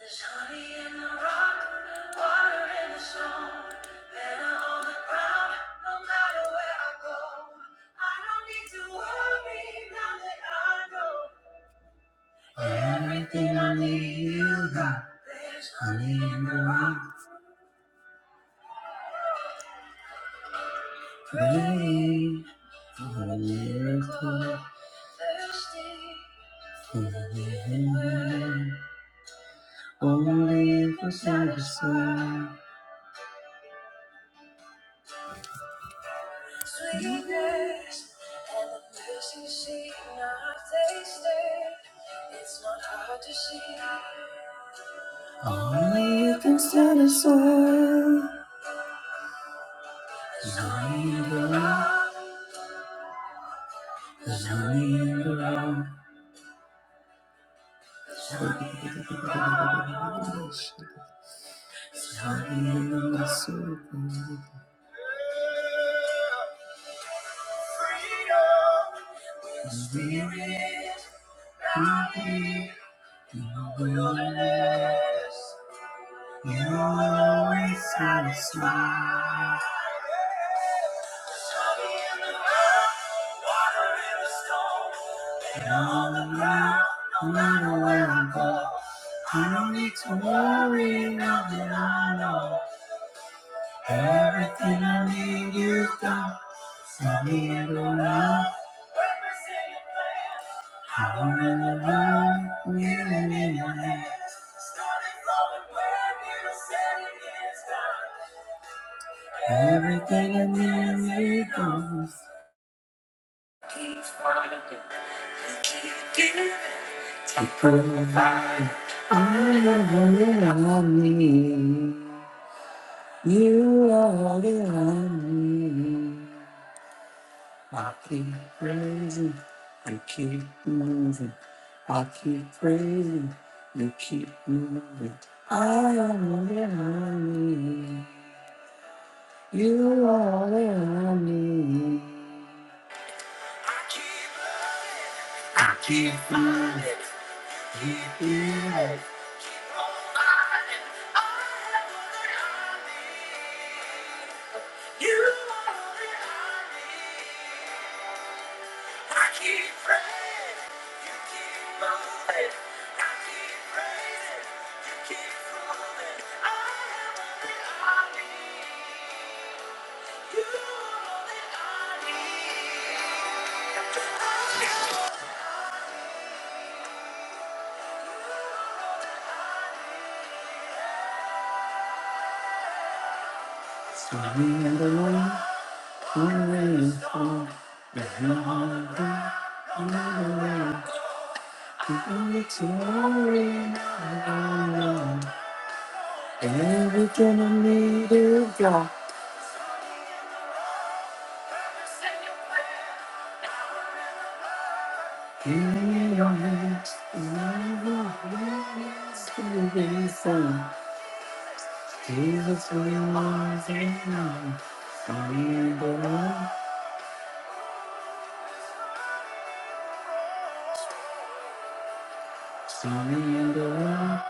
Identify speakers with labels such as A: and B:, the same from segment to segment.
A: There's honey in the rock, water in the stone, better on the ground, no matter where I go. I don't need to worry now that I know everything I need you got. There's honey in the rock, pray for a miracle, thirsty for the living word, only if it's satisfied. Sweetness and the mercy seat not tasted. It's not hard to see. Only you can satisfy. There's only you to love. There's only you to love. There's only you to love. There's only you to love. Freedom, your spirit. Through the wilderness, you will always have a smile. Sunny in the ground, water in the storm, and on the ground, no matter where I go, I don't need to worry, nothing I know. Everything I need, you got. Send me into love. I am in the love. Million in your hands. Started flowing where you said it is done. Everything I need, you got. Keep finding, it. keep giving, it. keep providing. I am all that I need. You are all that I need. I keep praising, you keep moving. I keep praising, you keep moving. I am all that I need. You are all that I need. I keep moving, keep moving. You are all that I need. Everything I need you God. In your hands, in your hands, to be sung. Jesus, we love you now. Sunny and the love, sunny and the love,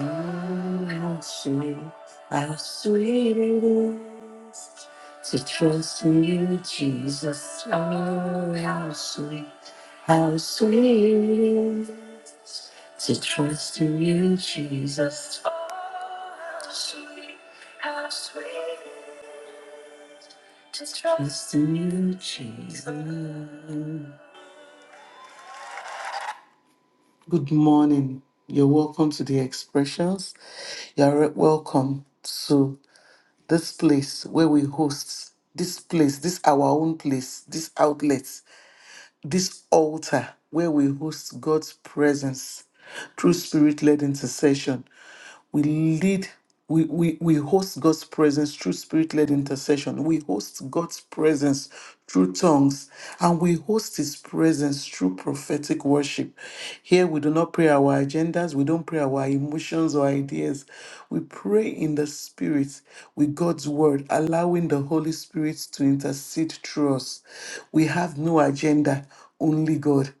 A: oh, how sweet, how sweet it is to trust in you, Jesus. Oh, how sweet, how sweet it is. to trust in you, Jesus. trust in you, Jesus. Good morning. You're welcome to the expressions. You're welcome to this place where we host this place, this our own place, this outlet, this altar where we host God's presence through spirit led intercession. we lead we, we, we host God's presence through spirit led intercession. We host God's presence through tongues. And we host His presence through prophetic worship. Here we do not pray our agendas, we don't pray our emotions or ideas. We pray in the Spirit with God's word, allowing the Holy Spirit to intercede through us. We have no agenda, only God.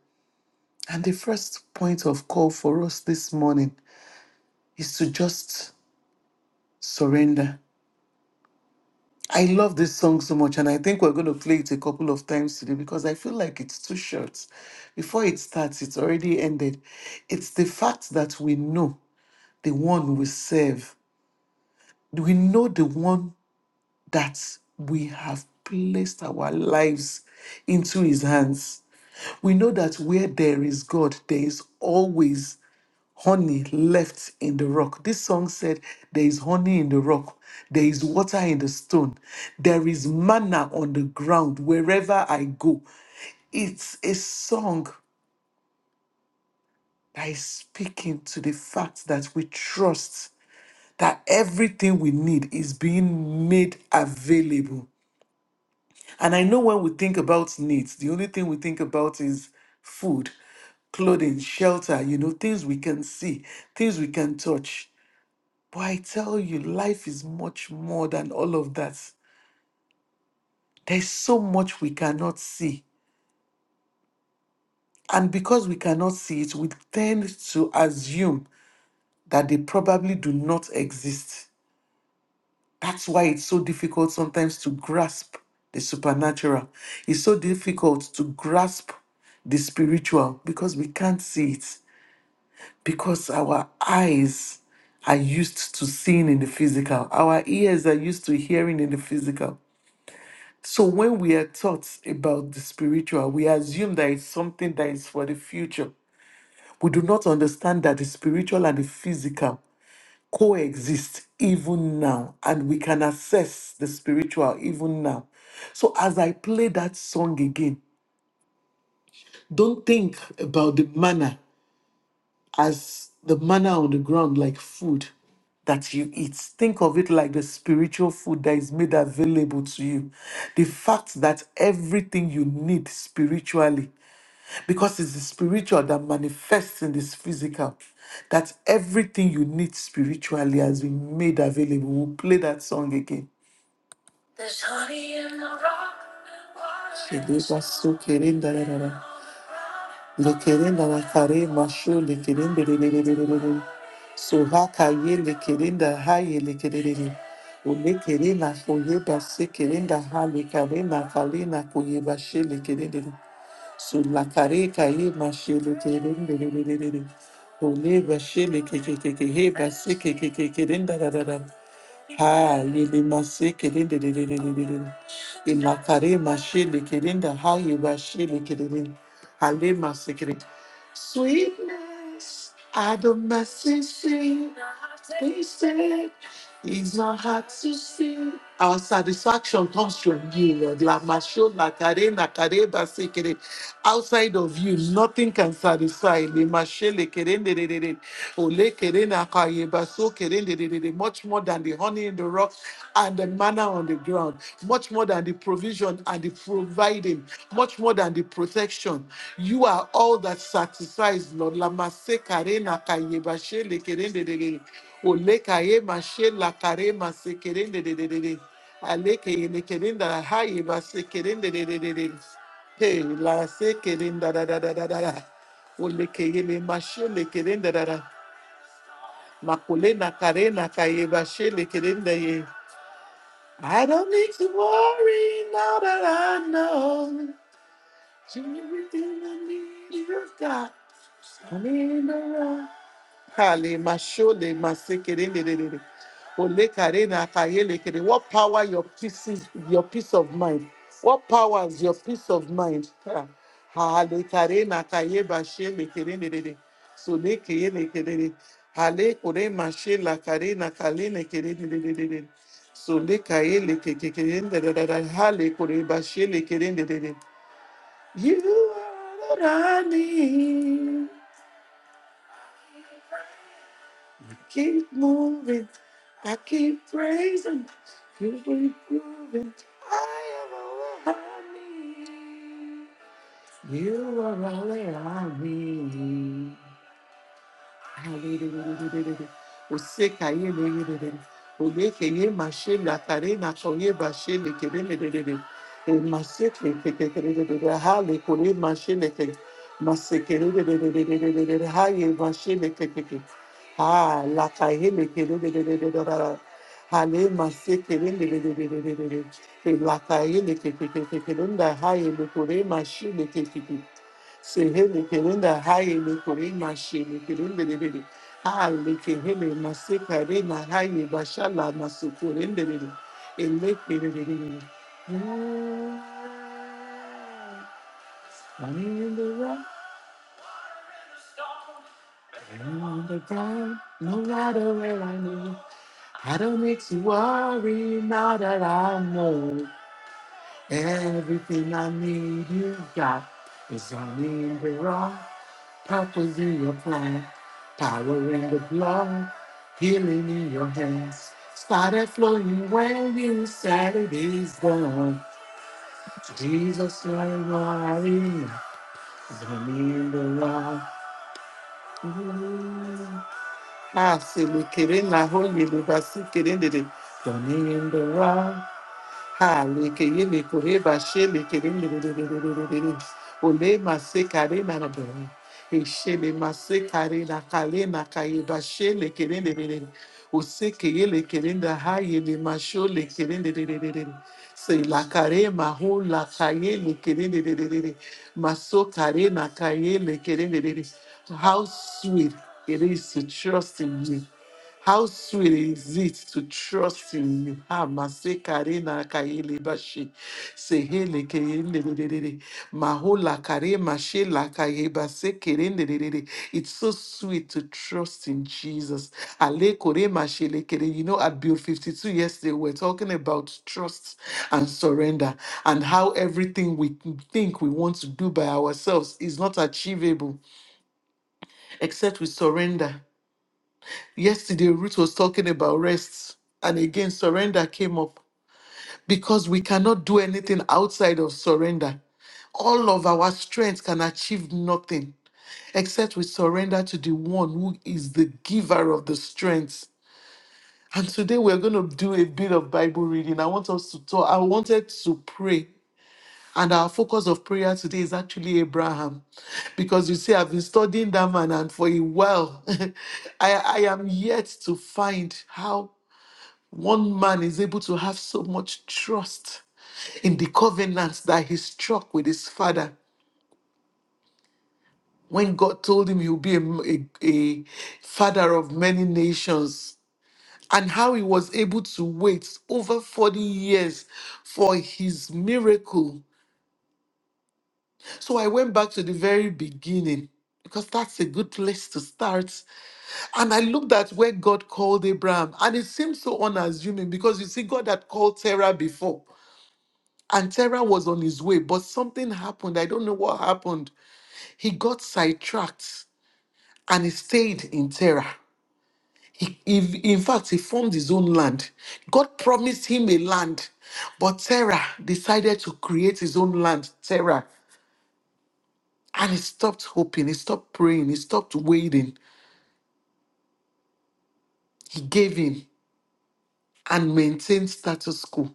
A: And the first point of call for us this morning is to just Surrender. I love this song so much, and I think we're going to play it a couple of times today because I feel like it's too short. Before it starts, it's already ended. It's the fact that we know the one we serve, we know the one that we have placed our lives into his hands. We know that where there is God, there is always honey left in the rock. This song said, There is honey in the rock, there is water in the stone, there is manna on the ground wherever I go. It's a song that is speaking to the fact that we trust that everything we need is being made available. And I know when we think about needs, the only thing we think about is food, clothing, shelter, you know, things we can see, things we can touch. But I tell you, life is much more than all of that. There's so much we cannot see. And because we cannot see it, we tend to assume that they probably do not exist. That's why it's so difficult sometimes to grasp the supernatural. It's so difficult to grasp the spiritual because we can't see it, because our eyes are used to seeing in the physical. Our ears are used to hearing in the physical. So when we are taught about the spiritual, we assume that it's something that is for the future. We do not understand that the spiritual and the physical coexist even now, and we can assess the spiritual even now. So as I play that song again, don't think about the manner as the manna on the ground, like food that you eat. Think of it like the spiritual food that is made available to you. The fact that everything you need spiritually, because it's the spiritual that manifests in this physical, that everything you need spiritually has been made available. We'll play that song again. There's honey in the rock. Shedebasukerendadadada. Lekerin da kare maşu lekerin de de de de de de de de. Soha kaye lekerin de haye lekerin. O lekerin na koye basi kerin da ha lekerin na kale na koye başı lekerin de. Sulla careca e machele querendo. Ole bashele ke ke ke ke he basi ke ke ke ke den da da da Ha lili masi ke den de de de de de de. de. Ila kare mashele ke den da ha ye bashele ke den. Hale masi ke den. Sweetness. I don't mess and see. They say it's not hard to see. Our satisfaction comes from you, Lord. Lamasho, lakare, nakare, basekere. Outside of you, nothing can satisfy. Lemashe, lekere, ndererere. Ole, kere, nakaye, baso, kere, ndererere. Much more than the honey in the rock and the manna on the ground. Much more than and the provision and the providing, much more than the protection. You are all that satisfies, Lord. Lamase karena kayeba shele kerende dede. Ole kayema shela karema se kerende dede dede. Ale keyene kerenda hayeba se kerende dede dede. Hey, la se kerenda da da da da da da. Ole keyene mashele kerenda da da. Makule na karena kayeba shele kerende ye. I don't need to worry now that I know. Everything I need is got. I mean, Kale mashole masekerendedede. Ole karena kayelekere. What power your pieces, your peace of mind? What powers your peace of mind? Ha. Hale karena kayeba shelekerendedede. So le Hale kore mashela karena kalenekerendedede. So le Hale kore bashelekerendedede. You are what I need. keep moving. I keep praising. Keep improving. I am all I need. You are all that I need. Osekaye leyelelele. Olekeye mashe lakare nakoye bashe lekelelelele. E maseke kekelelelele. Ha lekole mashe leke. Masekelelelelelelelele. Ha ye mashe lekekeke. Ha lakaye lekelelelelelelele. Ha le masekelelelelelelele. E lakaye lekekekekelelele. Ha ye lekole mashe lekekeke. Sehelekelenda hayele korema shelekelendelebele. Halekehele masekarema haye bashala masokorendelele. Elekelelelele. Mm. I'm in the rock, I'm on the ground, no matter where I go. I don't need to worry now that I know everything I need you got. is on in the rock. Power in your palm, power in the blood, healing in your hands. Started flowing when you said it is done. Jesus, you are mine, in the Lord. Ah, se me querendo na rua, me do vaci querendo ele. Done in the Lord. Ha, leke ye me kore ba she leke de de de de de de de de de. Ole ma se kare na na de. E she le ma se kare na kale na kaye ba she leke de de de de. O se ke ye leke de da ha ye le ma sho leke de de de de de de. Se la kare ma ho la kaye leke de de de de de de. Ma so kare na kaye leke de de de de. How sweet it is to trust in you. How sweet is it to trust in you? Ah, Mase Karena Kaele Bashi. Sehele Keende de Mahola Kare Mashe La Kaye Base Kerende de It's so sweet to trust in Jesus. Ale Kore Mashe Le Kere. You know, at Build 52 yesterday, we we're talking about trust and surrender and how everything we think we want to do by ourselves is not achievable except we surrender. Yesterday, Ruth was talking about rest, and again, surrender came up because we cannot do anything outside of surrender. All of our strength can achieve nothing except we surrender to the one who is the giver of the strength. And today we're going to do a bit of Bible reading. I want us to talk. I wanted to pray and our focus of prayer today is actually Abraham. Because you see, I've been studying that man, and for a while, I, I am yet to find how One man is able to have so much trust in the covenant that he struck with his father. When God told him he'll be a, a- a father of many nations, and how he was able to wait over 40 years for his miracle. So I went back to the very beginning because that's a good place to start. And I looked at where God called Abraham, and it seemed so unassuming because you see, God had called Sarah before. And Terah was on his way, but something happened. I don't know what happened. He got sidetracked and he stayed in Terah. He, he- in fact, he formed his own land. God promised him a land, but Terah decided to create his own land, Terah. And he stopped hoping, he stopped praying, he stopped waiting. He gave in and maintained status quo.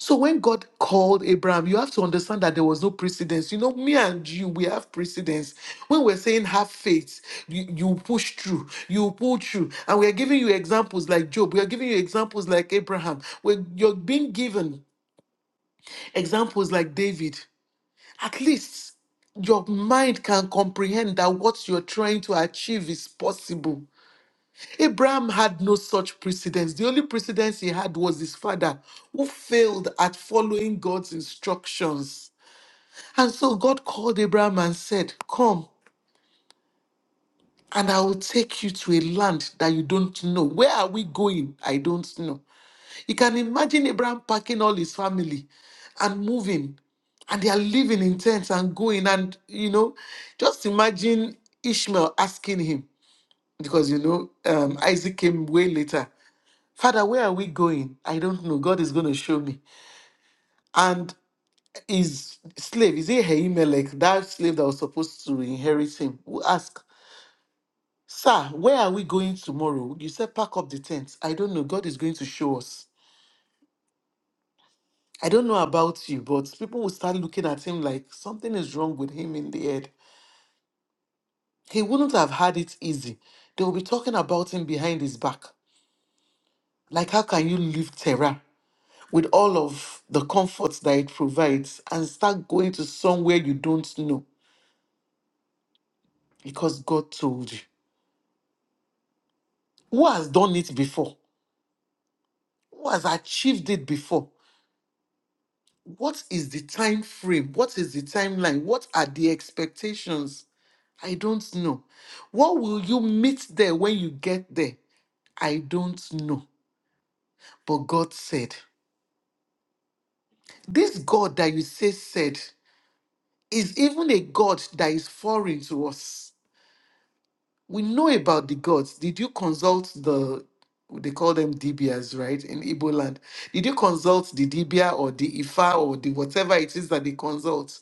A: So when God called Abraham, you have to understand that there was no precedence. You know, me and you, we have precedence. When we're saying have faith, you, you push through, you pull through. And we are giving you examples like Job. We are giving you examples like Abraham. When you're being given examples like David, at least your mind can comprehend that what you're trying to achieve is possible. Abraham had no such precedence. The only precedence he had was his father, who failed at following God's instructions. And so God called Abraham and said, Come, and I will take you to a land that you don't know. Where are we going? I don't know. You can imagine Abraham packing all his family and moving and they are living in tents and going and you know just imagine ishmael asking him because you know um, isaac came way later Father, where are we going? I don't know. God is going to show me. And his slave, is it Ahimelech, that slave that was supposed to inherit him, will ask, Sir, where are we going tomorrow? You said pack up the tent. I don't know. God is going to show us. I don't know about you, but people will start looking at him like something is wrong with him in the head. He wouldn't have had it easy. They will be talking about him behind his back. Like, how can you leave Terah? with all of the comforts that it provides and start going to somewhere you don't know because God told you. Who has done it before? Who has achieved it before? What is the time frame? What is the timeline? What are the expectations? I don't know. What will you meet there when you get there? I don't know. But God said, This God that you say said is even a God that is foreign to us we know about the gods. Did you consult the they call them Dibias, right? In Igbo land. Did you consult the Dibia or the Ifa or the whatever it is that they consult?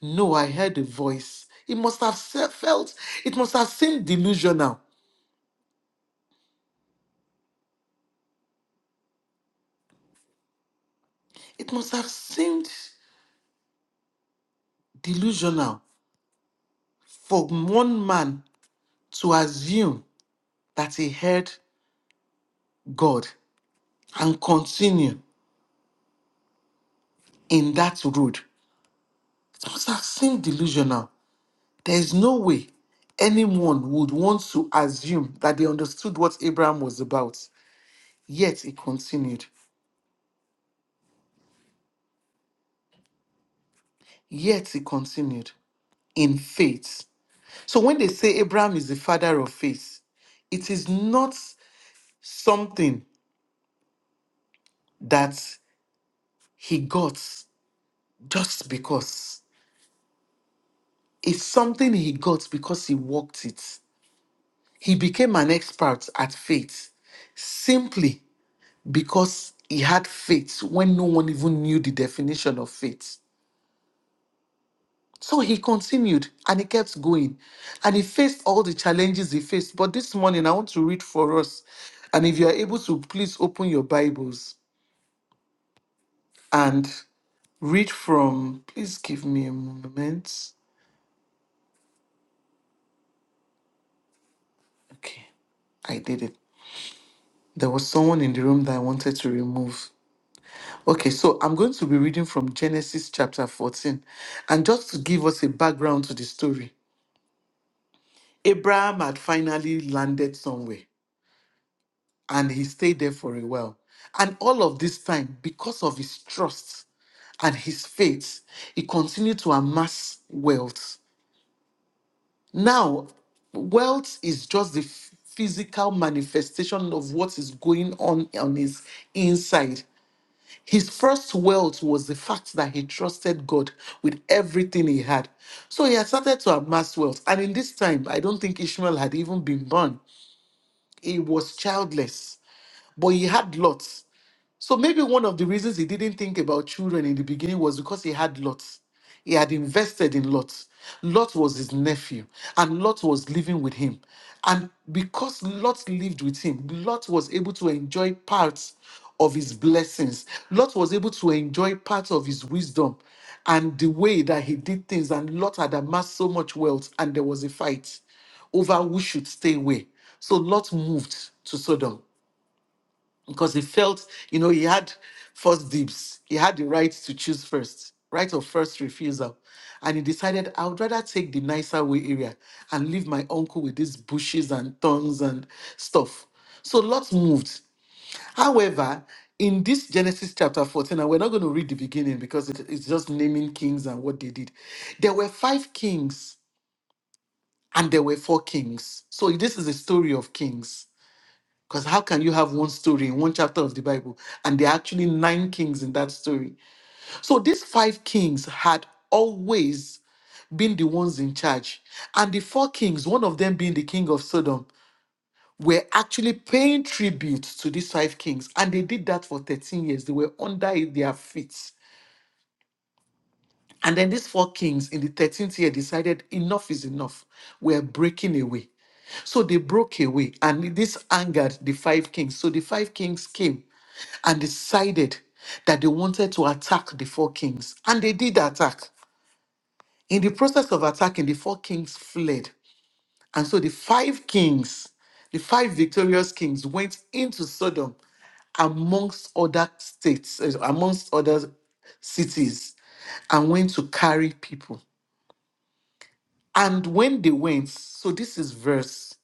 A: No, I heard a voice. It must have se- felt, it must have seemed delusional. It must have seemed delusional for one man to assume that he heard God and continue in that road. It must have seemed delusional. There's no way anyone would want to assume that they understood what Abraham was about. Yet he continued. Yet he continued in faith. So when they say Abraham is the father of faith, it is not something that he got just because. It's something he got because he worked it. He became an expert at faith simply because he had faith when no one even knew the definition of faith. So he continued and he kept going and he faced all the challenges he faced. But this morning, I want to read for us. And if you are able to, please open your Bibles and read from, please give me a moment. Okay, I did it. There was someone in the room that I wanted to remove. Okay, so I'm going to be reading from Genesis chapter 14. And just to give us a background to the story, Abraham had finally landed somewhere and he stayed there for a while. And all of this time, because of his trust and his faith, he continued to amass wealth. Now, wealth is just the f- physical manifestation of what is going on on his inside. His first wealth was the fact that he trusted God with everything he had. So he had started to amass wealth. And in this time, I don't think Ishmael had even been born. He was childless, but he had lots. So maybe one of the reasons he didn't think about children in the beginning was because he had Lot. He had invested in Lot. Lot was his nephew, and Lot was living with him. And because Lot lived with him, Lot was able to enjoy parts of his blessings. Lot was able to enjoy parts of his wisdom and the way that he did things. And Lot had amassed so much wealth, and there was a fight over who should stay away. So Lot moved to Sodom because he felt, you know, he had first dibs. He had the right to choose first, right of first refusal. And he decided, I would rather take the nicer way area and leave my uncle with these bushes and thorns and stuff. So Lot moved. However, in this Genesis chapter 14, and we're not going to read the beginning because it- it's just naming kings and what they did. There were five kings and there were four kings. So this is a story of kings. Because how can you have one story in one chapter of the Bible and there are actually nine kings in that story? So these five kings had always been the ones in charge. And the four kings, one of them being the king of Sodom, were actually paying tribute to these five kings. And they did that for 13 years. They were under their feet. And then these four kings in the 13th year decided enough is enough. We're breaking away. So they broke away, and this angered the five kings. So the five kings came and decided that they wanted to attack the four kings. And they did attack. In the process of attacking, the four kings fled. And so the five kings, the five victorious kings, went into Sodom amongst other states, eh, amongst other cities, and went to carry people. And when they went, so this is verse,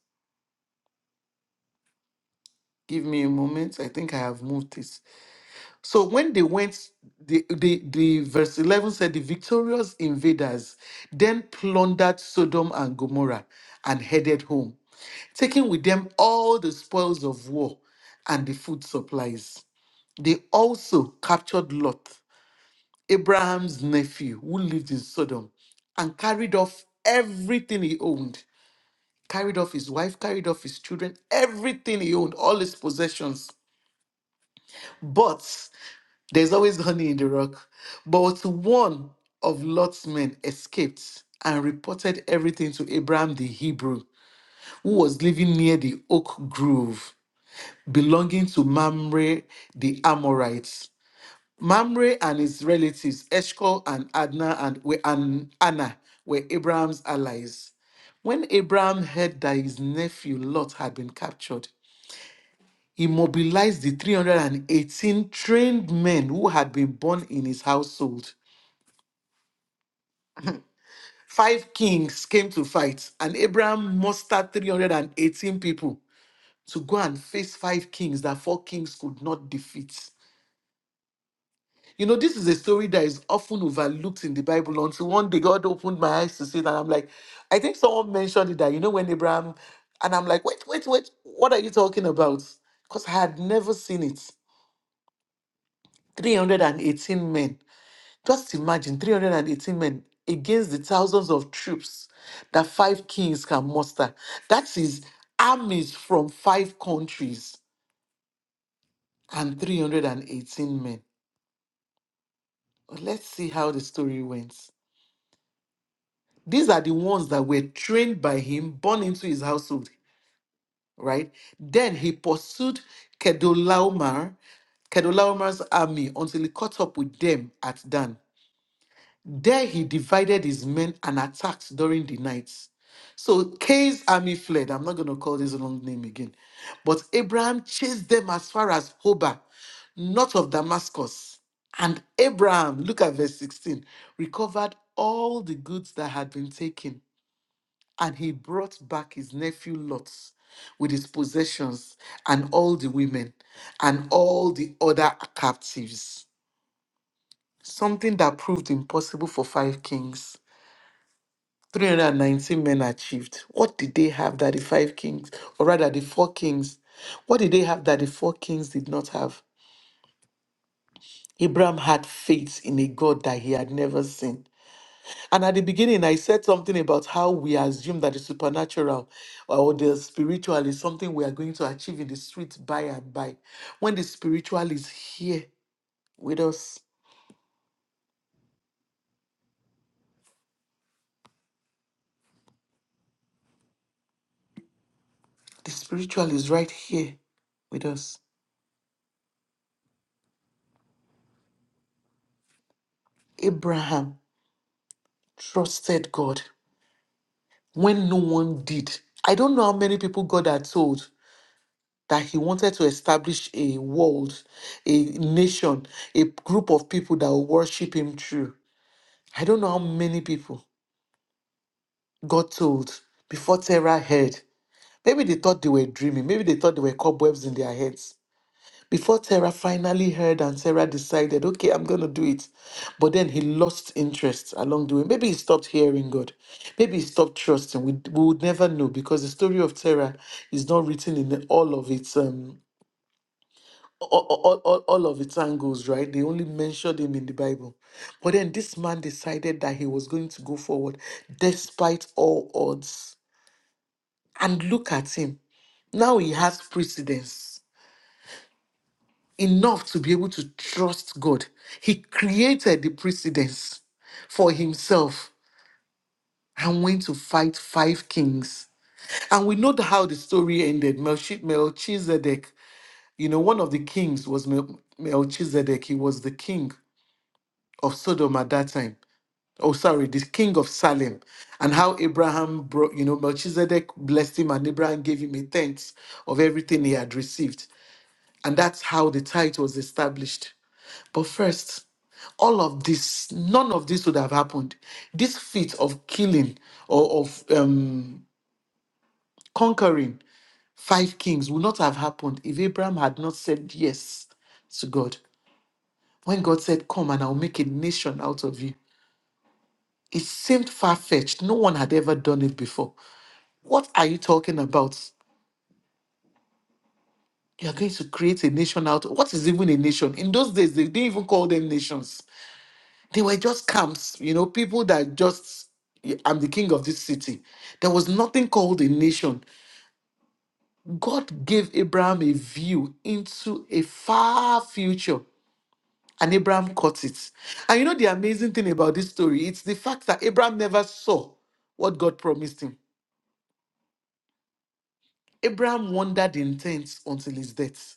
A: give me a moment, I think I have moved it. So when they went, the, the, the verse 11 said, The victorious invaders then plundered Sodom and Gomorrah and headed home, taking with them all the spoils of war and the food supplies. They also captured Lot, Abraham's nephew, who lived in Sodom, and carried off everything he owned. Carried off his wife, carried off his children, everything he owned, all his possessions. but. There's always honey in the rock. But one of Lot's men escaped and reported everything to Abraham the Hebrew, who was living near the oak grove belonging to Mamre the Amorites. Mamre and his relatives, Eshcol and Adna and, were- and Anna, were Abraham's allies. When Abraham heard that his nephew Lot had been captured, he mobilized the 318 trained men who had been born in his household Five kings came to fight, and Abraham mustered 318 people to go and face five kings that four kings could not defeat. You know, this is a story that is often overlooked in the Bible until one day God opened my eyes to see that. I'm like, I think someone mentioned it that, you know, when Abraham, and I'm like, wait, wait, wait, what are you talking about? Because I had never seen it. 318 men. Just imagine 318 men against the thousands of troops that five kings can muster. That is armies from five countries and 318 men. But Let's see how the story went. These are the ones that were trained by him, born into his household, right? Then he pursued Kedolaomar, Kedolaomar's army until he caught up with them at Dan. There he divided his men and attacked during the night. So Cain's army fled. I'm not going to call this long name again. But Abraham chased them as far as Hobah, north of Damascus. And Abraham, look at verse 16, recovered all the goods that had been taken. And he brought back his nephew Lot with his possessions and all the women and all the other captives. Something that proved impossible for five kings. 319 men achieved. What did they have that the five kings, or rather the four kings, what did they have that the four kings did not have? Abraham had faith in a God that he had never seen. And at the beginning, I said something about how we assume that the supernatural uh, or the spiritual is something we are going to achieve in the street by and by. When the spiritual is here with us, the spiritual is right here with us. Abraham trusted God. when no one did. I don't know how many people God had told that He wanted to establish a world, a nation, a group of people that will worship Him through. I don't know how many people God told before Terah heard. Maybe they thought they were dreaming. Maybe they thought they were cobwebs in their heads. Before Sarah finally heard and Sarah decided, okay, I'm going to do it. But then he lost interest along the way. Maybe he stopped hearing God. Maybe he stopped trusting. We, we would never know because the story of Sarah is not written in all of its um all, all, all all of its angles, right? They only mentioned him in the Bible. But then this man decided that he was going to go forward despite all odds. And look at him. Now he has precedence enough to be able to trust God. He created the precedence for himself and went to fight five kings. And we know how the story ended. Melchi- Melchizedek, you know, one of the kings was Mel- Melchizedek. He was the king of Sodom at that time. Oh, sorry, the king of Salem. And how Abraham brought, you know, Melchizedek blessed him and Abraham gave him a tenth of everything he had received. And that's how the tithe was established. But first, all of this, none of this would have happened. This feat of killing or of um, conquering five kings would not have happened if Abraham had not said yes to God. When God said, Come and I'll make a nation out of you, it seemed far fetched. No one had ever done it before. What are you talking about? You're going to create a nation out. What is even a nation? In those days, they didn't even call them nations They were just camps, you know, people that just, I'm the king of this city. There was nothing called a nation. God gave Abraham a view into a far future, and Abraham caught it. And you know, the amazing thing about this story, it's the fact that Abraham never saw what God promised him. Abraham wandered in tents until his death.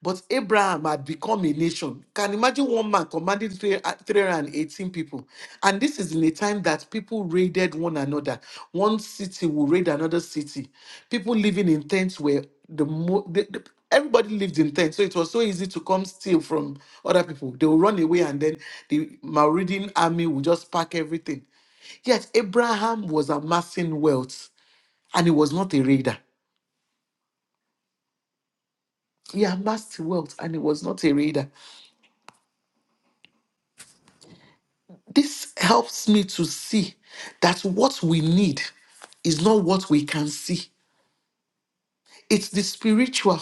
A: But Abraham had become a nation. Can you imagine one man commanding three- 318 people. And this is in a time that people raided one another. One city will raid another city. People living in tents were the mo- the, the- everybody lived in tents. So it was so easy to come steal from other people. They will run away and then the Mauritanian army will just pack everything. Yet Abraham was amassing wealth and he was not a raider. He amassed wealth and he was not a raider. This helps me to see that what we need is not what we can see. It's the spiritual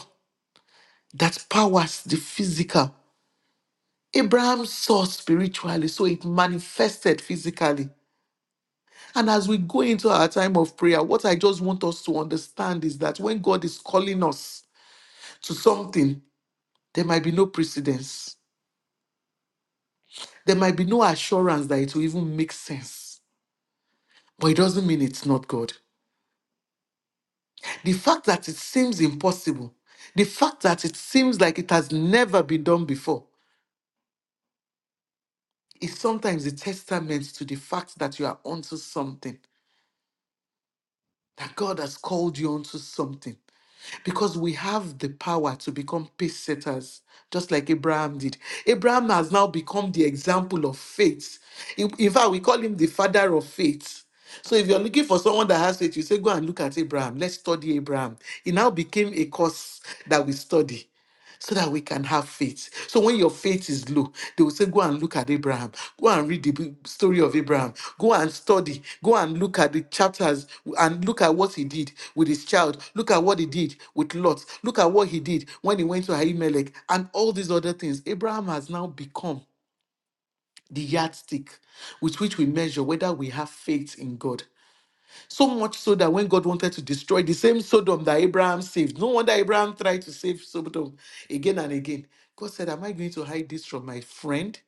A: that powers the physical. Abraham saw spiritually, so it manifested physically. And as we go into our time of prayer, what I just want us to understand is that when God is calling us to something, there might be no precedence. There might be no assurance that it will even make sense. But it doesn't mean it's not God. The fact that it seems impossible, the fact that it seems like it has never been done before, is sometimes a testament to the fact that you are onto something, that God has called you onto something. Because we have the power to become pace setters, just like Abraham did. Abraham has now become the example of faith. In in fact, we call him the father of faith. So if you're looking for someone that has faith, you say, go and look at Abraham. Let's study Abraham. He now became a course that we study. so that we can have faith. So when your faith is low, they will say, Go and look at Abraham. Go and read the b- story of Abraham. Go and study. Go and look at the chapters and look at what he did with his child. Look at what he did with Lot. Look at what he did when he went to Ahimelech and all these other things. Abraham has now become the yardstick with which we measure whether we have faith in God. So much so that when God wanted to destroy the same Sodom that Abraham saved, no wonder Abraham tried to save Sodom again and again. God said, Am I going to hide this from my friend?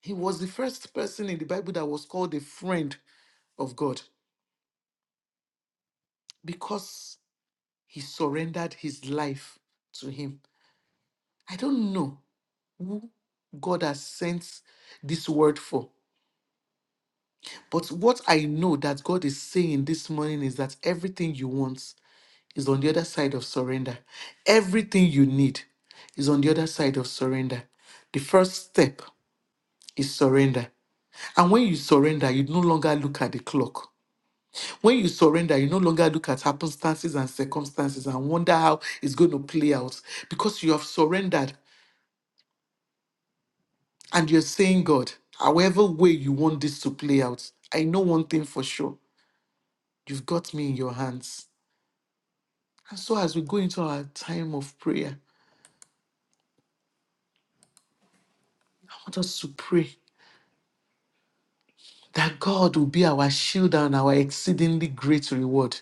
A: He was the first person in the Bible that was called a friend of God because he surrendered his life to Him. I don't know who God has sent this word for, but what I know that God is saying this morning is that everything you want is on the other side of surrender. Everything you need is on the other side of surrender. The first step is surrender. And when you surrender, you no longer look at the clock. When you surrender, you no longer look at happenstances and circumstances and wonder how it's going to play out because you have surrendered and you're saying, God, however way you want this to play out, I know one thing for sure. You've got me in your hands. And so, as we go into our time of prayer, I want us to pray that God will be our shield and our exceedingly great reward.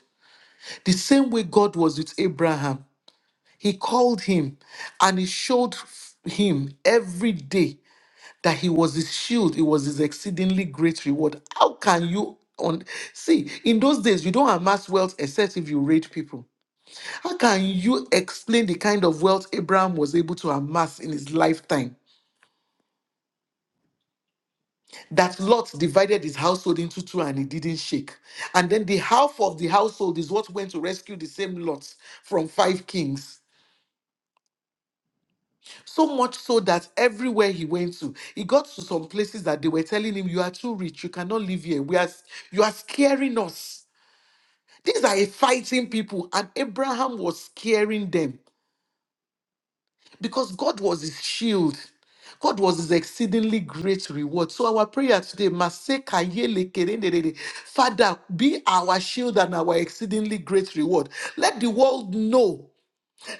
A: The same way God was with Abraham, he called him and he showed f- him every day that he was his shield, it was his exceedingly great reward. How can you on see in those days you don't amass wealth except if you raid people? How can you explain the kind of wealth Abraham was able to amass in his lifetime? that Lot divided his household into two and he didn't shake. And then the half of the household is what went to rescue the same Lot from five kings. So much so that everywhere he went to, he got to some places that they were telling him, You are too rich, you cannot live here. We are you are scaring us. These are a fighting people, and Abraham was scaring them. because God was his shield. God was his exceedingly great reward. So our prayer today, Maseka yele kerendedede, Father, be our shield and our exceedingly great reward. Let the world know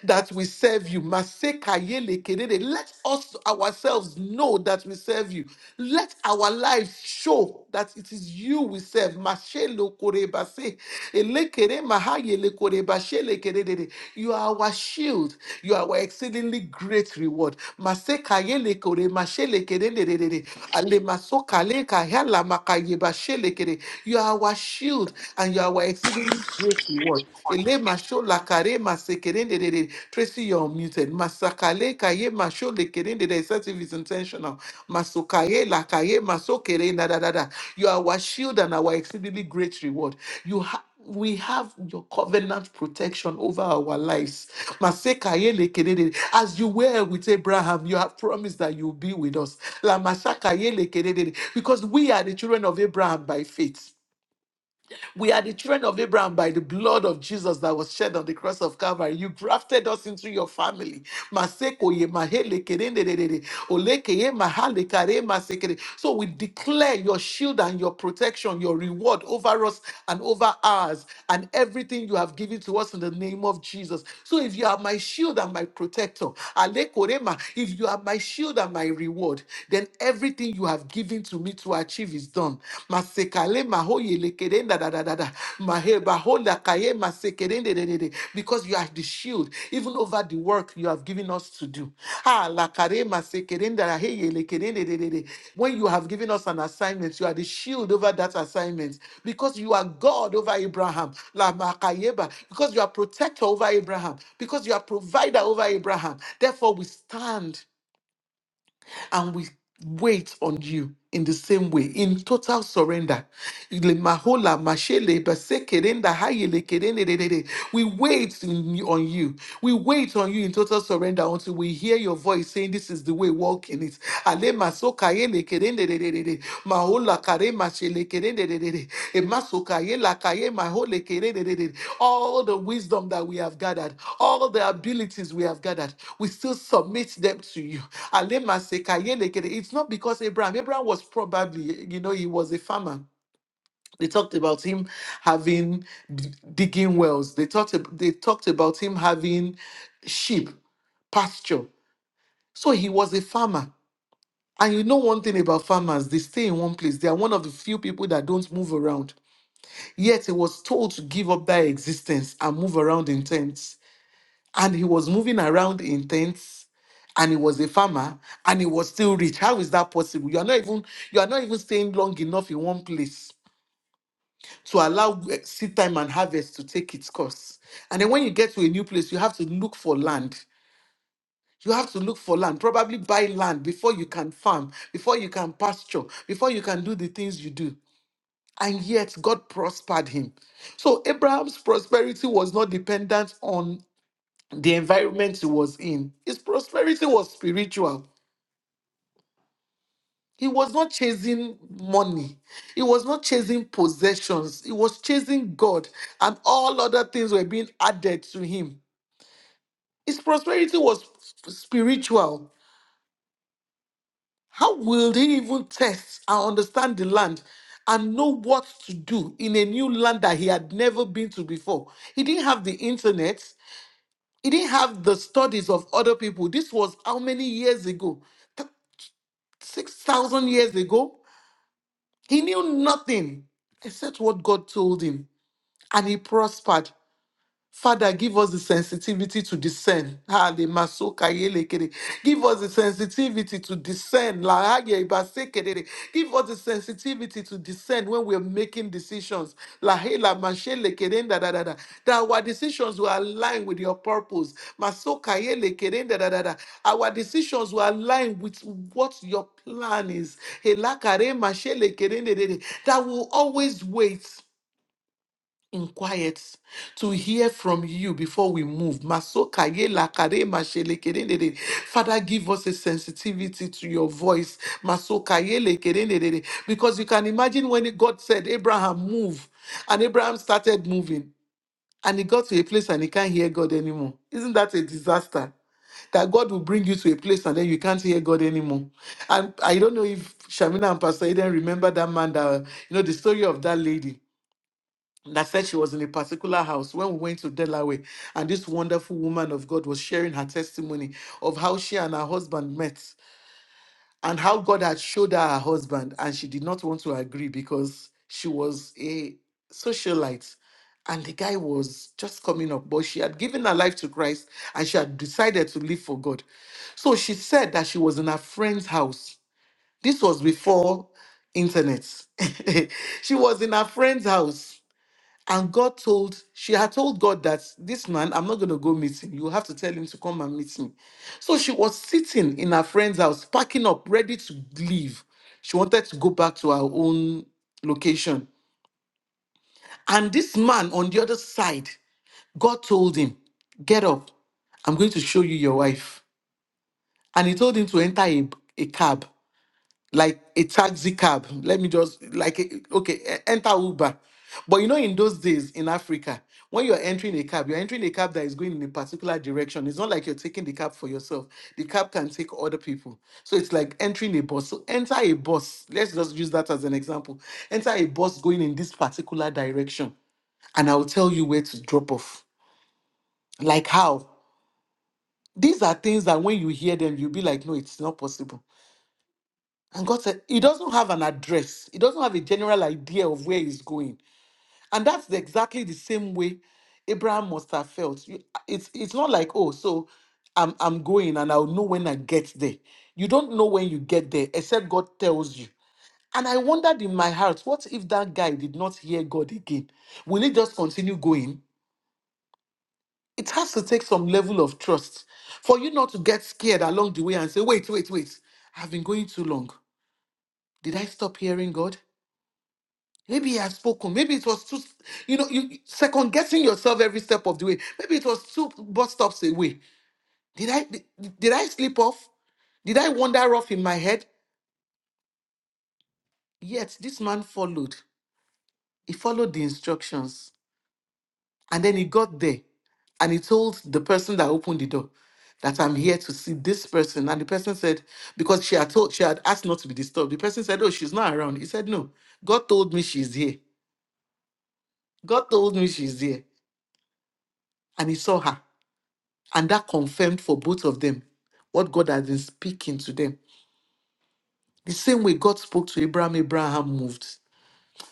A: that we serve you. Maseka yele kedede. Let us ourselves know that we serve you. Let our lives show that it is you we serve. Mashelo korebase. Elekere maha yele korebashele kedede. You are our shield. You are our exceedingly great reward. Maseka yele kore mashele kedede. Ale masoka leka yala maka yebashele kede. You are our shield and you are our exceedingly great reward work. Ele masho la kare masekerende de de. Tracy, you're muted. Masakale kaye masho le kerende de. It's if it's intentional. Masokaye la kaye masokere da da da da. You are our shield and our exceedingly great reward. You have we have your covenant protection over our lives. Masekaye As you were with Abraham, you have promised that you'll be with us. Lamashakaye Because we are the children of Abraham by faith. We are the children of Abraham by the blood of Jesus that was shed on the cross of Calvary. You grafted us into your family. Maseko ye mahele kerendedede, oleke ye mahale kare masekere. So we declare your shield and your protection, your reward over us and over ours, and everything you have given to us in the name of Jesus. So if you are my shield and my protector, ale korema, if you are my shield and my reward, then everything you have given to me to me to achieve is done. Masekale mahoye lekere da da da da da. Maheba hola kaye masekere de de de de. Because you are the shield, even over the work you have given us to do. Ah, lakare masekere da da heye lekere de de de de. When you have given us an assignment, you are the shield over that assignment. Because you are God over Abraham. La makayeba. Because you are protector over Abraham. Because you are provider over Abraham. Therefore, we stand and we wait on you in the same way, in total surrender. Ile mahola, mashele, basekerenda, hayele, kerenedede. We wait in- on you. We wait on you in total surrender until we hear your voice saying, This is the way, walk in it. Ale masoka, yele, kerendedede kerere. Maola kare mashele kerererere. Emasoka lakaye mahole kerererere. All the wisdom that we have gathered, all the abilities we have gathered, we still submit them to you. Ale maseka lekere. It's not because Abraham, Abraham was probably, you know, he was a farmer. They talked about him having d- digging wells. They talked ab- they talked about him having sheep pasture. So he was a farmer. And you know one thing about farmers, they stay in one place. They are one of the few people that don't move around. Yet he was told to give up their existence and move around in tents. And he was moving around in tents and he was a farmer and he was still rich. How is that possible? You are not even you are not even staying long enough in one place to allow eh, seed time and harvest to take its course. And then when you get to a new place, you have to look for land. You have to look for land, probably buy land before you can farm, before you can pasture, before you can do the things you do. And yet God prospered him. So Abraham's prosperity was not dependent on the environment he was in, his prosperity was spiritual. He was not chasing money. He was not chasing possessions. He was chasing God, and all other things were being added to him. His prosperity was sp- spiritual. How will they even test and understand the land and know what to do in a new land that he had never been to before? He didn't have the internet, he didn't have the studies of other people. This was how many years ago? Th- 6,000 years ago? He knew nothing except what God told him, and he prospered. Father, give us the sensitivity to discern. Ah, le masoka yele kere. Give us the sensitivity to discern. La aye iba kerere. Give us the sensitivity to discern when we're making decisions. La he la mashe le da da da da. That our decisions will align with your purpose. Masoka yele kere da da da da. Our decisions will align with what your plan is. He la kare mashe le de de de. That will always wait in quiet to hear from you before we move. Masoka ye lakare mashelekerendere. Father, give us a sensitivity to your voice. Masoka ye lekerendere. Because you can imagine when God said, Abraham, move, and Abraham started moving, and he got to a place and he can't hear God anymore. Isn't that a disaster? That God will bring you to a place and then you can't hear God anymore. And I don't know if Shamina and Pastor Eden remember that man that, you know, the story of that lady that said she was in a particular house when we went to Delaware, and this wonderful woman of God was sharing her testimony of how she and her husband met and how God had showed her her husband, and she did not want to agree because she was a socialite. And the guy was just coming up, but she had given her life to Christ and she had decided to live for God. So she said that she was in her friend's house. This was before internet. she was in her friend's house and God told, she had told God that this man, I'm not going to go meet him. You have to tell him to come and meet me. So she was sitting in her friend's house, packing up, ready to leave. She wanted to go back to her own location. And this man on the other side, God told him, Get up. I'm going to show you your wife. And he told him to enter a, a cab. like a taxi cab. Let me just like a- okay, e- enter Uber. But you know, in those days in Africa, when you're entering a cab, you're entering a cab that is going in a particular direction. It's not like you're taking the cab for yourself. The cab can take other people. So it's like entering a bus. So enter a bus. Let's just use that as an example. Enter a bus going in this particular direction, and I'll tell you where to drop off. Like how? These are things that when you hear them, you'll be like, no, it's not possible And God said, He doesn't have an address, He doesn't have a general idea of where He's going. And that's the- exactly the same way Abraham must have felt. You- It's, it's not like, oh, so I'm, I'm going and I'll know when I get there. You don't know when you get there, except God tells you. And I wondered in my heart, what if that guy did not hear God again? Will he just continue going? It has to take some level of trust for you not to get scared along the way and say, wait, wait, wait, I've been going too long. Did I stop hearing God? Maybe he has spoken. Maybe it was too, you know, you second guessing yourself every step of the way. Maybe it was two bus stops away. Did I did, did I slip off? Did I wander off in my head? Yet this man followed. He followed the instructions, and then he got there, and he told the person that opened the door that I'm here to see this person. And the person said because she had told she had asked not to be disturbed. The person said, "Oh, she's not around." He said, "No, God told me she's here. God told me she's here," and he saw her. And that confirmed for both of them what God has been speaking to them. The same way God spoke to Abraham, Abraham moved.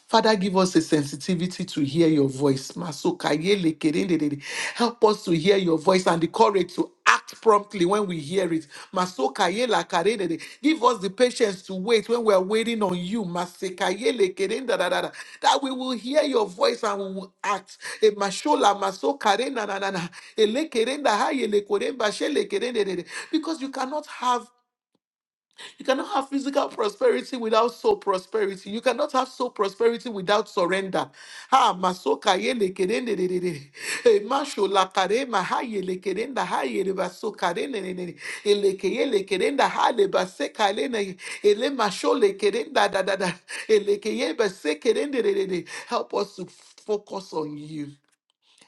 A: Father, give us a sensitivity to hear your voice. Masoka yele kerendedede. Help us to hear your voice and the courage to act promptly when we hear it. Masoka yela karendede. Give us the patience to wait when we are waiting on you. Maseka yele kerendadadada. That we will hear your voice and we will act. E mashola masoka renanana. Ele kerenda ha yele koremba shele kerendedede. Because you cannot have you cannot have physical prosperity without soul prosperity. You cannot have soul prosperity without surrender. Ha masoka yele kerende de de de. Eh, masho la kare ma ha yele kerenda ha yele baso kare ne ne. ne. Ele ke yele kerenda ha le base kale ne. Ele masho le kerenda da da da. Ele ke yele base kerende de de de. Help us to focus on you.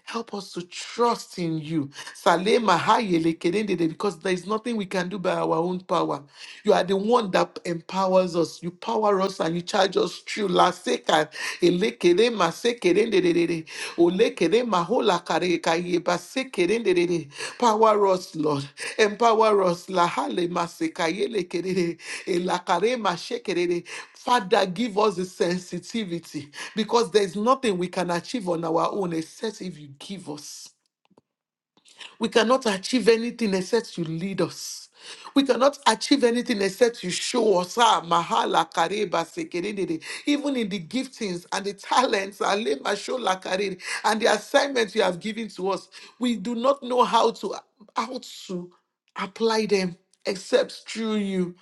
A: Help us to trust in you. Salema hayele kedendede, Because there is nothing we can do by our own power. You are the one that empowers us. You power us and you charge us through. La seka ele kede ma se kedendedede, ole kede ma hola Makarekayebasekerelere. Power us, Lord. Empower us. Lahale masekayelekerere. Elakaremashekerere. Father, give us the sensitivity because there is nothing we can achieve on our own except if you give us. We cannot achieve anything except you lead us. We cannot achieve anything except you show us. Ah, mahala kareba sekerendere. Even in the giftings and the talents and lema shola karere, and the assignments you have given to us, we do not know how to how to apply them except through you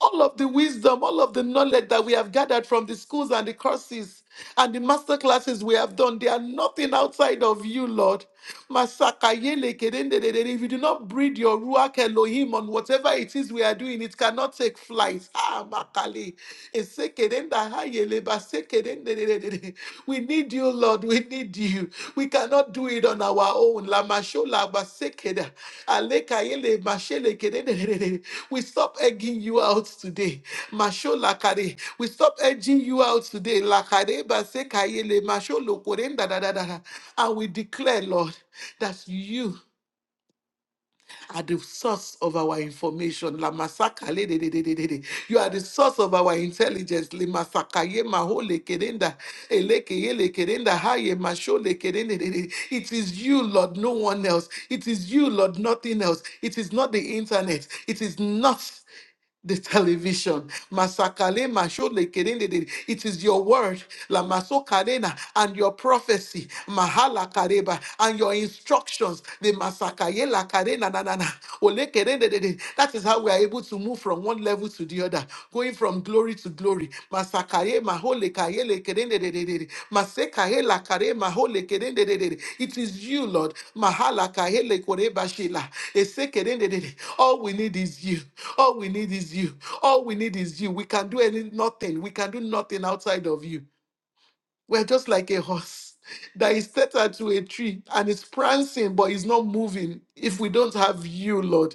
A: all of the wisdom, all of the knowledge that we have gathered from the schools and the courses and the master classes we have done, they are nothing outside of you, Lord. Masakayele kedendedede. If you do not breathe your Ruach Elohim on whatever it is we are doing, it cannot take flight. Ah, makale. Esekedenda hayele basekedendedede. We need you, Lord. We need you. We cannot do it on our own. Lamashola basekeda, alekayele mashelekedede. We stop egging you out today. Mashola kare. We stop egging you out today. Lakare basekayele masholo korenda da da da da. And we declare, Lord, that you are the source of our information. La masaka le de de de de de de. You are the source of our intelligence. Le masaka ye maho le kerenda. Eleke ye le kerenda. Ha ye masho le kerende de de. It is you, Lord, no one else. It is you, Lord, nothing else. It is not the internet. It is not. the television. Masakale mashole kerendede. It is your word, la masokarena, and your prophecy, mahala kareba, and your instructions, the masakaye la karena na na na. Ole kerendedede. That is how we are able to move from one level to the other, going from glory to glory. Masakaye mahole kaye le kerende de de de de. Masekaye la kare mahole kerende de de de. It is you, Lord. Mahala kaye le kore bashila. Ese kerende de de. All we need is you. All we need is you. All we need is you. We can do any nothing. We can do nothing outside of you. We're just like a horse that is tethered to a tree and it's prancing, but it's not moving. If we don't have you, Lord,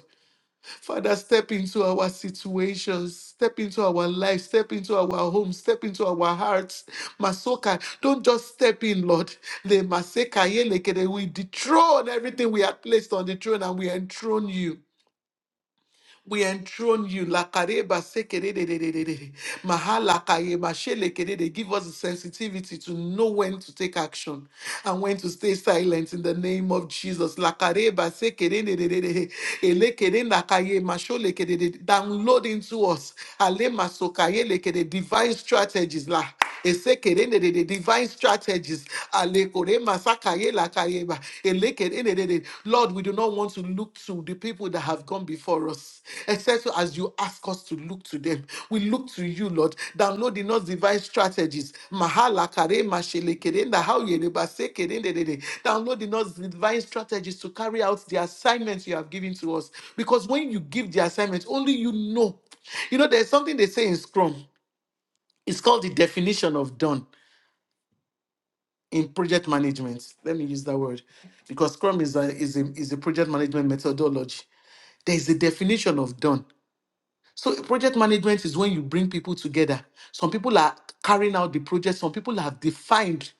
A: Father, step into our situations, step into our life, step into our home, step into our hearts. Masoka, don't just step in, Lord. Le maseka yelekede. We dethrone everything we have placed on the throne and we enthrone you. We enthrone you. Lakareba sekererererere. Mahalakayema shelekerere. Give us the sensitivity to know when to take action and when to stay silent in the name of Jesus. Lakareba sekererererere. Elekerenakayema sholekerere. Download into us Ale Alema sokayelekere. divine strategies. La. Esekerendedede, divine strategies. Ayela Kayeba, Eleke, Enedede. Lord, we do not want to look to the people that have gone before us, except as you ask us to look to them. We look to you, Lord, download in us divine strategies. Mahala Kare Mashelekere, Nahau Yereba Sekere, Enedede. Download in us divine strategies to carry out the assignments you have given to us. Because when you give the assignment, only you know. You know, there's something they say in Scrum. It's called the definition of done in project management. Let me use that word because Scrum is a, is a, is a project management methodology. There is a definition of done. So project management is when you bring people together. Some people are carrying out the project. Some people have defined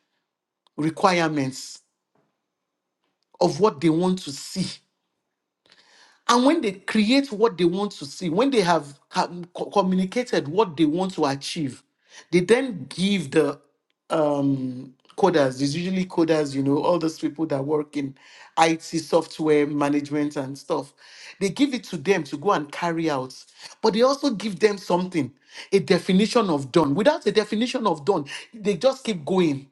A: requirements of what they want to see. And when they create what they want to see, when they have com- co- communicated what they want to achieve, they then give the um, coders, there's usually coders, you know, all those people that work in IT software management and stuff, they give it to them to go and carry out. But they also give them something, a definition of done. Without a definition of done, they just keep going.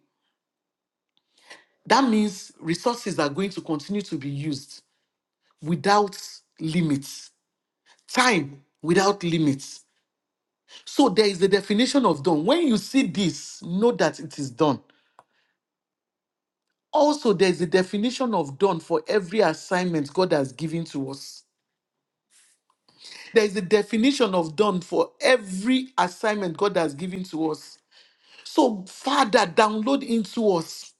A: That means resources are going to continue to be used without limits time without limits. So there is the definition of done. When you see this, know that it is done. Also, there is a definition of done for every assignment God has given to us. There is a definition of done for every assignment God has given to us. So, Father, download into us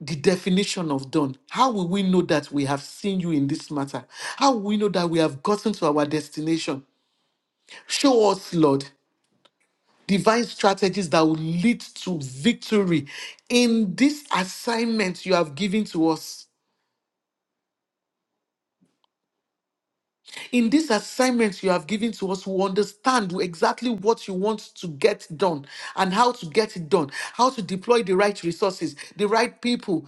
A: the definition of done. How will we know that we have seen you in this matter? How will we know that we have gotten to our destination? Show us, Lord. divine strategies that will lead to victory in this assignment you have given to us. In this assignment you have given to us, we understand exactly what you want to get done and how to get it done, how to deploy the right resources, the right people,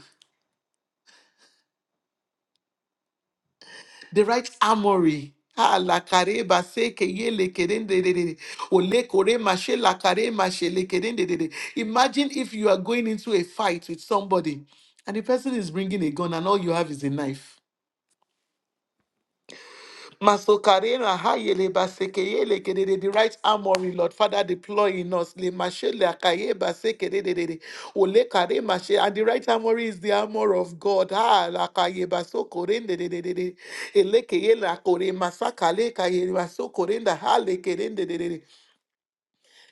A: the right armory. Ah, la careba se que ye le kerende de de de. de. O le kore mashe la kare mashe le keren de de de. Imagine if you are going into a fight with somebody and the person is bringing a gun and all you have is a knife. Masokare na ha yele basekeye le kedede, The right armory, Lord Father, deploy in us. Le mashe le akaye basekedede, ole kare mashe. And the right armory is the armor of God. Ha la kaye lakaye basokore ndedededede, elekeye lakore masakale kaye basokorenda ha lekerendedede.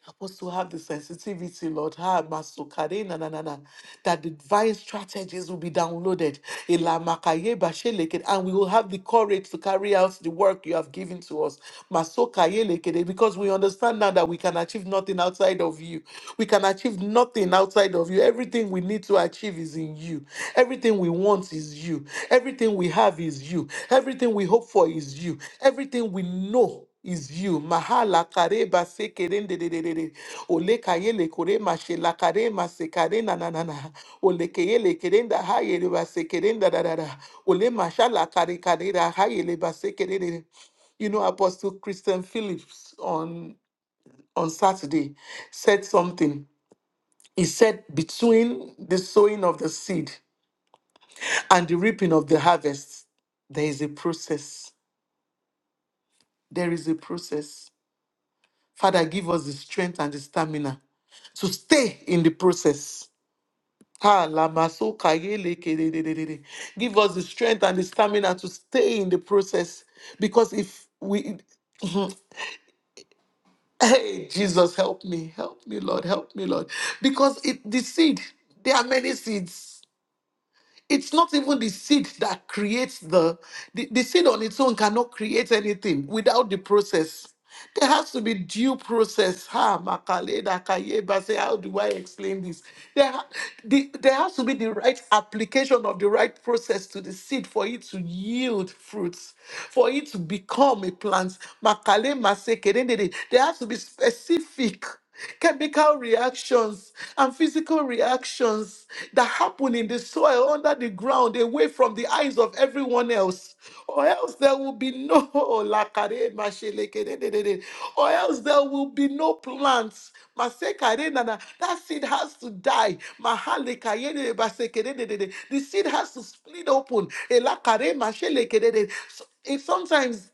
A: Help us to have the sensitivity, Lord, ha, masokare, na, na, na, na, that the divine strategies will be downloaded, Ela makaye bashe leke, and we will have the courage to carry out the work you have given to us, Masokaye leke, because we understand now that we can achieve nothing outside of you. We can achieve nothing outside of you. Everything we need to achieve is in you. Everything we want is you. Everything we have is you. Everything we hope for is you. Everything we know is you. Mahala kareba se kerende de de de de. Ole kayele kore mashe la kare mase kare na na na na. Ole kayele kerenda hayele ba kerenda da da da. Ole mashala kare kare da hayele ba kerende You know, Apostle Christian Phillips on on Saturday said something. He said, between the sowing of the seed and the reaping of the harvest, there is a process. There is a process Father, give us the strength and the stamina to stay in the process. Ah, lamaso kayele kededededede. Give us the strength and the stamina to stay in the process. Because if we, Mhm. hey, Jesus, help me, help me, Lord, help me, Lord. Because it, the seed, there are many seeds It's not even the seed that creates the, the, the seed on its own cannot create anything without the process. There has to be due process. Ha, makale, dakaye, base. How do I explain this? There, ha- the, there has to be the right application of the right process to the seed for it to yield fruits, for it to become a plant. Makale, maseke, dendede. There has to be specific chemical reactions and physical reactions that happen in the soil under the ground away from the eyes of everyone else or else there will be no Lakare masheleke or else there will be no plants Masekare nana. that seed has to die Mahaleka yede baseke de the seed has to split open Elakare masheleke So- it sometimes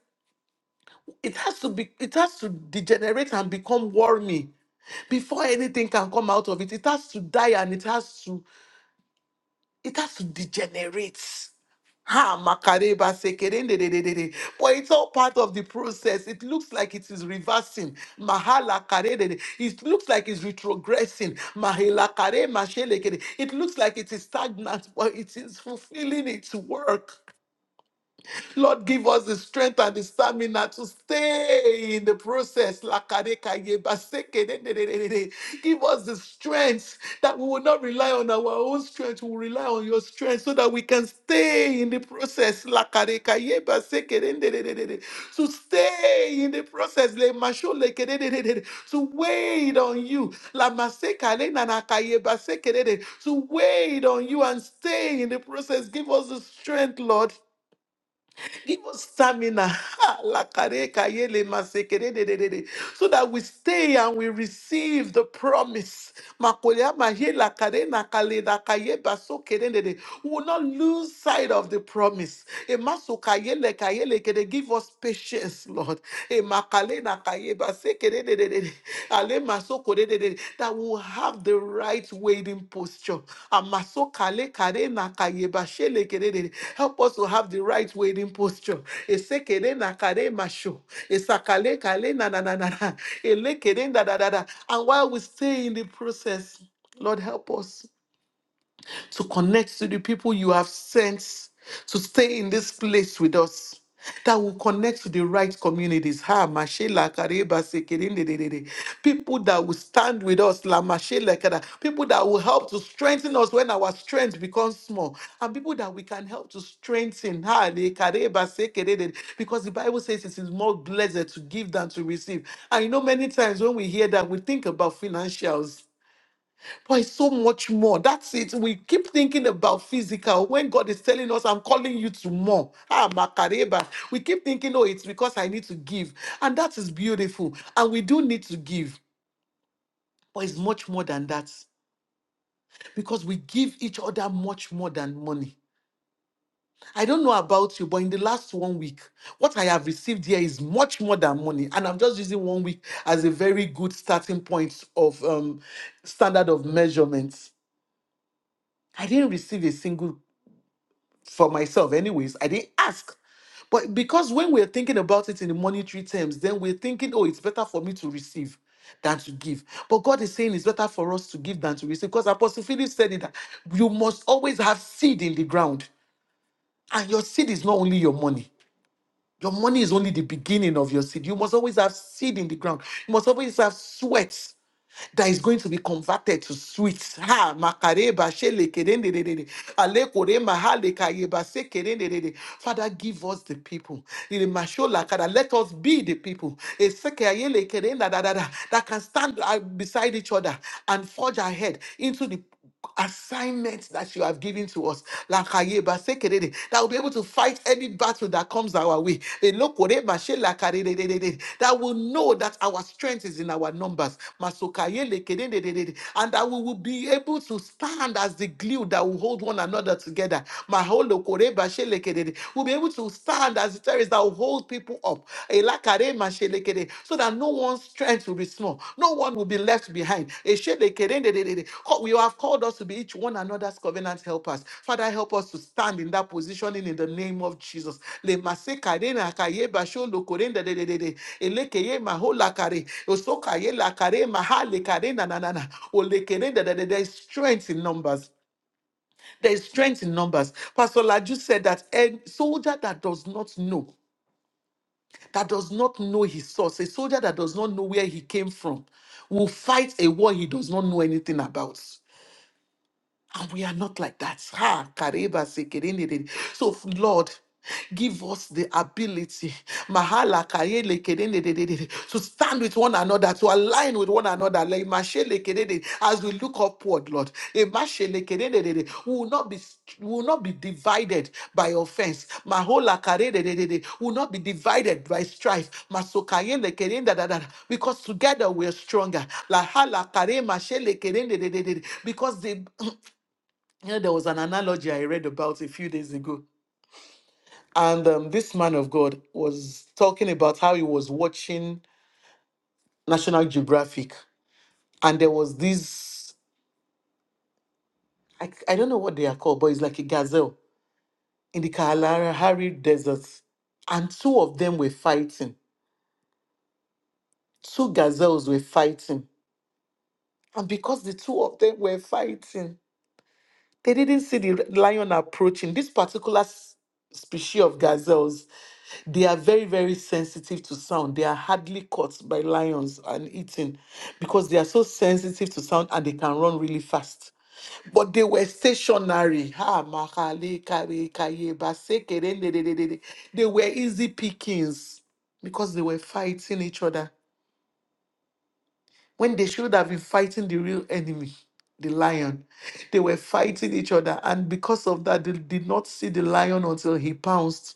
A: it has to be it has to degenerate and become wormy before anything can come out of it. It has to die and it has to it has to degenerate. Ha makareba sekerendedededede. But it's all part of the process. It looks like it is reversing. Mahala karedede. It looks like it's retrogressing. Mahela kare mashelekede. It looks like it is stagnant, but it is fulfilling its work. Lord, give us the strength and the stamina to stay in the process. Lakarekaye Give us the strength that we will not rely on our own strength, we will rely on your strength so that we can stay in the process. Lakarekaye To stay in the process, lemasholekedendededede. to wait on you. Lamasekalendanaakaye basekedede. To wait on you and stay in the process. Give us the strength, Lord. Give us stamina. Ha, lakareka yele masekere de de de de. So that we stay and we receive the promise. Makolea mahe lakare nakale dakaye basokere de de. We will not lose sight of the promise. Emaso kaye le Emasokaye le lekere. Give us patience, Lord. Emakale nakaye basekere that will have the right waiting posture. Amasokalekarena-kayebashelekerede. Help us to have the right waiting posture. Esekerenakaremasho, esakalekalena-na-na-na-na, elekerenda-da-da-da. And while we stay in the process, Lord, help us to connect to the people you have sent to stay in this place with us that will connect to the right communities. Ha, Mashela, Kareba, Sekerin, de, de, de, de. People that will stand with us, La Mashela, Kada. people that will help to strengthen us when our strength becomes small, and people that we can help to strengthen. Ha, de, Kareba, Sekere, de, de. Because the Bible says it is more blessed to give than to receive. And you know, many times when we hear that, we think about financials. But it's so much more. That's it. We keep thinking about physical when God is telling us, I'm calling you to more. Ah, Makareba. We keep thinking, oh, it's because I need to give. And that is beautiful. And we do need to give. But it's much more than that because we give each other much more than money. I don't know about you, but in the last one week, what I have received here is much more than money. And I'm just using one week as a very good starting point of um, standard of measurements. I didn't receive a single for myself anyways i didn't ask but because when we're thinking about it in the monetary terms then we're thinking oh it's better for me to receive than to give but god is saying it's better for us to give than to receive because apostle philip said it that you must always have seed in the ground and your seed is not only your money your money is only the beginning of your seed you must always have seed in the ground you must always have sweat that is going to be converted to sweets. Ha, makareba, shele, kerendedede, alekore, mahale, kayeba, se, Father, give us the people. Lele, mashola, kada, Let us be the people Eseke, ayele, kerenda, da, da, da, that can stand uh, beside each other and forge ahead into the assignments that you have given to us. Lakayeba sekerere, That will be able to fight any battle that comes our way. Elokoreba she lakarerererere, That will know that our strength is in our numbers. Masokayele kererererere, And that we will be able to stand as the glue that will hold one another together. Maholokoreba she lekerere, We'll be able to stand as the terrorists that will hold people up. Elakare mashelekere, So that no one's strength will be small. No one will be left behind. Eshelekere ndededede. Co- You have called us to be each one another's covenant helpers. Father, help us to stand in that positioning in the name of Jesus. Le masekare na kaye basho lokore ndedededede. Elekeye maholakare. Osokaye lakare mahalekare na na na na. Olekere ndededede. There is strength in numbers. There is strength in numbers. Pastor Laju said that a soldier that does not know that does not know his source, a soldier that does not know where he came from, will fight a war he does not know anything about. And we are not like that. Ha, kariba sekerendere. So, Lord, give us the ability mahala karele kerendere, to stand with one another, to align with one another. like mashele kerendere, As we look upward, Lord, emashele kerendere, we will not be we will not be divided by offense. Mahola karendere, We will not be divided by strife. Masokayele kerendere, Because together we are stronger. Lahala kare mashele kerendere, Because the You know, there was an analogy I read about a few days ago. And um, this man of God was talking about how he was watching National Geographic. And there was this, I, I don't know what they are called, but it's like a gazelle in the Kalahari Desert. And two of them were fighting. Two gazelles were fighting. And because the two of them were fighting, they didn't see the lion approaching. This particular s- species of gazelles They are very, very sensitive to sound. They are hardly caught by lions and eaten because they are so sensitive to sound and they can run really fast. But they were stationary. Ha, makale, kare, kaye, base, kere, le, le, le, le, le. They were easy pickings because they were fighting each other when they should have been fighting the real enemy, the lion. They were fighting each other, and because of that, they did not see the lion until he pounced,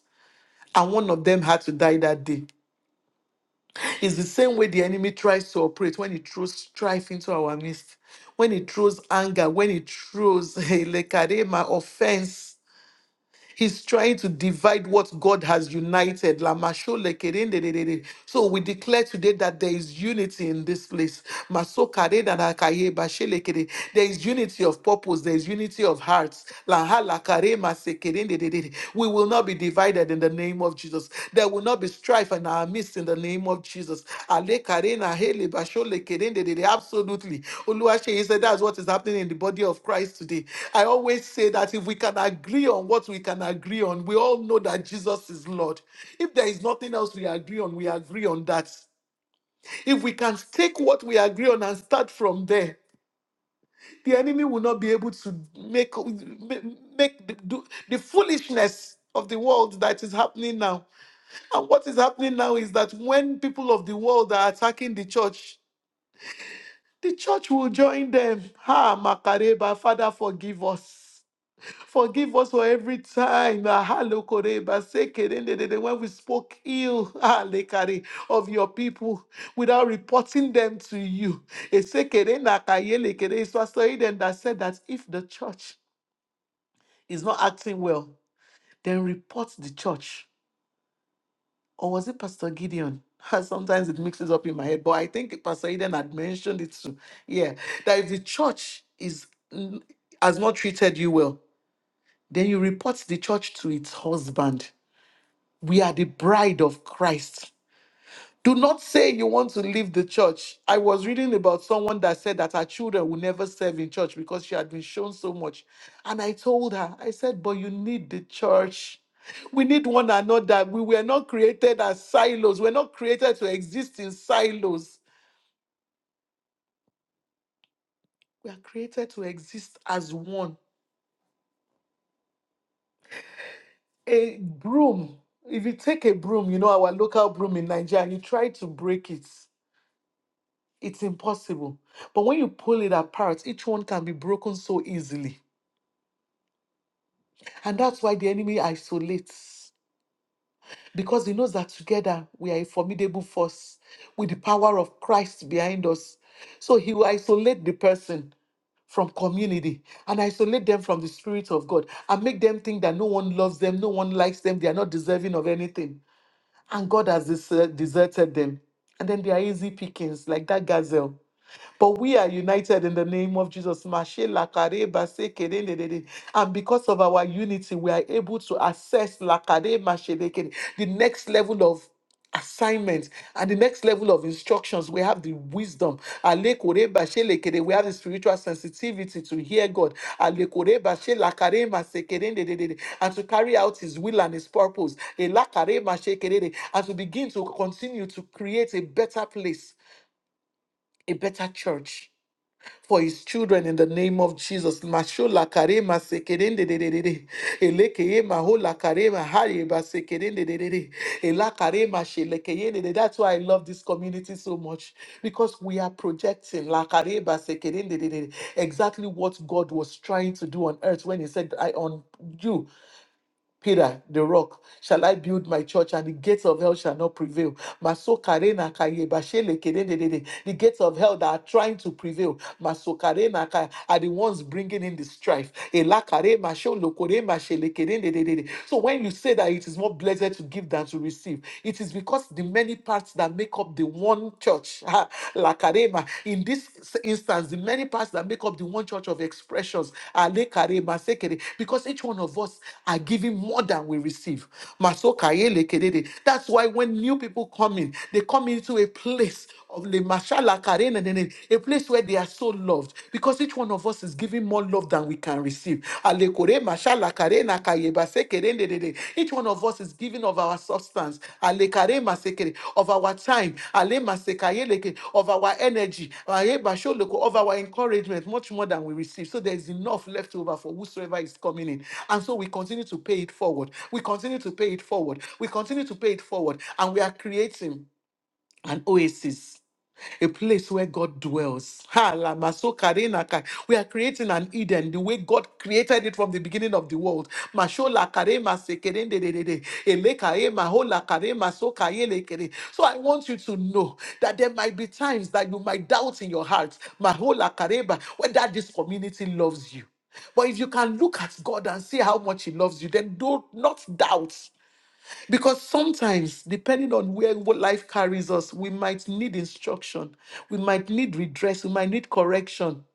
A: and one of them had to die that day. It's the same way the enemy tries to operate when he throws strife into our midst, when he throws anger, when he throws lekarema offense. He's trying to divide what God has united. Lamasho lekerendededede. So we declare today that there is unity in this place. Maso karedanakaye bashelekere. There is unity of purpose, there is unity of hearts. Laha lakarema sekerendededede. We will not be divided in the name of Jesus. There will not be strife in our midst in the name of Jesus. Ale karena hele bashole kerende dede. Absolutely. Oluwaseyi said that's what is happening in the body of Christ today. I always say that if we can agree on what we can agree on, we all know that Jesus is Lord. If there is nothing else we agree on, we agree on that. If we can take what we agree on and start from there, the enemy will not be able to make make the, do, the foolishness of the world that is happening now and what is happening now is that when people of the world are attacking the church, the church will join them. Ha, Makareba, Father, forgive us. Forgive us for every time. Ah, hello, Koreba, sekerendedede, When we spoke ill ah, lekare, of your people without reporting them to you. Esekerenakayelekere. It's Pastor Eden that said that if the church is not acting well, then report the church. or was it Pastor Gideon? Sometimes it mixes up in my head, but I think Pastor Eden had mentioned it too. Yeah, that if the church is n- has not treated you well, then you report the church to its husband. We are the bride of Christ. Do not say you want to leave the church. I was reading about someone that said that her children will never serve in church because she had been shown so much. And I told her, I said, but you need the church. We need one another. We were not created as silos. We're not created to exist in silos. We are created to exist as one. A broom, if you take a broom, you know, our local broom in Nigeria, and you try to break it, it's impossible. But when you pull it apart, each one can be broken so easily. And that's why the enemy isolates, because he knows that together we are a formidable force with the power of Christ behind us. So he will isolate the person from community and isolate them from the Spirit of God and make them think that no one loves them, no one likes them, they are not deserving of anything. And God has des- deserted them. And then they are easy pickings, like that gazelle. But we are united in the name of Jesus. Mashe lakare base kere And because of our unity, we are able to access lakare mashe le the next level of assignments and the next level of instructions. We have the wisdom. Ale bashe le We have the spiritual sensitivity to hear God. Ale bashe lakare mase kere And to carry out his will and his purpose. Ela mashe kere And to begin to continue to create a better place, a better church for his children in the name of Jesus. Mashola karema sekerende dededede. Elekeye mahola karema hareba sekerende dedede. Ela karema shelekeye dede. That's why I love this community so much because we are projecting la kareba sekerende dedede, exactly what God was trying to do on earth when he said, I on you. Peter, the rock, shall I build my church, and the gates of hell shall not prevail. Masokarena kaye bashele kedededede. The gates of hell that are trying to prevail Masokarena ka- are the ones bringing in the strife. Elakare masholokore mashele kedededede. So when you say that it is more blessed to give than to receive, it is because the many parts that make up the one church. Lakarema. In this instance, the many parts that make up the one church of expressions are lekarema, sekere, because each one of us are giving more than we receive. Masokaye lekerere. That's why when new people come in, they come into a place of le mashala karena nene, a place where they are so loved because each one of us is giving more love than we can receive. Re mashala kare na kaye ba se Each one of us is giving of our substance, ale kare ma of our time, ale ma of our energy, aye ba of our encouragement, much more than we receive. So there is enough left over for whosoever is coming in. And so we continue to pay it forward. We continue to pay it forward. We continue to pay it forward. And we are creating an oasis a place where God dwells. Ha, la maso karena kai. We are creating an Eden the way God created it from the beginning of the world. Masho la kare mase keren de de de de. Ele kae maho la kare maso kae le kere. So I want you to know that there might be times that you might doubt in your heart maho la kareba, whether this community loves you. But if you can look at God and see how much He loves you, then do not doubt. Because sometimes, depending on where what life carries us, we might need instruction, we might need redress, we might need correction.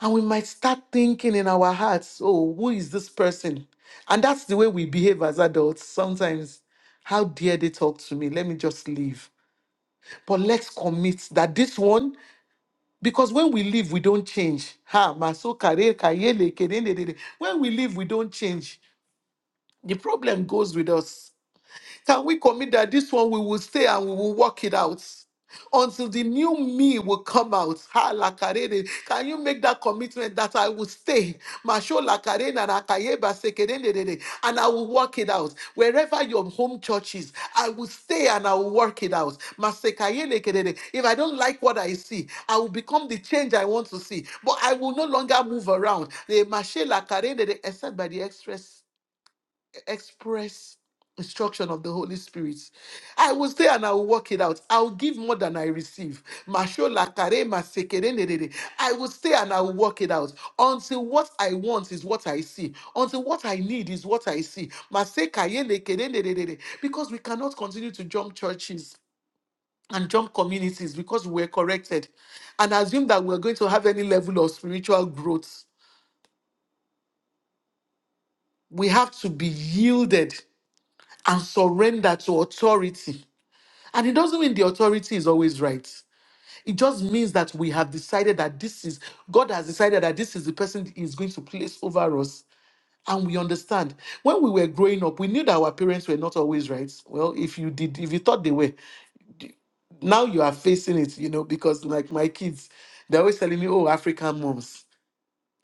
A: And we might start thinking in our hearts, oh, who is this person? And that's the way we behave as adults sometimes. How dare they talk to me? Let me just leave. But let's commit that this one, because when we leave, we don't change. Ha, maso kare, kayele, kedendedede. When we leave, we don't change. The problem goes with us. Can we commit that this one we will stay and we will work it out? Until the new me will come out. Ha, lakarede. Can you make that commitment that I will stay? Masho lakarede na nakayeba sekerendedede. And I will work it out. Wherever your home church is, I will stay and I will work it out. Masekayelekedede. If I don't like what I see, I will become the change I want to see. But I will no longer move around. Eh, mashe lakarendede, Except by the express express instruction of the Holy Spirit. I will stay and I will work it out. I will give more than I receive. Mashola kare masekere nerere. I will stay and I will work it out until what I want is what I see, until what I need is what I see. Maseka yele nerere. Because we cannot continue to jump churches and jump communities because we are corrected and assume that we're going to have any level of spiritual growth. We have to be yielded and surrender to authority And it doesn't mean the authority is always right. It just means that we have decided that this is, God has decided that this is the person He is going to place over us. And we understand. When we were growing up, we knew that our parents were not always right. Well, if you did, if you thought they were, now you are facing it, you know, because like my kids, they're always telling me, oh, African moms.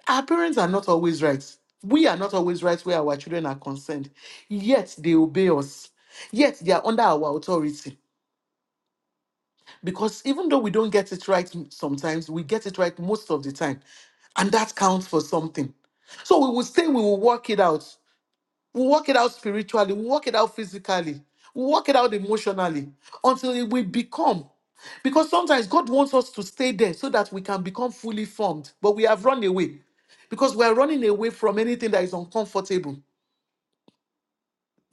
A: Our parents are not always right. We are not always right where our children are concerned. Yet they obey us. Yet they are under our authority Because even though we don't get it right m- sometimes, we get it right most of the time. And that counts for something. So we will say we will work it out. We'll work it out spiritually, we'll work it out physically, we'll work it out emotionally until it will become. Because sometimes God wants us to stay there so that we can become fully formed, but we have run away because we are running away from anything that is uncomfortable.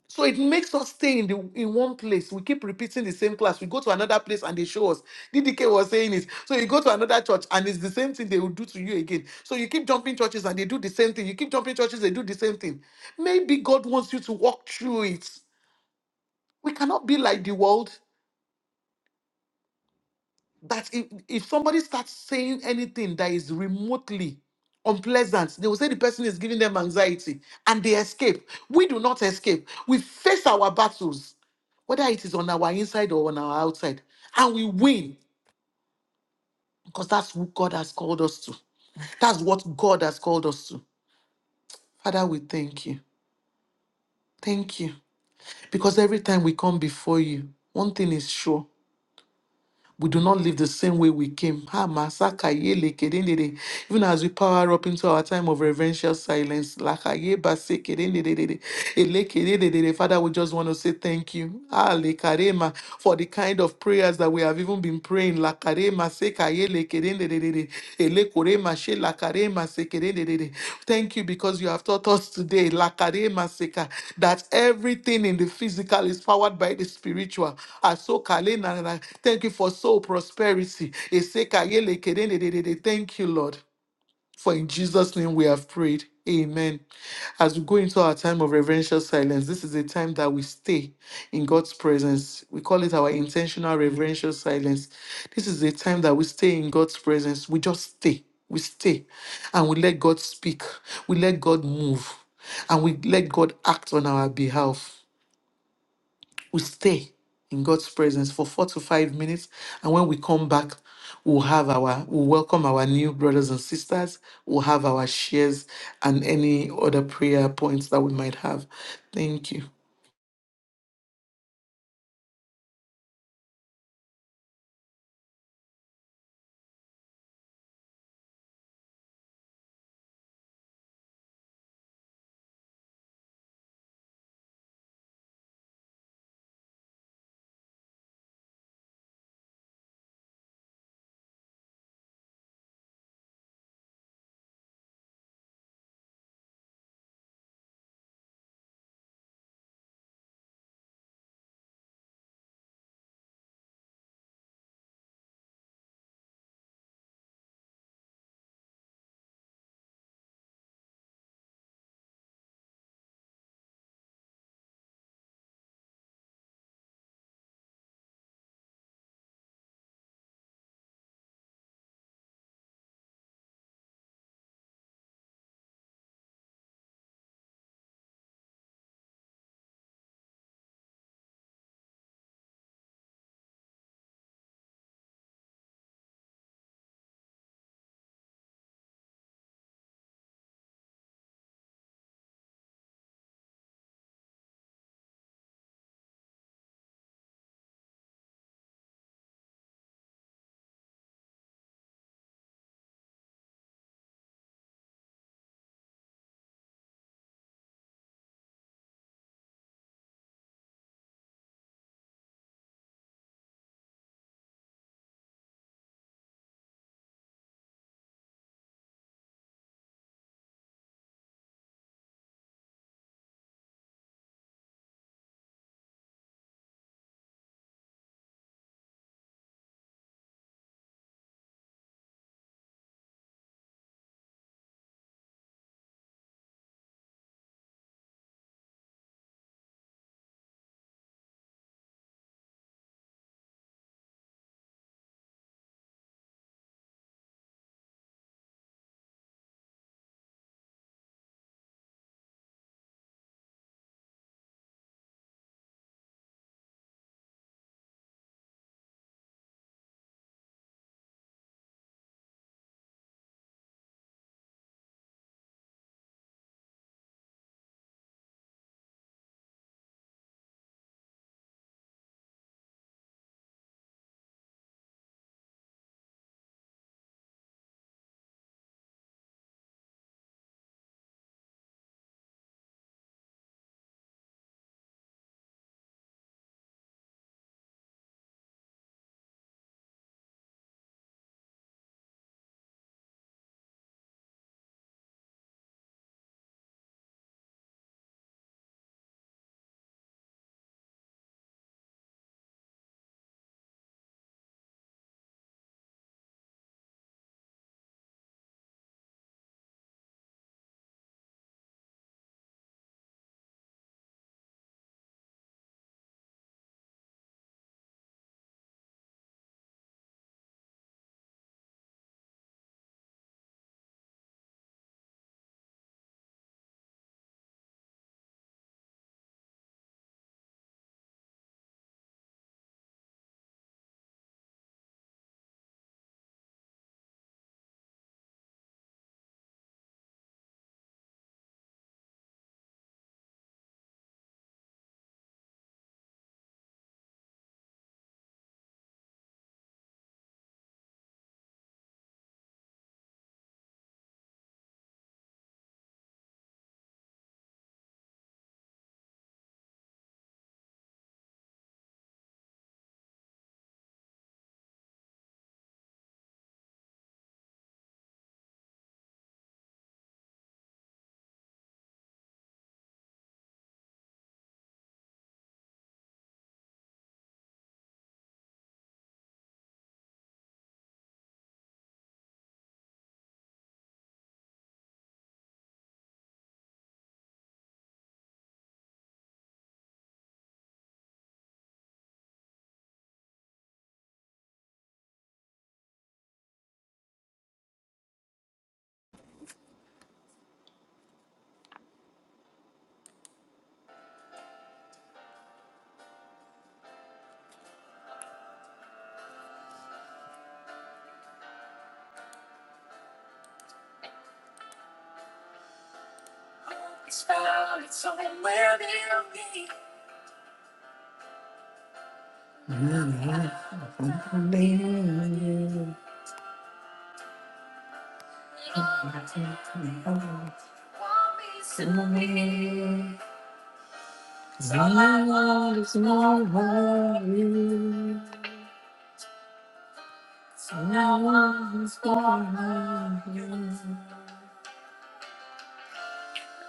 A: So it makes us stay in the in one place. We keep repeating the same class. We go to another place and they show us. DDK was saying it. So you go to another church and it's the same thing they will do to you again. So you keep jumping churches and they do the same thing. You keep jumping churches, they do the same thing. Maybe God wants you to walk through it. We cannot be like the world. that if, if somebody starts saying anything that is remotely unpleasant, they will say the person is giving them anxiety and they escape. We do not escape. We face our battles, whether it is on our inside or on our outside, and we win because that's who God has called us to. That's what God has called us to. Father, we thank you. Thank you. Because every time we come before you, one thing is sure We do not live the same way we came. Ha, masaka ye lekedendede. Even as we power up into our time of reverential silence, laka ye base kedendedede, elekedendedede. Father, we just want to say thank you Ah, lekarema, for the kind of prayers that we have even been praying. La karema le kerende de de de. Ele kore ma la kare ma kerende de de. Thank you because you have taught us today la kare ma that everything in the physical is powered by the spiritual. Aso kale na na na. Thank you for soul prosperity. Eseka ye le kerende de de de. Thank you, Lord. For in Jesus' name we have prayed. Amen. As we go into our time of reverential silence, this is a time that we stay in God's presence. We call it our intentional reverential silence. This is a time that we stay in God's presence. We just stay. We stay. And we let God speak. We let God move. And we let God act on our behalf we stay in God's presence for four to five minutes. And when we come back, we'll have our, we'll welcome our new brothers and sisters. We'll have our shares and any other prayer points that we might have. Thank you.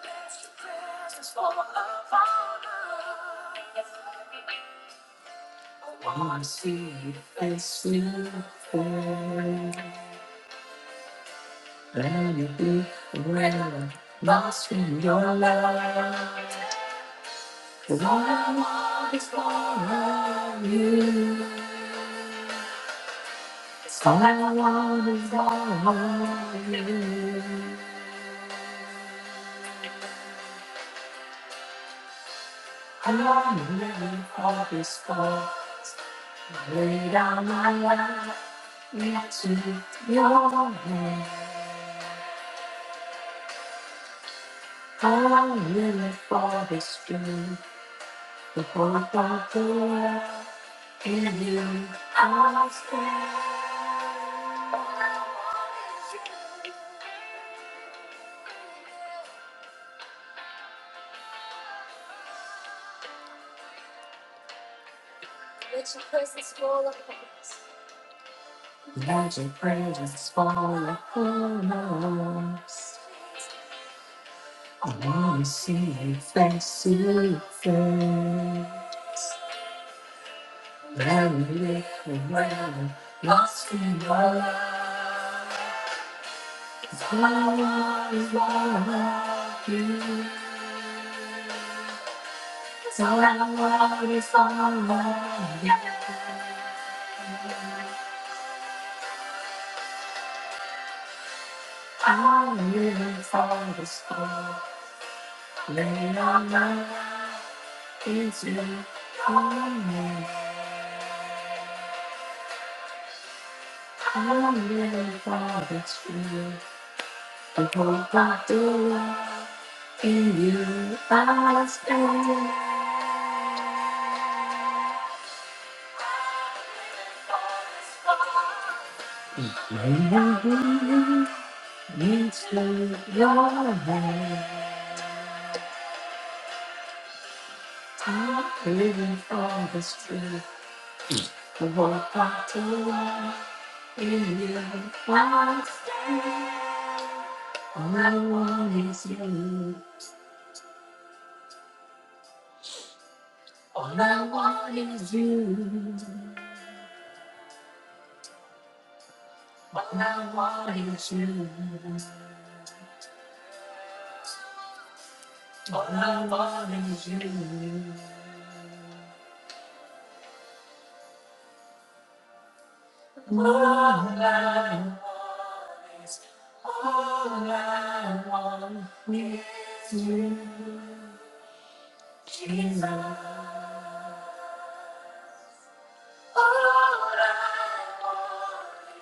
A: I see Seed lost in your love. All I want is more of you. All I want is more of you. I want to live for this cause. Lay down my life into your hand. I want to live for this truth. The hope of the world in you I stand. Let your presence fall upon us. I want to see you face to face. Let me live the lost in your love. 'Cause all I want is all love you. So I want is all I I live for the storm. Lay our life into me. I live for the truth. The hope of the world. In you I stand. I really needs to your hand. I'm living for the truth. The hope of the world. In you I stand. All I want is you. All I want is you. All I want is you. All I want is you. All I want is you. All I want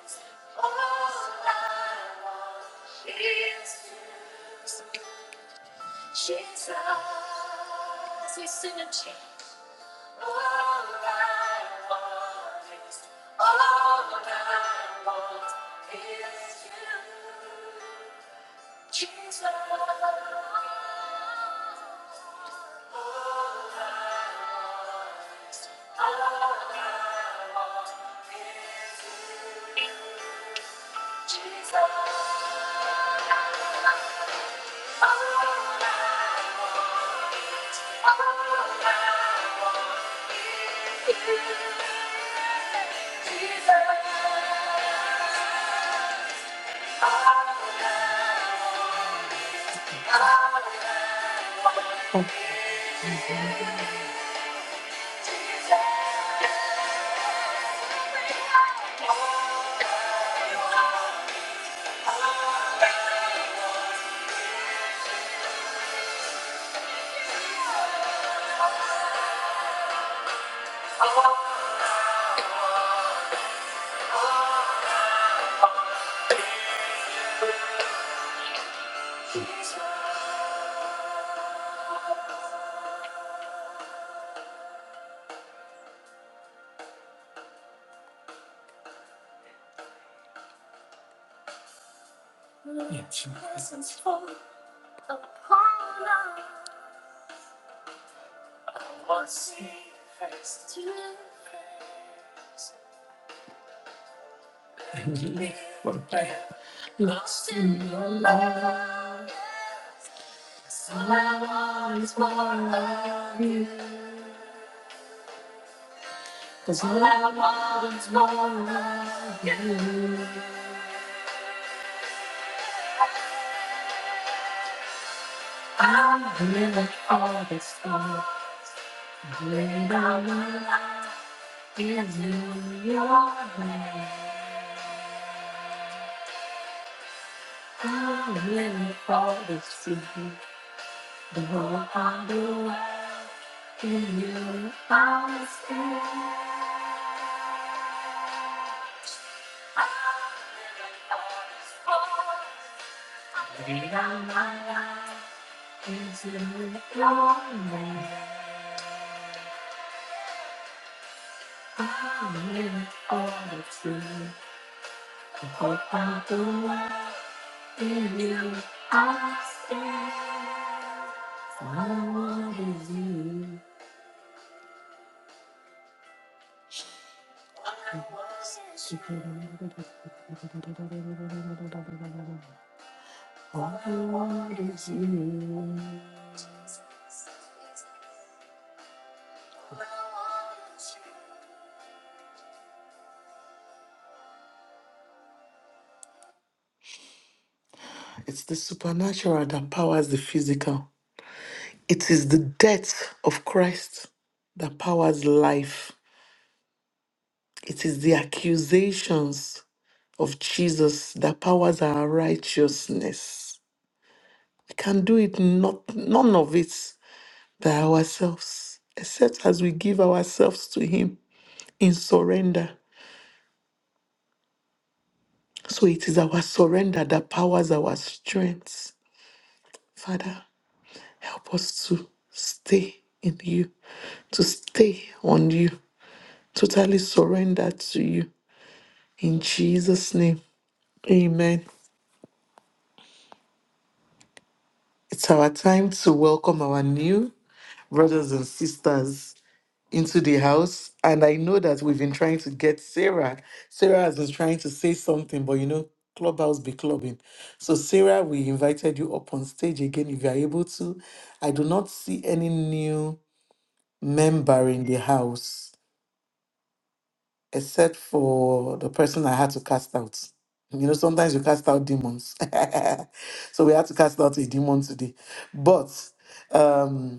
A: is you. Jesus, you sing a change. All I want is all I want is you. Jesus, What I lost in your love, so I want is more of you. Cause love always won't love you. I'm really all this time. Laid on the line is in your hand. I'm really for this time. The whole other world in you. I'm still. I'm really all this time. My life is in your hand. I'm in all of you. I hope I don't walk you. I stand. I you. Super- It's the supernatural that powers the physical. It is the death of Christ that powers life. It is the accusations of Jesus that powers our righteousness. We can do it, not none of it by ourselves, except as we give ourselves to Him in surrender. So it is our surrender that powers our strength. Father, help us to stay in you, to stay on you, totally surrender to you. In Jesus' name, amen. It's our time to welcome our new brothers and sisters. into the house. And I know that we've been trying to get Sarah. Sarah has been trying to say something, but you know, clubhouse be clubbing. So, Sarah, we invited you up on stage again if you're able to. I do not see any new member in the house except for the person I had to cast out. You know, sometimes you cast out demons. so we had to cast out a demon today. But um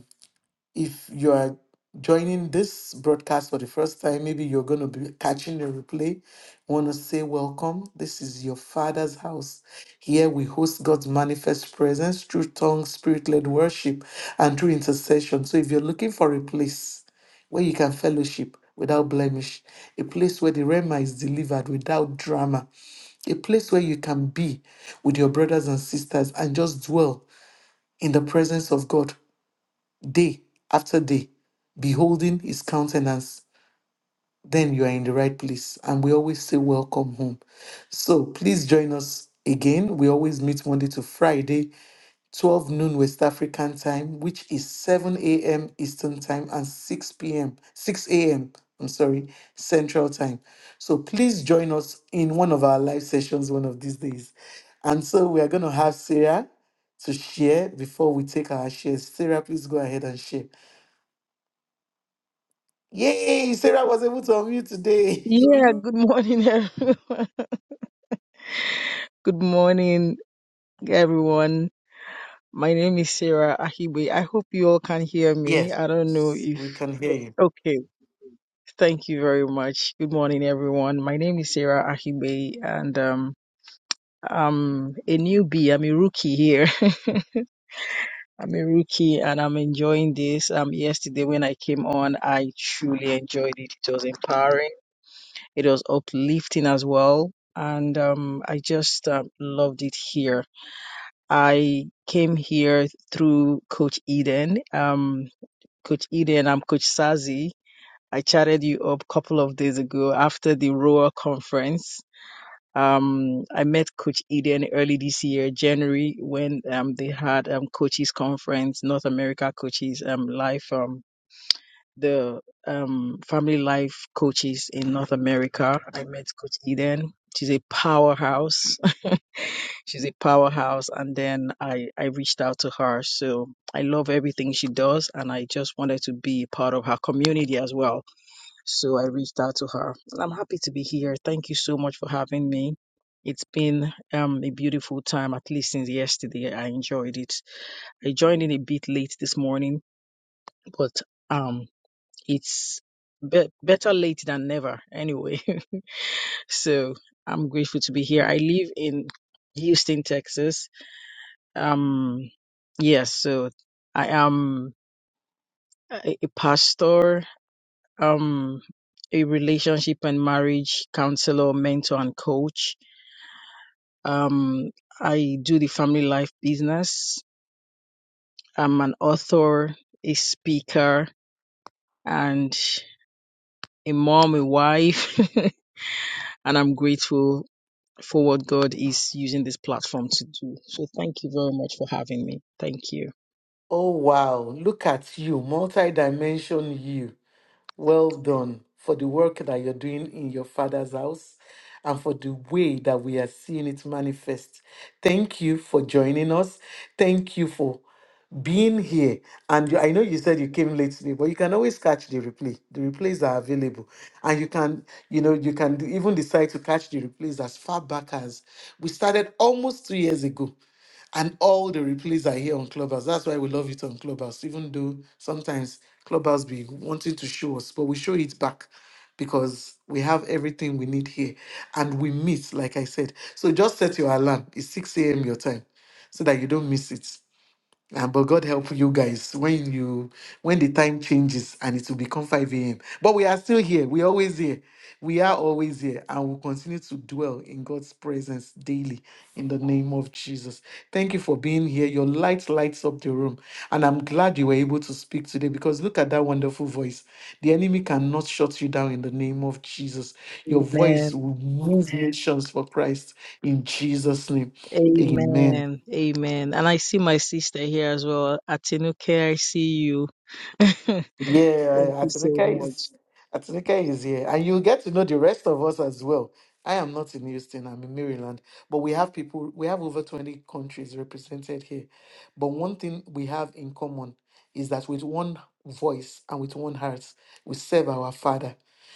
A: if you are joining this broadcast for the first time, maybe you're going to be catching the replay, want to say welcome. This is your Father's house. Here we host God's manifest presence through tongue, spirit led worship, and through intercession. So if you're looking for a place where you can fellowship without blemish, a place where the Rema is delivered without drama, a place where you can be with your brothers and sisters and just dwell in the presence of God day after day, beholding his countenance, then you are in the right place. And we always say, Welcome home. So please join us again. We always meet Monday to Friday, 12 noon West African time, which is 7 a.m. Eastern time and 6 p.m., 6 a.m. I'm sorry, Central time. So please join us in one of our live sessions one of these days. And so we are going to have Sarah to share before we take our shares. Sarah, please go ahead and share. Yay, Sarah was able to unmute today.
B: Yeah, good morning, everyone. Good morning, everyone. My name is Sarah Ahibe. I hope you all can hear me.
A: yes,
B: I don't know if.
A: we can hear you.
B: Okay, thank you very much. Good morning, everyone. My name is Sarah Ahibe, and um, I'm a newbie. I'm a rookie here. I'm a rookie, and I'm enjoying this. Um, yesterday when I came on, I truly enjoyed it. It was empowering. It was uplifting as well, and um, I just um, loved it here I came here through Coach Eden. Um, Coach Eden, I'm Coach Sazi. I chatted you up a couple of days ago after the Roa conference. Um, I met Coach Eden early this year, January, when um, they had um, coaches conference, North America coaches um, live. from the um, family life coaches in North America. I met Coach Eden. She's a powerhouse. She's a powerhouse. And then I, I reached out to her. So I love everything she does. And I just wanted to be part of her community as well. So I reached out to her. And I'm happy to be here. Thank you so much for having me. It's been um, a beautiful time, at least since yesterday. I enjoyed it. I joined in a bit late this morning, but um, it's be- better late than never anyway. so I'm grateful to be here. I live in Houston, Texas. Um, yes, so I am a, a pastor, um, a relationship and marriage counselor, mentor, and coach. Um, I do the family life business. I'm an author, a speaker, and a mom, a wife. and I'm grateful for what God is using this platform to do. So thank you very much for having me. Thank you.
A: Oh, wow. Look at you, multi-dimension you. Well done for the work that you're doing in your father's house and for the way that we are seeing it manifest. Thank you for joining us. Thank you for being here. And you- I know you said you came late today, but you can always catch the replay. The replays are available. And you can, you know, you can even decide to catch the replays as far back as we started almost two years ago. And all the replays are here on Clubhouse. That's why we love it on Clubhouse, even though sometimes Clubhouse be wanting to show us, but we show it back because we have everything we need here. And we miss, like I said. So just set your alarm. It's 6 a.m. your time so that you don't miss it. Ah, but God help you guys when you when the time changes and it will become 5 a.m. But we are still here. We're always here. We are always here and we'll continue to dwell in God's presence daily in the name of Jesus. Thank you for being here. Your light lights up the room. And I'm glad you were able to speak today because look at that wonderful voice. The enemy cannot shut you down in the name of Jesus. Your voice
B: Amen.
A: will move Amen. nations for Christ in Jesus' name. Amen.
B: Amen. Amen. And I see my sister here as well. Atinuke, I see you. Thank
A: Yeah,
B: you so
A: Atinúkẹ́
B: much.
A: is Atinúkẹ́ is here, and you get to know the rest of us as well. I am not in Houston; I'm in Maryland, but we have people. We have over twenty countries represented here. But one thing we have in common is that with one voice and with one heart, we serve our Father.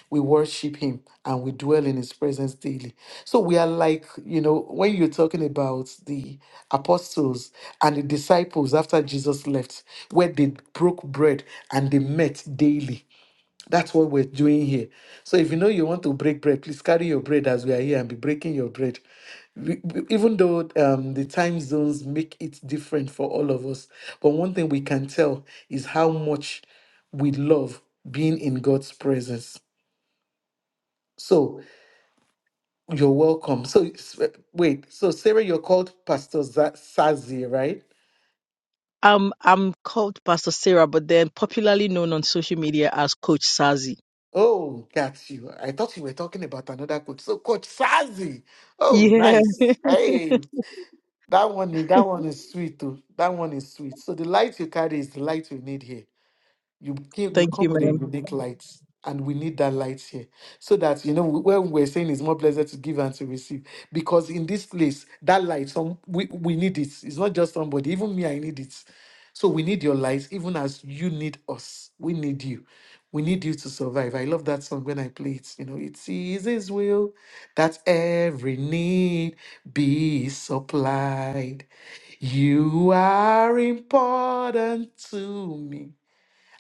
A: We worship him and we dwell in his presence daily. So we are like, you know, when you're talking about the apostles and the disciples after Jesus left, where they broke bread and they met daily. That's what we're doing here. So if you know you want to break bread, please carry your bread as we are here and be breaking your bread. We- we- Even though um, the time zones make it different for all of us, but one thing we can tell is how much we love being in God's presence. So you're welcome. So s- wait, so Sarah, you're called Pastor Za- Sazi, right?
B: I'm I'm called Pastor Sarah, but then popularly known on social media as Coach Sazi.
A: Oh, got you. I thought you were talking about another coach. So Coach Sazi. Oh,
B: Yeah.
A: nice. Hey. That one, that one is sweet too. That one is sweet. So the light you carry is the light we need here. You came, you
B: Thank you,
A: come with a
B: ma'am.
A: unique light, and we need that light here, so that you know when we're saying it's more blessed to give and to receive, because in this place that light, some we we need it. It's not just somebody, even me, I need it. So we need your light, even as you need us. We need you. We need you to survive. I love that song when I play it. You know, it is His will that every need be supplied. You are important to me.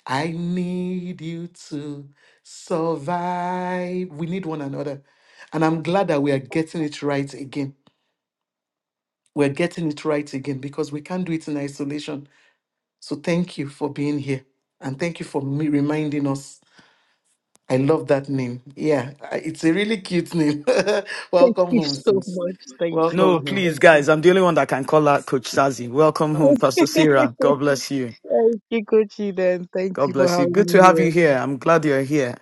A: I need you to survive. We need one another. And I'm glad that we are getting it right again. We're getting it right again because we can't do it in isolation. So thank you for being here. And thank you for me reminding us. I love that name. Yeah, I- it's a really cute name.
B: Thank
A: Welcome
B: you
A: home,
B: so
A: sis.
B: much. Thank
C: No,
A: Welcome
B: you.
A: home.
C: please,
B: Thank
C: guys. I'm the only one that can call out Coach Sazi. Welcome
A: Oh,
C: home,
B: you.
C: Pastor Sarah. God bless you.
B: Thank you, Coachy. Then thank
C: God
B: you for
C: bless you.
B: having
C: Good to
B: me
C: have
B: here.
C: you here. I'm glad you're here.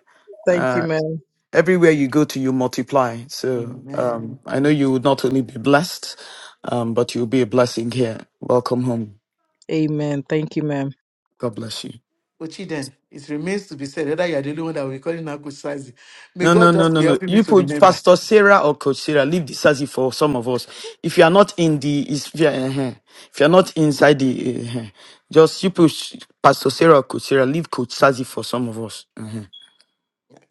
B: Thank you,
C: Uh,
B: ma'am.
C: everywhere you go to, you multiply. So
A: Amen.
C: um, I know you would not only be blessed, um, but you'll be a blessing here. Welcome home.
B: Amen. Thank you, ma'am.
C: God bless you.
A: Ochiden, it remains to be said whether you are the only one that we're calling Akusazi. May
C: No, no,
A: God
C: no,
A: just
C: no,
A: be
C: no.
A: helping me
C: You
A: to
C: put
A: remember.
C: Pastor Sarah or Coach Sarah, leave the Sassy for some of us. If you are not in the, is- if you are, eh-heh, if you are not inside the, eh-heh, just you put Pastor Sarah or Coach Sarah, leave Coach Sassy for some of us. Uh-huh.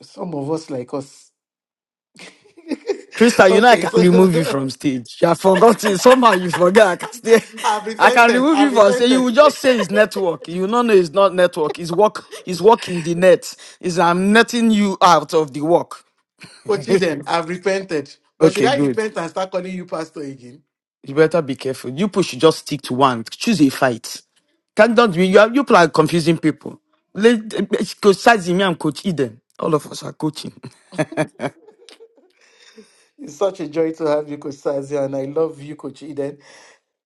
A: Some of us like us.
C: Krista, you know I
A: okay,
C: can
A: so
C: remove you from stage. You have forgotten. Somehow you forget. I can stay.
A: I've
C: I can
A: repented.
C: remove
A: I've
C: you from stage. You will
A: repented.
C: just say it's network. You know, no, it's not network. It's work. It's working the net. It's I'm netting you out of the work.
A: Ochiden, I've repented. But should
C: Okay,
A: I
C: good.
A: repent and start calling you pastor again?
C: You better be careful. You people should just stick to one. Choose a fight. Can't don't be you, are, you people are confusing people. Let Coach Sazimi and Coach Eden. All of us are coaching.
A: It's such a joy to have you, Coach Sazia, and I love you, Coach Eden.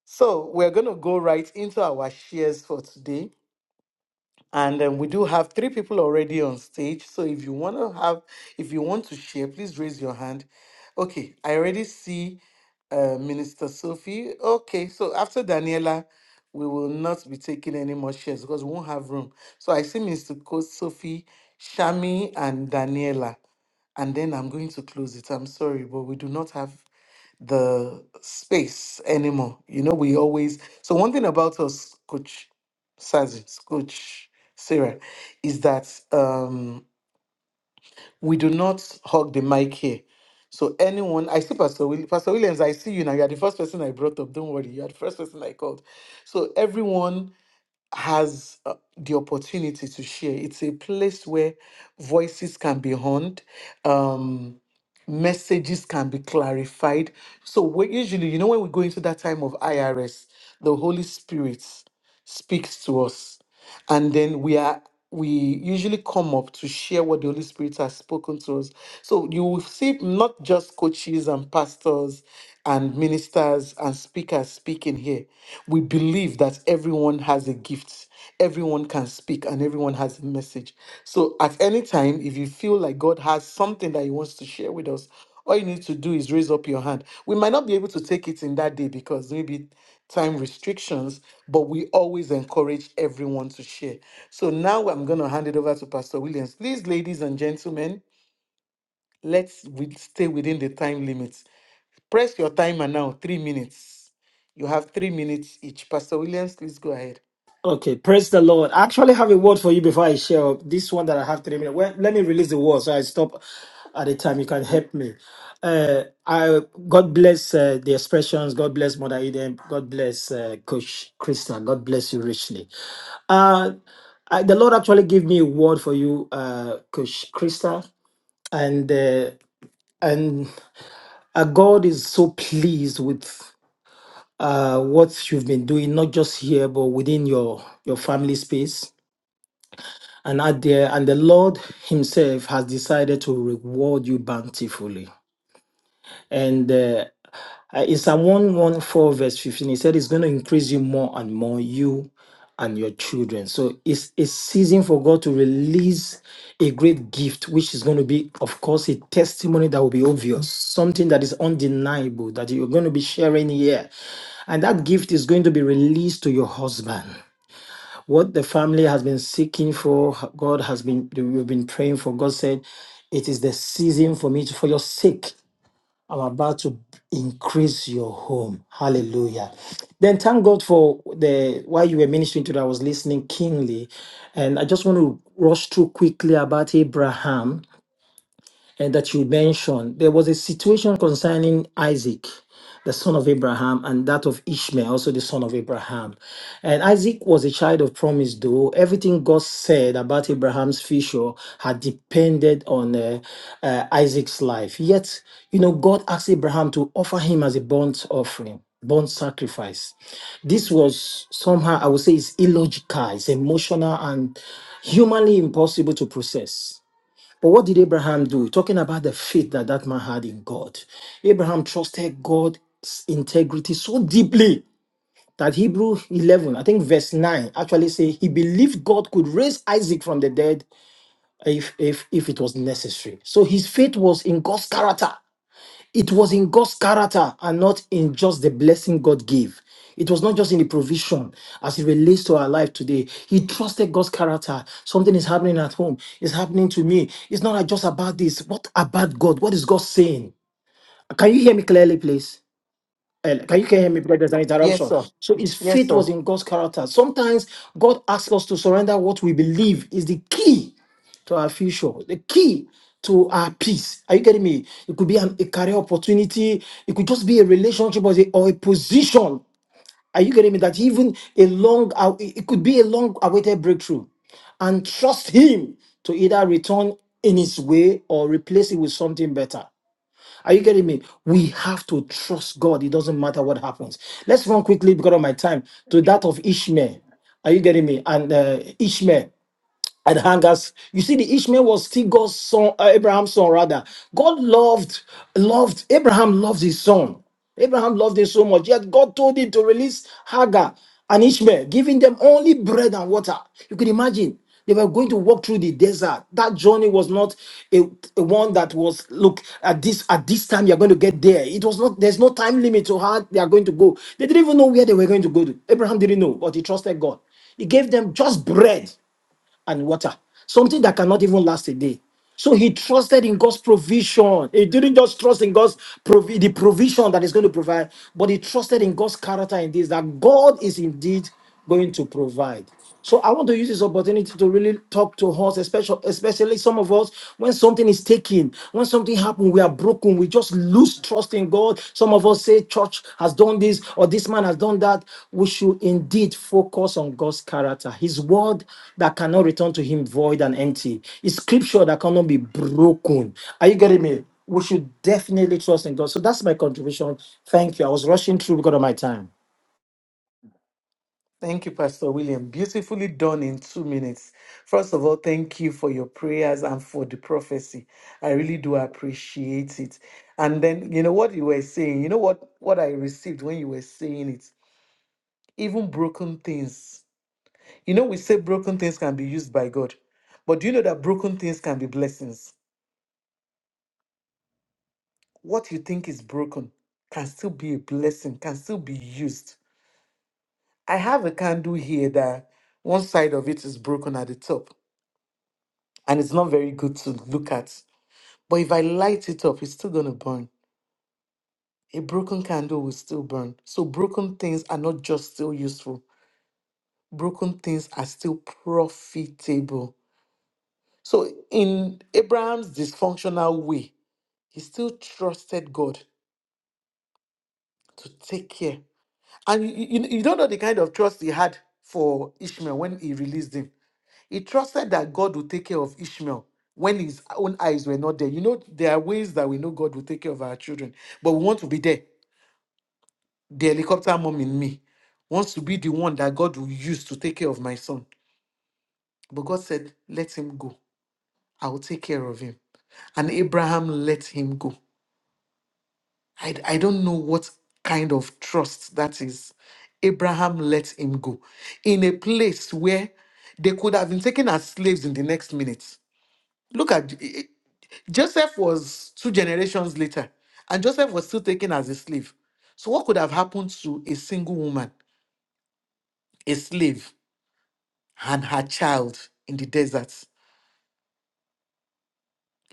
A: So we're gonna go right into our shares for today. And um, we do have three people already on stage. So if you want to have, if you want to share, please raise your hand. Okay, I already see uh, Minister Sophie. Okay, so after Daniela, we will not be taking any more shares because we won't have room. So I see Minister Coach Sophie, Shami, and Daniela. And then I'm going to close it. I'm sorry, but we do not have the space anymore. You know, we always so one thing about us, Coach Sazit, Coach Sarah, is that um we do not hug the mic here. So anyone, I see Pastor Williams, Pastor Williams, I see you now. You are the first person I brought up. Don't worry, you are the first person I called. So everyone has uh, the opportunity to share. It's a place where voices can be heard. Um, messages can be clarified. So we usually, you know, when we go into that time of IRS, the Holy Spirit speaks to us, and then we are we usually come up to share what the Holy Spirit has spoken to us. So you will see not just coaches and pastors and ministers and speakers speaking here. We believe that everyone has a gift everyone can speak and everyone has a message. So at any time, if you feel like God has something that He wants to share with us, all you need to do is raise up your hand. We might not be able to take it in that day because maybe time restrictions, but we always encourage everyone to share. So now I'm going to hand it over to Pastor Williams. Please, ladies and gentlemen, let's wi- stay within the time limits. Press your timer now, three minutes. You have three minutes each. Pastor Williams, please go ahead.
D: Okay, praise the Lord. I actually have a word for you before I share up. this one that I have three minutes. Well, let me release the word so I stop at the time. You can help me. Uh, I God bless uh, the expressions. God bless Mother Eden. God bless uh, Coach Krista. God bless you richly. Uh, I, the Lord actually gave me a word for you, uh, Coach Krista, and uh, and uh, God is so pleased with uh, what you've been doing, not just here, but within your, your family space and out there. And the Lord Himself has decided to reward you bountifully. And uh, uh, in Psalm 114, verse 15, he said, It's going to increase you more and more, you and your children. So it's a season for God to release a great gift, which is going to be, of course, a testimony that will be obvious, something that is undeniable, that you're going to be sharing here. And that gift is going to be released to your husband. What the family has been seeking for, God has been, we've been praying for. God said, it is the season for me to, for your sake. I'm about to increase your home. Hallelujah. Then thank God for the while you were ministering to that, I was listening keenly. And I just want to rush through quickly about Abraham and that you mentioned, there was a situation concerning Isaac, the son of Abraham, and that of Ishmael, also the son of Abraham. And Isaac was a child of promise, though everything God said about Abraham's future had depended on uh, uh, Isaac's life. Yet, you know, God asked Abraham to offer him as a burnt offering. Burnt sacrifice. This was somehow, I would say, it's illogical, it's emotional, and humanly impossible to process. But what did Abraham do? Talking about the faith that that man had in God. Abraham trusted God's integrity so deeply that Hebrew 11, I think verse 9, actually say he believed God could raise Isaac from the dead if, if, if it was necessary. So his faith was in God's character. It was in God's character and not in just the blessing God gave. It was not just in the provision as it relates to our life today. He trusted God's character. Something is happening at home. It's happening to me. It's not just about this. What about God? What is God saying? Can you hear me clearly, please? Uh, Can you hear me? Because there's an
A: Yes,
D: interruption.
A: sir.
D: So his
A: Yes,
D: faith
A: sir.
D: was in God's character. Sometimes God asks us to surrender what we believe is the key to our future, the key to our peace. Are you getting me? It could be an, a career opportunity, it could just be a relationship or a, or a position. Are you getting me? That even a long, aw- it could be a long awaited breakthrough. And trust Him to either return in His way or replace it with something better. Are you getting me? We have to trust God. It doesn't matter what happens. Let's run quickly because of my time to that of Ishmael. Are you getting me? And uh, Ishmael and hangers. You see, the Ishmael was still God's son, uh, Abraham's son, rather. God loved, loved, Abraham loved his son. Abraham loved him so much. Yet God told him to release Hagar and Ishmael, giving them only bread and water. You can imagine. They were going to walk through the desert. That journey was not a, a one that was look at this at this time you're going to get there. It was not there's no time limit to how they are going to go. They didn't even know where they were going to go to. Abraham didn't know, but he trusted God. He gave them just bread and water, something that cannot even last a day. So he trusted in God's provision. He didn't just trust in God's provi- the provision that is going to provide, but he trusted in God's character in this that God is indeed going to provide. So I want to use this opportunity to really talk to us, especially especially some of us when something is taken, when something happens we are broken. We just lose trust in God. Some of us say church has done this or this man has done that. We should indeed focus on God's character, His word that cannot return to Him void and empty, His scripture that cannot be broken. Are you getting me? We should definitely trust in God. So that's my contribution. Thank you. I was rushing through because of my time.
A: Thank you, Pastor William. Beautifully done in two minutes. First of all, thank you for your prayers and for the prophecy. I really do appreciate it. And then, you know what you were saying, you know what, what I received when you were saying it? Even broken things. You know, we say broken things can be used by God, but do you know that broken things can be blessings? What you think is broken can still be a blessing, can still be used. I have a candle here that one side of it is broken at the top and it's not very good to look at. But if I light it up, it's still going to burn. A broken candle will still burn. So broken things are not just still useful, broken things are still profitable. So in Abraham's dysfunctional way, he still trusted God to take care. And you, you, you don't know the kind of trust he had for Ishmael when he released him. He trusted that God would take care of Ishmael when his own eyes were not there. You know, there are ways that we know God will take care of our children, but we want to be there. The helicopter mom in me wants to be the one that God will use to take care of my son. But God said, Let him go. I will take care of him. And Abraham let him go. I, I don't know what kind of trust that is. Abraham let him go in a place where they could have been taken as slaves in the next minute Look at eh, eh, Joseph was two generations later, and Joseph was still taken as a slave. So, what could have happened to a single woman, a slave, and her child in the desert?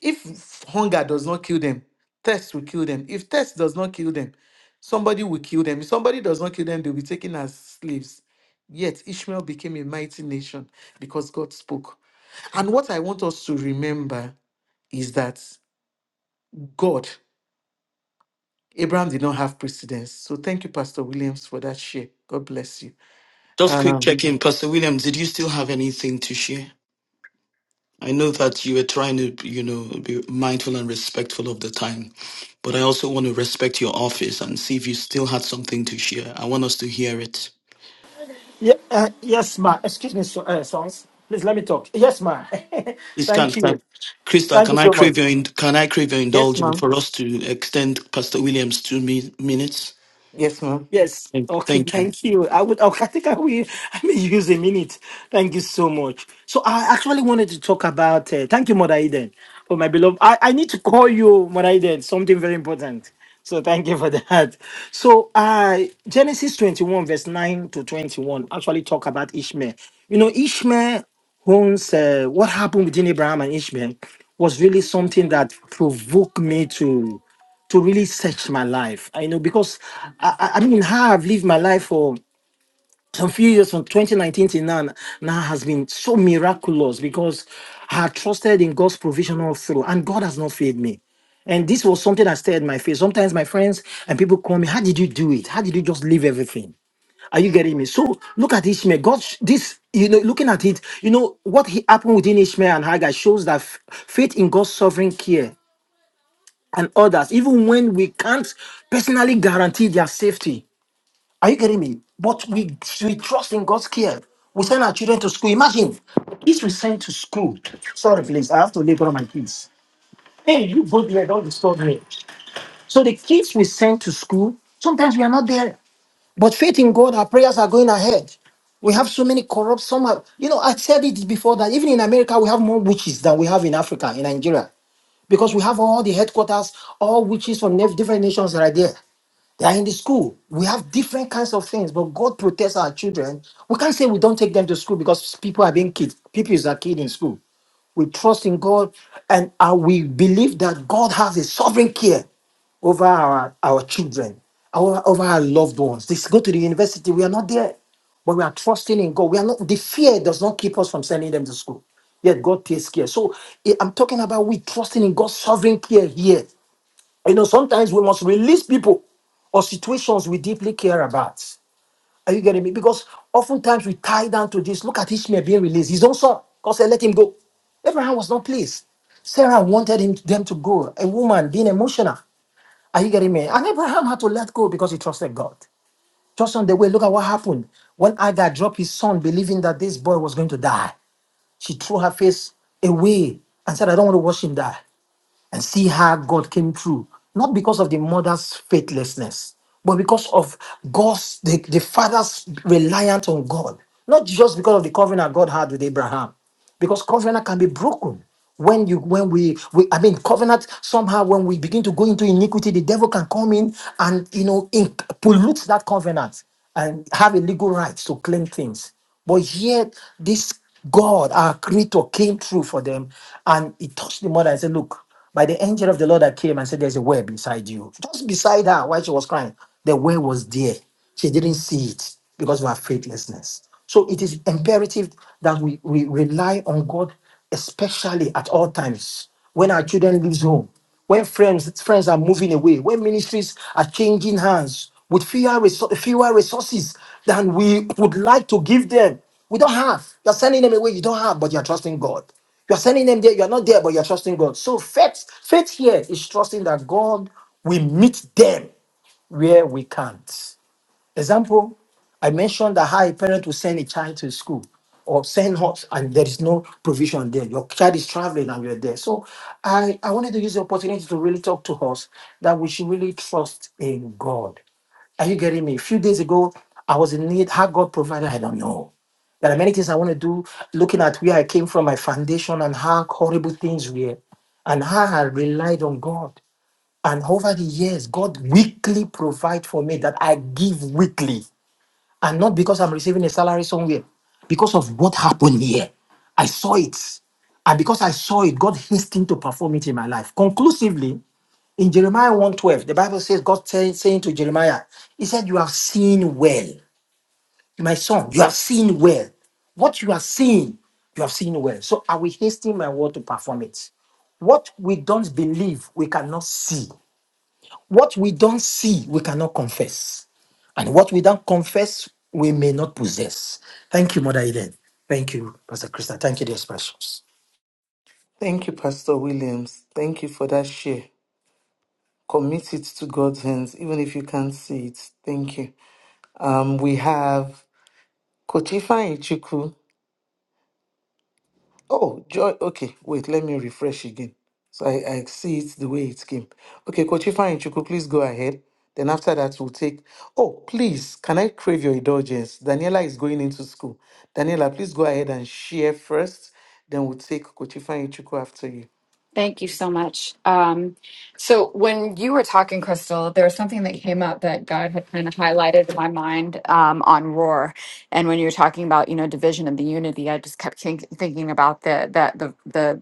A: If hunger does not kill them, thirst will kill them. If thirst does not kill them, somebody will kill them. If somebody does not kill them, they'll be taken as slaves. Yet Ishmael became a mighty nation because God spoke. And what I want us to remember is that God Abraham did not have precedence. So thank you, Pastor Williams, for that share. God bless you.
C: Just quick
A: Um,
C: check in, Pastor Williams. Did you still have anything to share? I know that you were trying to, you know, be mindful and respectful of the time, but I also want to respect your office and see if you still had something to share. I want us to hear it.
D: Yeah, uh, yes, ma. Excuse me, so, uh, sons. Please let me talk. Yes, ma.
C: Please
D: Thank
C: can't
D: you.
C: Chris
D: Thank you so much.
A: yes, ma'am.
C: minutes.
A: Yes, ma'am.
D: Yes. Okay.
C: Thank you.
D: Thank you. I would. Okay, I think I will. I may use a minute. Thank you so much. So I actually wanted to talk about. Uh, thank you, Mother Eden, for my beloved. I, I need to call you, Mother Eden. Something very important. So thank you for that. So uh, Genesis twenty one verse nine to twenty one actually talk about Ishmael. You know, Ishmael owns uh, what happened between Abraham and Ishmael was really something that provoked me to to really search my life. I know because I, I I mean how I've lived my life for some few years from 2019 till now now has been so miraculous because I had trusted in God's provision all through, and God has not failed me. And this was something that stared my face. Sometimes my friends and people call me, "How did you do it? How did you just leave everything?" Are you getting me? So look at Ishmael. God, sh- this, you know, looking at it, you know, what he happened within Ishmael and Hagar shows that f- faith in God's sovereign care and others, even when we can't personally guarantee their safety. Are you getting me? But we, we trust in God's care. We send our children to school. Imagine the kids we send to school. Sorry, please, I have to labor my kids. Hey, you go there, don't disturb me. So the kids we send to school, sometimes we are not there. But faith in God, our prayers are going ahead. We have so many corrupt. Some are, you know, I said it before that even in America, we have more witches than we have in Africa, in Nigeria because we have all the headquarters, all witches from nev- different nations right there. They are in the school. We have different kinds of things, but God protects our children. We can't say we don't take them to school because people are being kids. People is a kid in school. We trust in God and uh, we believe that God has a sovereign care over our, our children, our, over our loved ones. They go to the university, we are not there, but we are trusting in God. We are not, the fear does not keep us from sending them to school. Yet God takes care. So eh, I'm talking about we trusting in God's sovereign care here. You know, sometimes we must release people or situations we deeply care about. Are you getting me? Because oftentimes we tie down to this. Look at Ishmael being released. His own son. God said, let him go. Abraham was not pleased. Sarah wanted him, them to go. A woman being emotional. Are you getting me? And Abraham had to let go because he trusted God. Just on the way, look at what happened. When Agar dropped his son, believing that this boy was going to die, she threw her face away and said, I don't want to watch him die and see how God came through, not because of the mother's faithlessness, but because of God's, the, the father's reliance on God, not just because of the covenant God had with Abraham, because covenant can be broken. When you, when we, we, I mean, covenant somehow when we begin to go into iniquity, the devil can come in and you know in, pollute that covenant and have a legal right to claim things. But yet, this God, our Creator, came through for them, and He touched the mother and said, "Look." by the angel of the Lord that came and said, There's a well beside you. Just beside her while she was crying. The well was there. She didn't see it because of her faithlessness. So it is imperative that we, we rely on God, especially at all times. When our children leaves home, when friends friends are moving away, when ministries are changing hands with fewer resou- fewer resources than we would like to give them. We don't have. You're sending them away. You don't have, but you're trusting God. You're sending them there. You're not there, but you're trusting God. So faith, faith here is trusting that God will meet them where we can't. Example, I mentioned that how a parent will send a child to school or send her, and there is no provision there. Your child is traveling and you're there. So I, I wanted to use the opportunity to really talk to us that we should really trust in God. Are you getting me? A few days ago, I was in need. How God provided, I don't know. There are many things I want to do, looking at where I came from, my foundation, and how horrible things were, and how I relied on God. And over the years, God weekly provide for me that I give weekly and not because I'm receiving a salary somewhere, because of what happened here. I saw it. And because I saw it, God hastened to perform it in my life. Conclusively, in Jeremiah one twelve, the Bible says, God say- saying to Jeremiah, He said, You have seen well, my son, you have seen well. What you are seeing, you have seen well. So I will hasten my word to perform it. What we don't believe, we cannot see. What we don't see, we cannot confess. And what we don't confess, we may not possess. Thank you, Mother Eden. Thank you, Pastor Krista. Thank you, dear specials.
A: Thank you, Pastor Williams. Thank you for that share. Commit it to God's hands, even if you can't see it. Thank you. Um, we have Kochifa Ichuku. Oh, joy. Okay, wait, let me refresh again. So I, I see it the way it came. Okay, Kochifa and Chuku, please go ahead. Then after that, we'll take. Oh, please, can I crave your indulgence? Daniela is going into school. Daniela, please go ahead and share first. Then we'll take Kochifa and Chuku after you.
E: Thank you so much. Um, so, when you were talking, Crystal, there was something that came up that God had kind of highlighted in my mind um, on Roar. And when you were talking about, you know, division and the unity, I just kept think- thinking about the that the the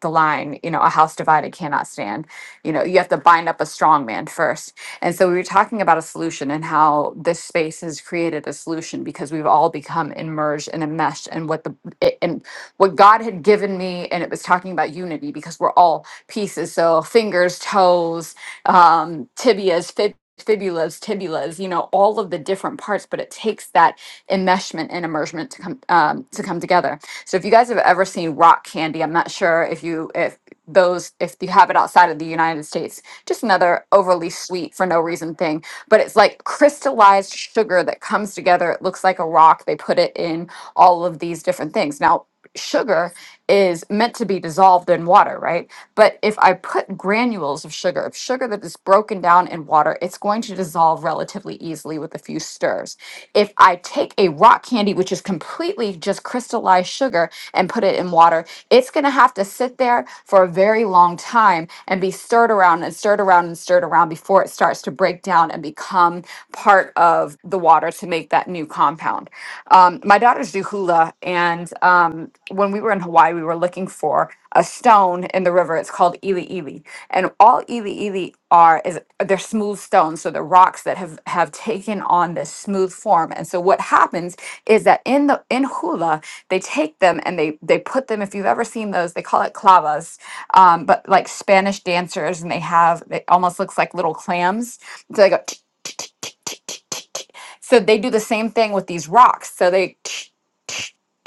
E: the line, you know, a house divided cannot stand. You know, you have to bind up a strong man first. And so we were talking about a solution and how this space has created a solution because we've all become immersed and enmeshed in what the and what God had given me, and it was talking about unity because we're all pieces. So fingers, toes, um, tibias, fib- fibulas, tibulas, you know, all of the different parts. But it takes that enmeshment and immersion to come um, to come together. So if you guys have ever seen rock candy, I'm not sure if you if those if you have it outside of the United States, just another overly sweet for no reason thing. But it's like crystallized sugar that comes together. It looks like a rock. They put it in all of these different things. Now sugar is meant to be dissolved in water, right? But if I put granules of sugar, of sugar that is broken down in water, it's going to dissolve relatively easily with a few stirs. If I take a rock candy, which is completely just crystallized sugar, and put it in water, it's going to have to sit there for a very long time and be stirred around and stirred around and stirred around before it starts to break down and become part of the water to make that new compound. Um, my daughters do hula, and um, when we were in Hawaii, we were looking for a stone in the river. It's called ili ili, and all ili ili are is they're smooth stones, so they're rocks that have have taken on this smooth form. And so what happens is that in the in hula, they take them and they they put them. If you've ever seen those, they call it clavas, um, but like Spanish dancers, and they have it almost looks like little clams. So they go. So they do the same thing with these rocks. So they,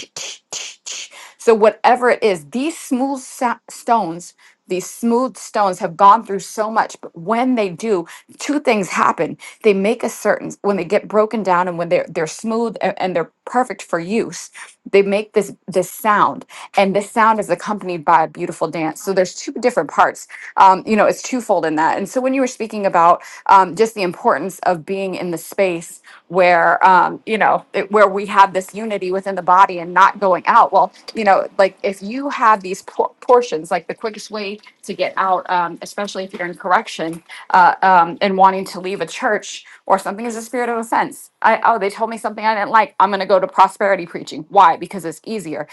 E: so whatever it is, these smooth sa- stones, these smooth stones have gone through so much. But when they do, two things happen. They make a certain when they get broken down and when they're they're smooth and, and they're perfect for use. They make this this sound, and this sound is accompanied by a beautiful dance. So there's two different parts. Um, you know, it's twofold in that. And so when you were speaking about um, just the importance of being in the space where um, you know it, where we have this unity within the body and not going out well you know like if you have these por- portions like the quickest way to get out um, especially if you're in correction uh, um, and wanting to leave a church or something is a spirit of offense i oh they told me something i didn't like i'm going to go to prosperity preaching why because it's easier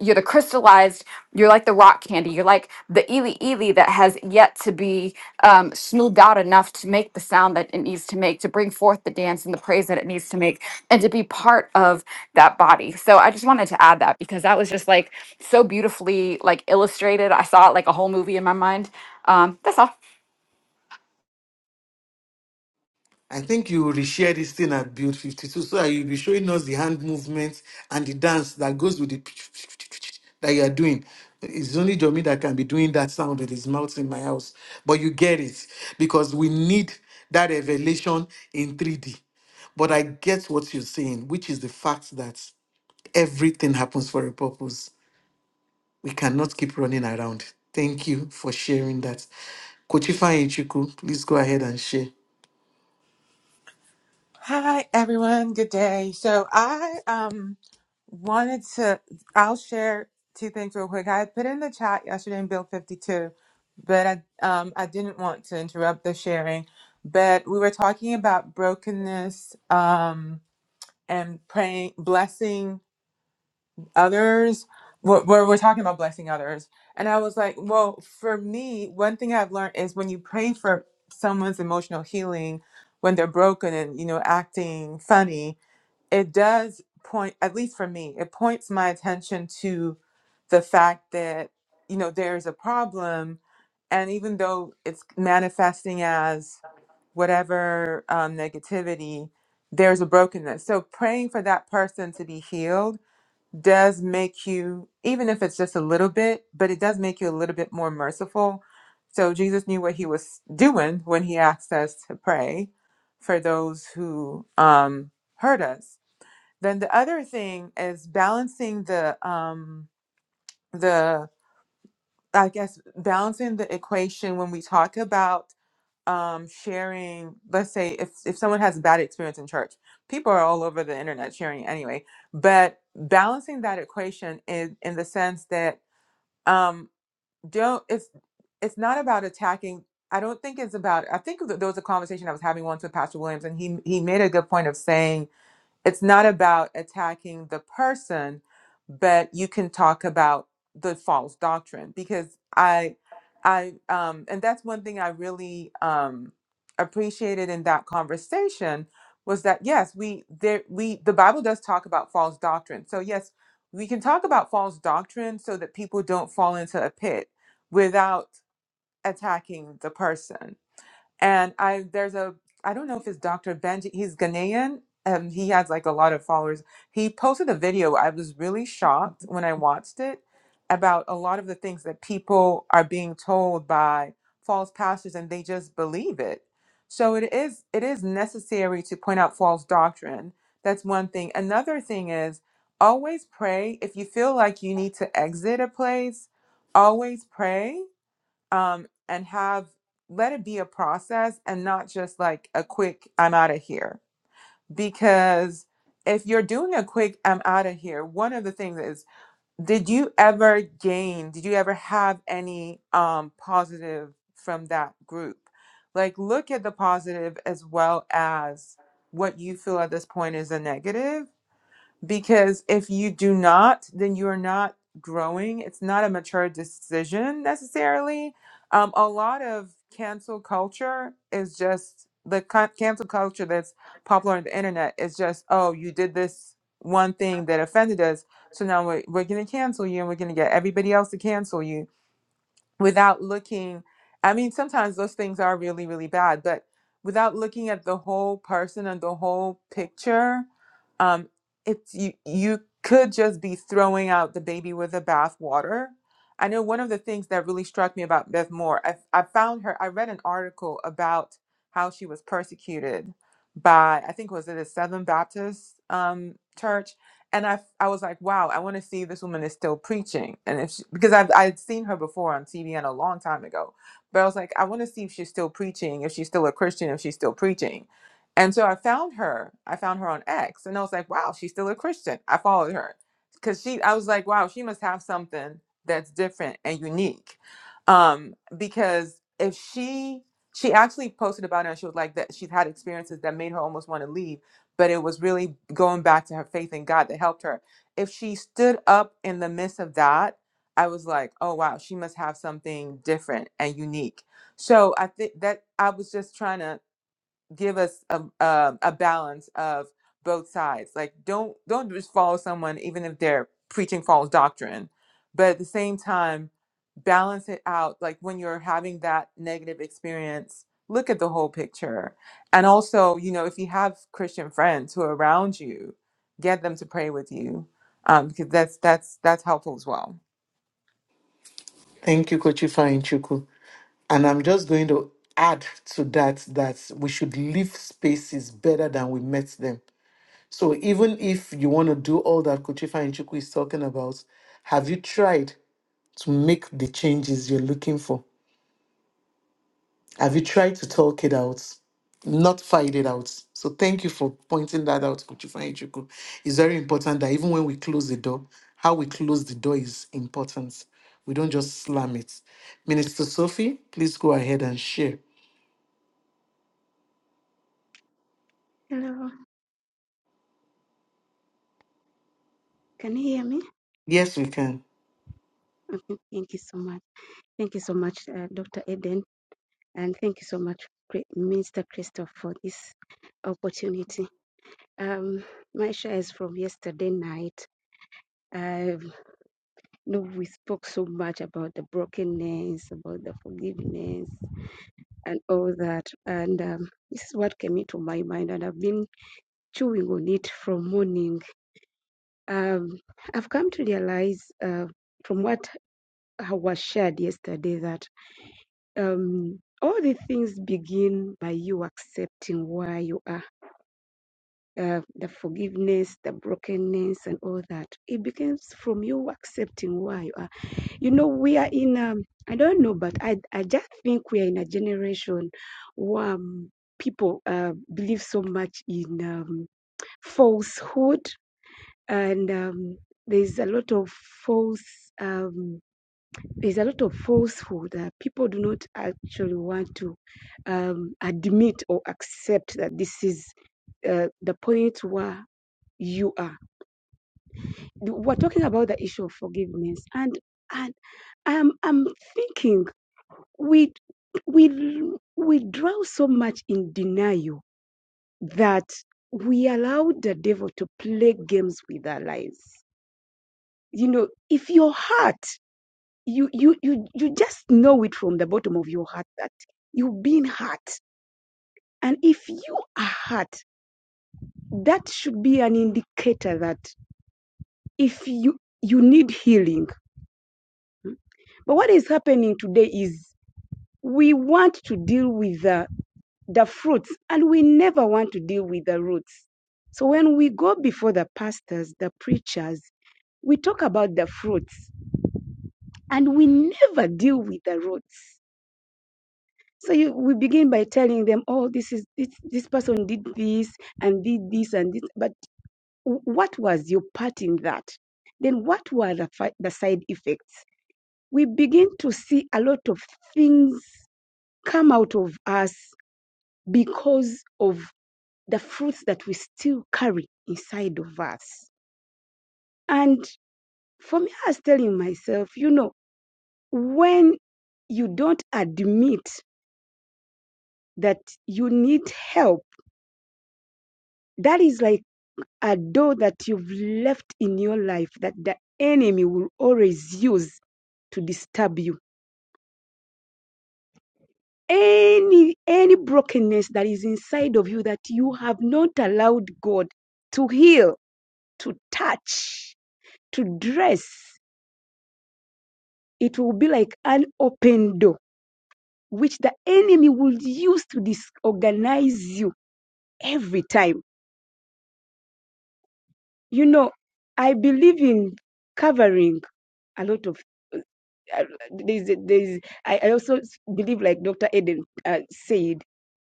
E: you're you're the crystallized you're like the rock candy you're like the ely ely that has yet to be um, smoothed out enough to make the sound that it needs to make to bring forth the dance and the praise that it needs to make and to be part of that body so i just wanted to add that because that was just like so beautifully like illustrated i saw it like a whole movie in my mind um, that's all
A: I think you will reshare this thing at Build 52 so that you'll be showing us the hand movements and the dance that goes with the that you are doing. It's only Jomi that can be doing that sound with his mouth in my house. But you get it because we need that revelation in 3D. But I get what you're saying, which is the fact that everything happens for a purpose. We cannot keep running around. Thank you for sharing that. Kochifa Ichuku, please go ahead and share.
F: Hi everyone, good day. So I um wanted to I'll share two things real quick. I had put in the chat yesterday in Bill 52, but I um I didn't want to interrupt the sharing. But we were talking about brokenness um and praying blessing others. We're, we're we're talking about blessing others. And I was like, well, for me, one thing I've learned is when you pray for someone's emotional healing when they're broken and you know acting funny it does point at least for me it points my attention to the fact that you know there's a problem and even though it's manifesting as whatever um, negativity there's a brokenness so praying for that person to be healed does make you even if it's just a little bit but it does make you a little bit more merciful so jesus knew what he was doing when he asked us to pray for those who um, hurt us then the other thing is balancing the um the I guess balancing the equation when we talk about um sharing let's say if if someone has a bad experience in church people are all over the internet sharing it anyway but balancing that equation in in the sense that um don't it's it's not about attacking I don't think it's about I think th- there was a conversation I was having once with Pastor Williams and he he made a good point of saying it's not about attacking the person but you can talk about the false doctrine because i i um and that's one thing i really um appreciated in that conversation was that yes we there we the bible does talk about false doctrine so yes we can talk about false doctrine so that people don't fall into a pit without attacking the person and I there's a I don't know if it's Dr. Benji. He's Ghanaian. Um, he has like a lot of followers. He posted a video. I was really shocked when I watched it about a lot of the things that people are being told by false pastors, and they just believe it. So it is it is necessary to point out false doctrine. That's one thing. Another thing is always pray. If you feel like you need to exit a place, always pray um, and have let it be a process and not just like a quick I'm out of here. Because if you're doing a quick I'm out of here, one of the things is did you ever gain, did you ever have any um, positive from that group? Like look at the positive as well as what you feel at this point is a negative because if you do not then you are not growing it's not a mature decision necessarily um, a lot of cancel culture is just the con- cancel culture that's popular on the internet is just oh you did this one thing that offended us so now we're, we're going to cancel you and we're going to get everybody else to cancel you without looking i mean sometimes those things are really really bad but without looking at the whole person and the whole picture um it's you you could just be throwing out the baby with the bathwater i know one of the things that really struck me about beth moore i, I found her i read an article about how she was persecuted by i think was it a southern baptist um, church and I I was like, wow, I want to see if this woman is still preaching, and if she, because I've I'd seen her before on TV and a long time ago, but I was like, I want to see if she's still preaching, if she's still a Christian, if she's still preaching, and so I found her. I found her on X, and I was like, wow, she's still a Christian. I followed her because she. I was like, wow, she must have something that's different and unique, um, because if she she actually posted about it and she was like that she's had experiences that made her almost want to leave but it was really going back to her faith in God that helped her. If she stood up in the midst of that, I was like, oh wow, she must have something different and unique. So I think that I was just trying to give us a, a a balance of both sides. Like don't don't just follow someone even if they're preaching false doctrine, but at the same time balance it out. Like when you're having that negative experience, look at the whole picture. And also, you know, if you have Christian friends who are around you, get them to pray with you, um, because that's that's that's helpful as well.
A: Thank you, Kochifa Ichuku. And I'm just going to add to that that we should leave spaces better than we met them. So even if you want to do all that Kuchifa and Chuku is talking about, have you tried to make the changes you're looking for? Have you tried to talk it out? Not fight it out. So thank you for pointing that out, Kuchifa and Chuku. It's very important that even when we close the door, how we close the door is important. We don't just slam it. Minister Sophie, please go ahead and share.
G: Hello, can you hear me?
A: Yes, we can.
G: Okay, thank you so much. Thank you so much, uh, Dr. Eden, and thank you so much, Cri- Minister Christoph, for this opportunity. Um, my share is from yesterday night. I know we spoke so much about the brokenness, about the forgiveness, and all that. And um, this is what came into my mind, and I've been chewing on it from morning. Um, I've come to realize uh, from what I was shared yesterday that. um, all the things begin by you accepting where you are. Uh, the forgiveness, the brokenness, and all that. It begins from you accepting where you are. You know, we are in, um, I don't know, but I, I just think we are in a generation where um, people uh, believe so much in um, falsehood and um, there's a lot of false. Um, there's a lot of falsehood that people do not actually want to um, admit or accept that this is uh, the point where you are. We're talking about the issue of forgiveness, and and I'm I'm thinking we we we drown so much in denial that we allow the devil to play games with our lives. You know, if your heart you you you you just know it from the bottom of your heart that you've been hurt and if you are hurt that should be an indicator that if you you need healing Mm. but what is happening today is we want to deal with the, the fruits and we never want to deal with the roots so when we go before the pastors the preachers we talk about the fruits and we never deal with the roots So you, we begin by telling them, oh, this is this this person did this and did this and this. But w- what was your part in that? Then what were the fi- the side effects? We begin to see a lot of things come out of us because of the fruits that we still carry inside of us. And for me, I was telling myself, you know, when you don't admit that you need help, that is like a door that you've left in your life that the enemy will always use to disturb you any any brokenness that is inside of you that you have not allowed god to heal to touch to dress it will be like an open door which the enemy will use to disorganize you every time you know i believe in covering a lot of uh, there's, there's I I also believe like Dr. Eden uh, said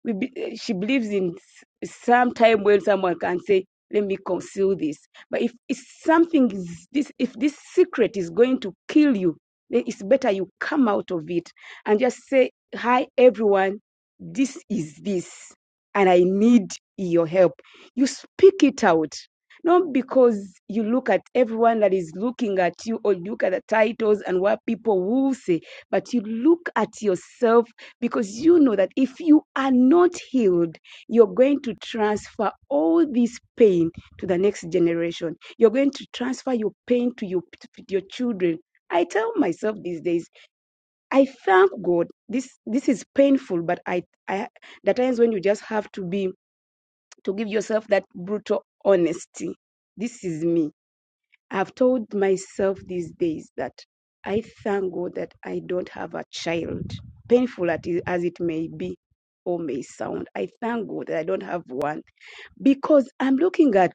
G: we be, eh, she believes in s- some time when someone can say let me conceal this but if, it's something is this if this secret is going to kill you then it's better you come out of it and just say hi everyone this is this and i need your help you speak it out not because you look at everyone that is looking at you or look at the titles and what people will say but you look at yourself because you know that if you are not healed, you're going to transfer all this pain to the next generation. You're going to transfer your pain to your, to your children. I tell myself these days, I thank God. This this is painful, but I, I the times when you just have to be to give yourself that brutal honesty. This is me. I've told myself these days that I thank God that I don't have a child, painful as it may be or may sound. I thank God that I don't have one because I'm looking at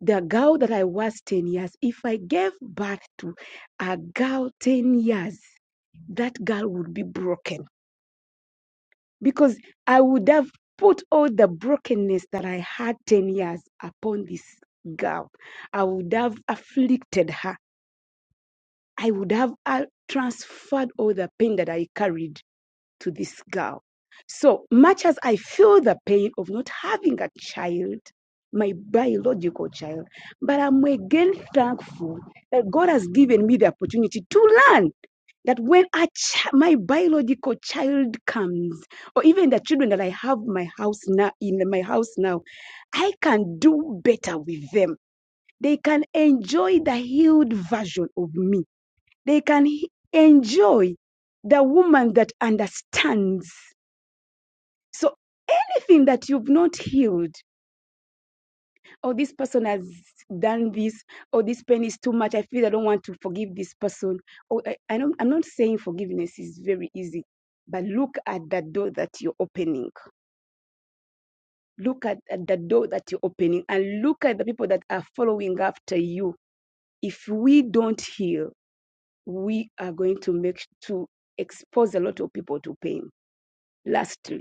G: the girl that I was 10 years. If I gave birth to a girl 10 years, that girl would be broken because I would have put all the brokenness that I had 10 years upon this girl. I would have afflicted her I would have uh, transferred all the pain that I carried to this girl. So much as I feel the pain of not having a child, my biological child, but I'm again thankful that God has given me the opportunity to learn that when a ch- my biological child comes, or even the children that I have my house now in my house now, I can do better with them. They can enjoy the healed version of me they can he- enjoy the woman that understands. So anything that you've not healed, or this person has done this, or this pain is too much, I feel I don't want to forgive this person. Or I, I don't, I'm not saying forgiveness is very easy, but look at the door that you're opening. Look at, at the door that you're opening, and look at the people that are following after you. If we don't heal, we are going to make to expose a lot of people to pain. Lastly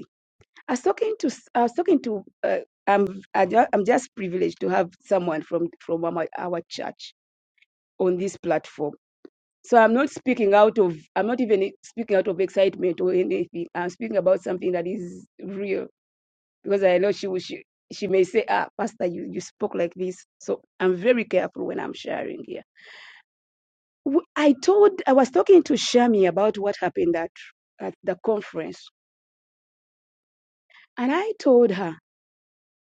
G: I was talking to s- I was talking to uh, I'm I ju- I'm just privileged to have someone from from our, our church on this platform. So I'm not speaking out of I'm not even speaking out of excitement or anything. I'm speaking about something that is real because I know she will she, she may say, "Ah, Pastor, you you spoke like this." So I'm very careful when I'm sharing here. W- I told I was talking to Shami about what happened at at the conference, and I told her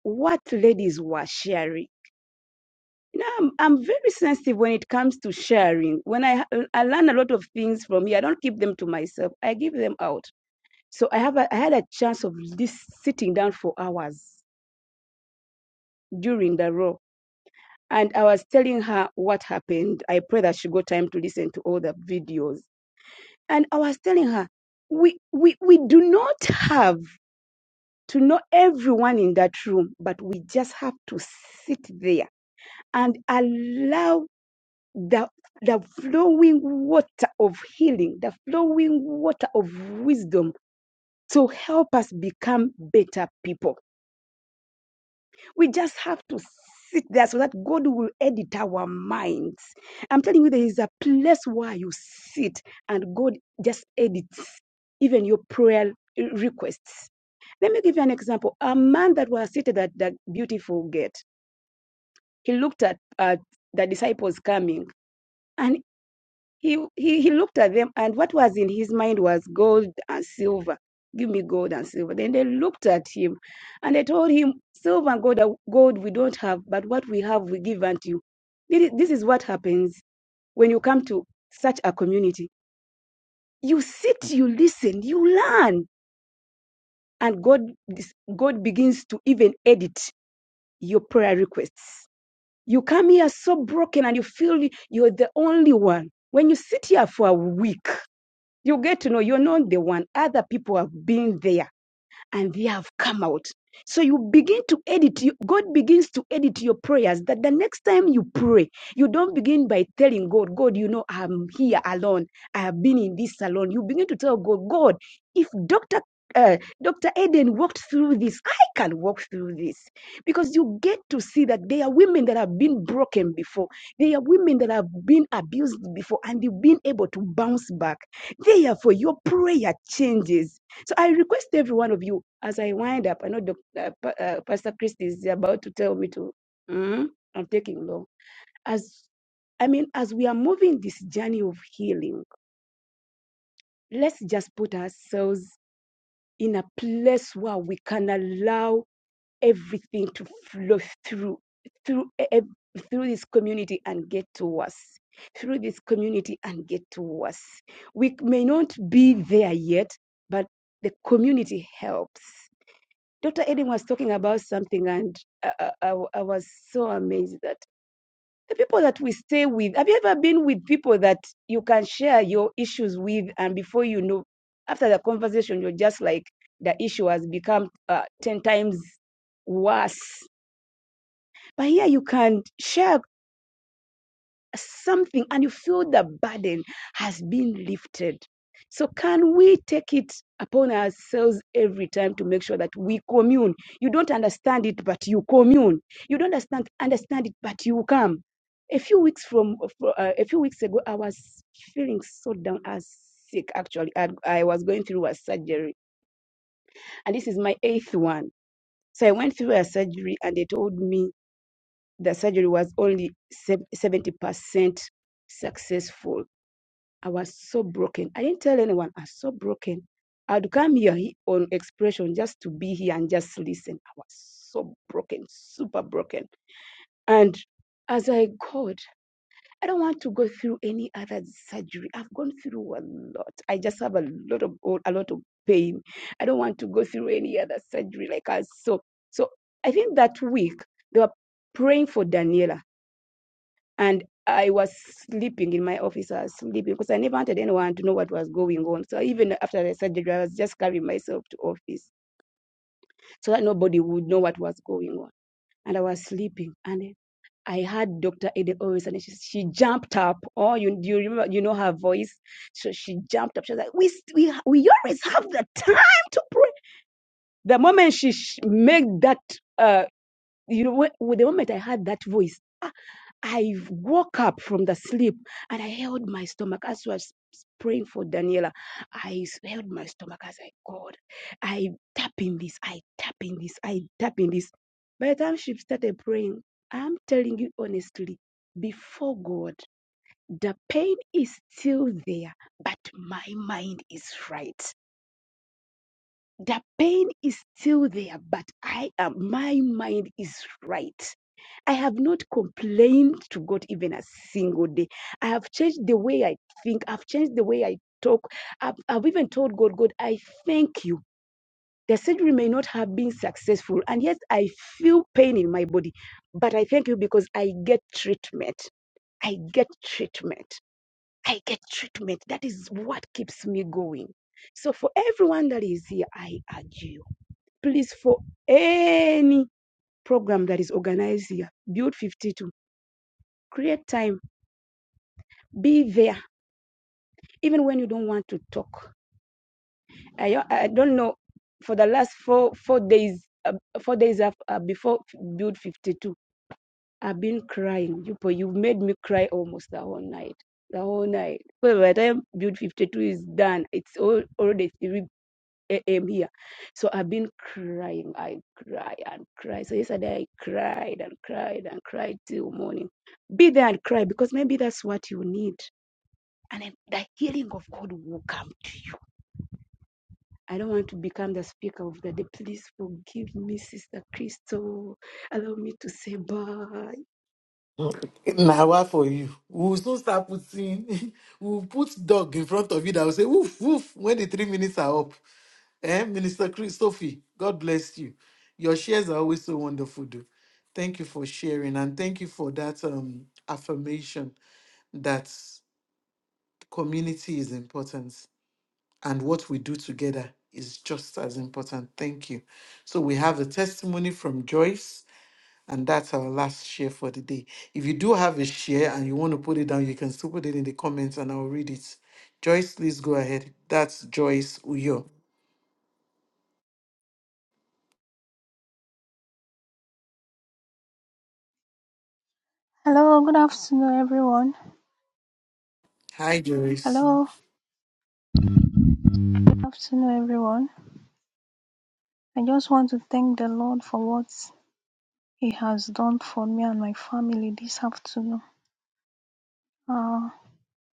G: what ladies were sharing You know, I'm, I'm very sensitive when it comes to sharing. When I I learn a lot of things from here, I don't keep them to myself. I give them out. So I have a, I had a chance of this sitting down for hours during the row, and I was telling her what happened. I pray that she got time to listen to all the videos, and I was telling her we we we do not have to know everyone in that room, but we just have to sit there and allow the, the flowing water of healing, the flowing water of wisdom to help us become better people. We just have to sit there so that God will edit our minds. I'm telling you, there is a place where you sit and God just edits even your prayer requests. Let me give you an example. A man that was seated at the beautiful gate, he looked at, at the disciples coming. and. He, he, he looked at them, and what was in his mind was gold and silver. Give me gold and silver. Then they looked at him and they told him, Silver and gold, are- gold we don't have, but what we have we give unto you. This is this is what happens when you come to such a community. You sit, you listen, you learn, and God, dis- God begins to even edit your prayer requests. You come here so broken and you feel you're the only one. When you sit here for a week, You get to know you're not the one. Other people have been there and they have come out. So you begin to edit, you- God begins to edit your prayers that the next time you pray, you don't begin by telling God, God, you know, I'm here alone. I have been in this salon. You begin to tell God, God, if Dr. Uh, Dr. Eden walked through this. I can walk through this because you get to see that there are women that have been broken before. There are women that have been abused before and you've been able to bounce back. Therefore, your prayer changes so I request every one of you as I wind up. I know Doc, uh, Pa- uh, Pastor Christie is about to tell me to. Mhm, I'm taking long. As I mean, as we are moving this journey of healing, let's just put ourselves in a place where we can allow everything to flow through through e- e- through this community and get to us through this community and get to us we may not be there yet but the community helps Dr. Eden was talking about something, and I I I was so amazed that the people that we stay with. Have you ever been with people that you can share your issues with, and before you know, after the conversation, you're just like the issue has become uh, ten times worse. But here you can share something and you feel the burden has been lifted. So, can we take it upon ourselves every time to make sure that we commune? You don't understand it, but you commune. You don't understand understand it, but you come. A few weeks from uh, a few weeks ago, I was feeling so down. I was sick actually. I, I was going through a surgery, and this is my eighth one. So I went through a surgery, and they told me the surgery was only seventy percent successful I was so broken. I didn't tell anyone. I was so broken. I'd come here he- on expression just to be here and just listen. I was so broken, super broken. And as I got, I don't want to go through any other surgery. I've gone through a lot. I just have a lot of a lot of pain. I don't want to go through any other surgery like us. so. So I think that week they were praying for Daniela and I was sleeping in my office. I was sleeping because I never wanted anyone to know what was going on. So even after the surgery, I was just carrying myself to office so that nobody would know what was going on. And I was sleeping, and I heard Doctor Ede always, and she, she jumped up. Oh, you you remember you know her voice? So she jumped up. She was like, "We we we always have the time to pray." The moment she sh- made that, uh, you know, wh- the moment I heard that voice. I woke up from the sleep and I held my stomach as I was praying for Daniela. I held my stomach as I God, I tap in this, I tap in this, I tap in this. By the time she started praying, I'm telling you honestly, before God, the pain is still there, but my mind is right. The pain is still there, but I am my mind is right. I have not complained to God even a single day. I have changed the way I think. I've changed the way I talk. I've, I've even told God, God, I thank you. The surgery may not have been successful, and yet I feel pain in my body. But I thank you because I get treatment. I get treatment. I get treatment. That is what keeps me going. So, for everyone that is here, I urge you, please, for any program that is organized here, Build 52 create time be there even when you don't want to talk i, I don't know for the last four four days uh, four days af- uh, before build 52 i've been crying you but you made me cry almost the whole night the whole night well, by the time build 52 is done it's all already 3 a.m here so i've been crying i cry and cry so yesterday i cried and cried and cried till morning be there and cry because maybe that's what you need and then the healing of God will come to you. I don't want to become the speaker of the day. Please forgive me, Sister Crystal. Allow me to say bye.
A: Now what for you? We will soon start putting, we will put dog in front of you that will say, woof, woof, when the three minutes are up. Eh, Minister Chris, Sophie, God bless you. Your shares are always so wonderful, though. Thank you for sharing and thank you for that um, affirmation that community is important and what we do together is just as important. Thank you. So we have a testimony from Joyce and that's our last share for the day. If you do have a share and you want to put it down, you can still put it in the comments and I'll read it. Joyce, please go ahead. That's Joyce Uyo.
H: Hello, good afternoon, everyone.
A: Hi, Joyce.
H: Hello, good afternoon, everyone. I just want to thank the Lord for what He has done for me and my family this afternoon. Uh,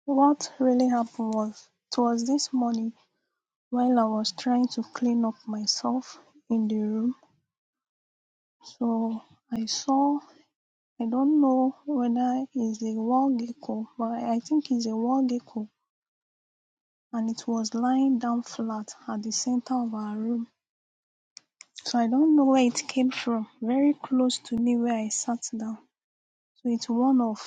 H: what really happened was it was this morning while I was trying to clean up myself in the room. So I saw, I don't know whether it's a wall gecko, but I think it's a wall gecko, and it was lying down flat at the center of our room So I don't know where it came from. Very close to me where I sat down. So it's one of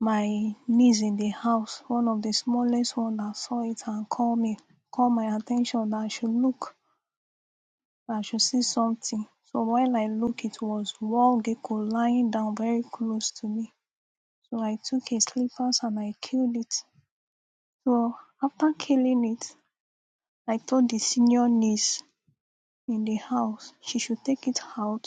H: my niece in the house, one of the smallest one that saw it and called me, called my attention that I should look, that I should see something. So while I look, it was wall gecko lying down very close to me. So I took his slippers and I killed it. So after killing it, I told the senior niece in the house she should take it out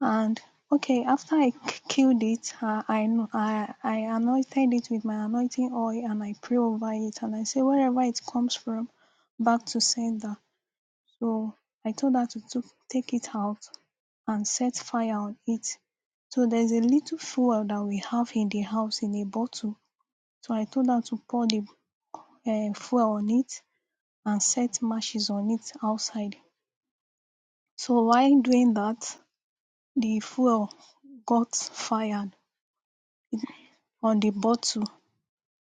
H: And okay, after I killed it, uh, I, I I anointed it with my anointing oil and I pray over it and I say wherever it comes from, back to sender. So I told her to took, take it out and set fire on it. So there's a little fuel that we have in the house in a bottle. So I told her to pour the uh, fuel on it and set matches on it outside. So while doing that, the fuel got fired on the bottle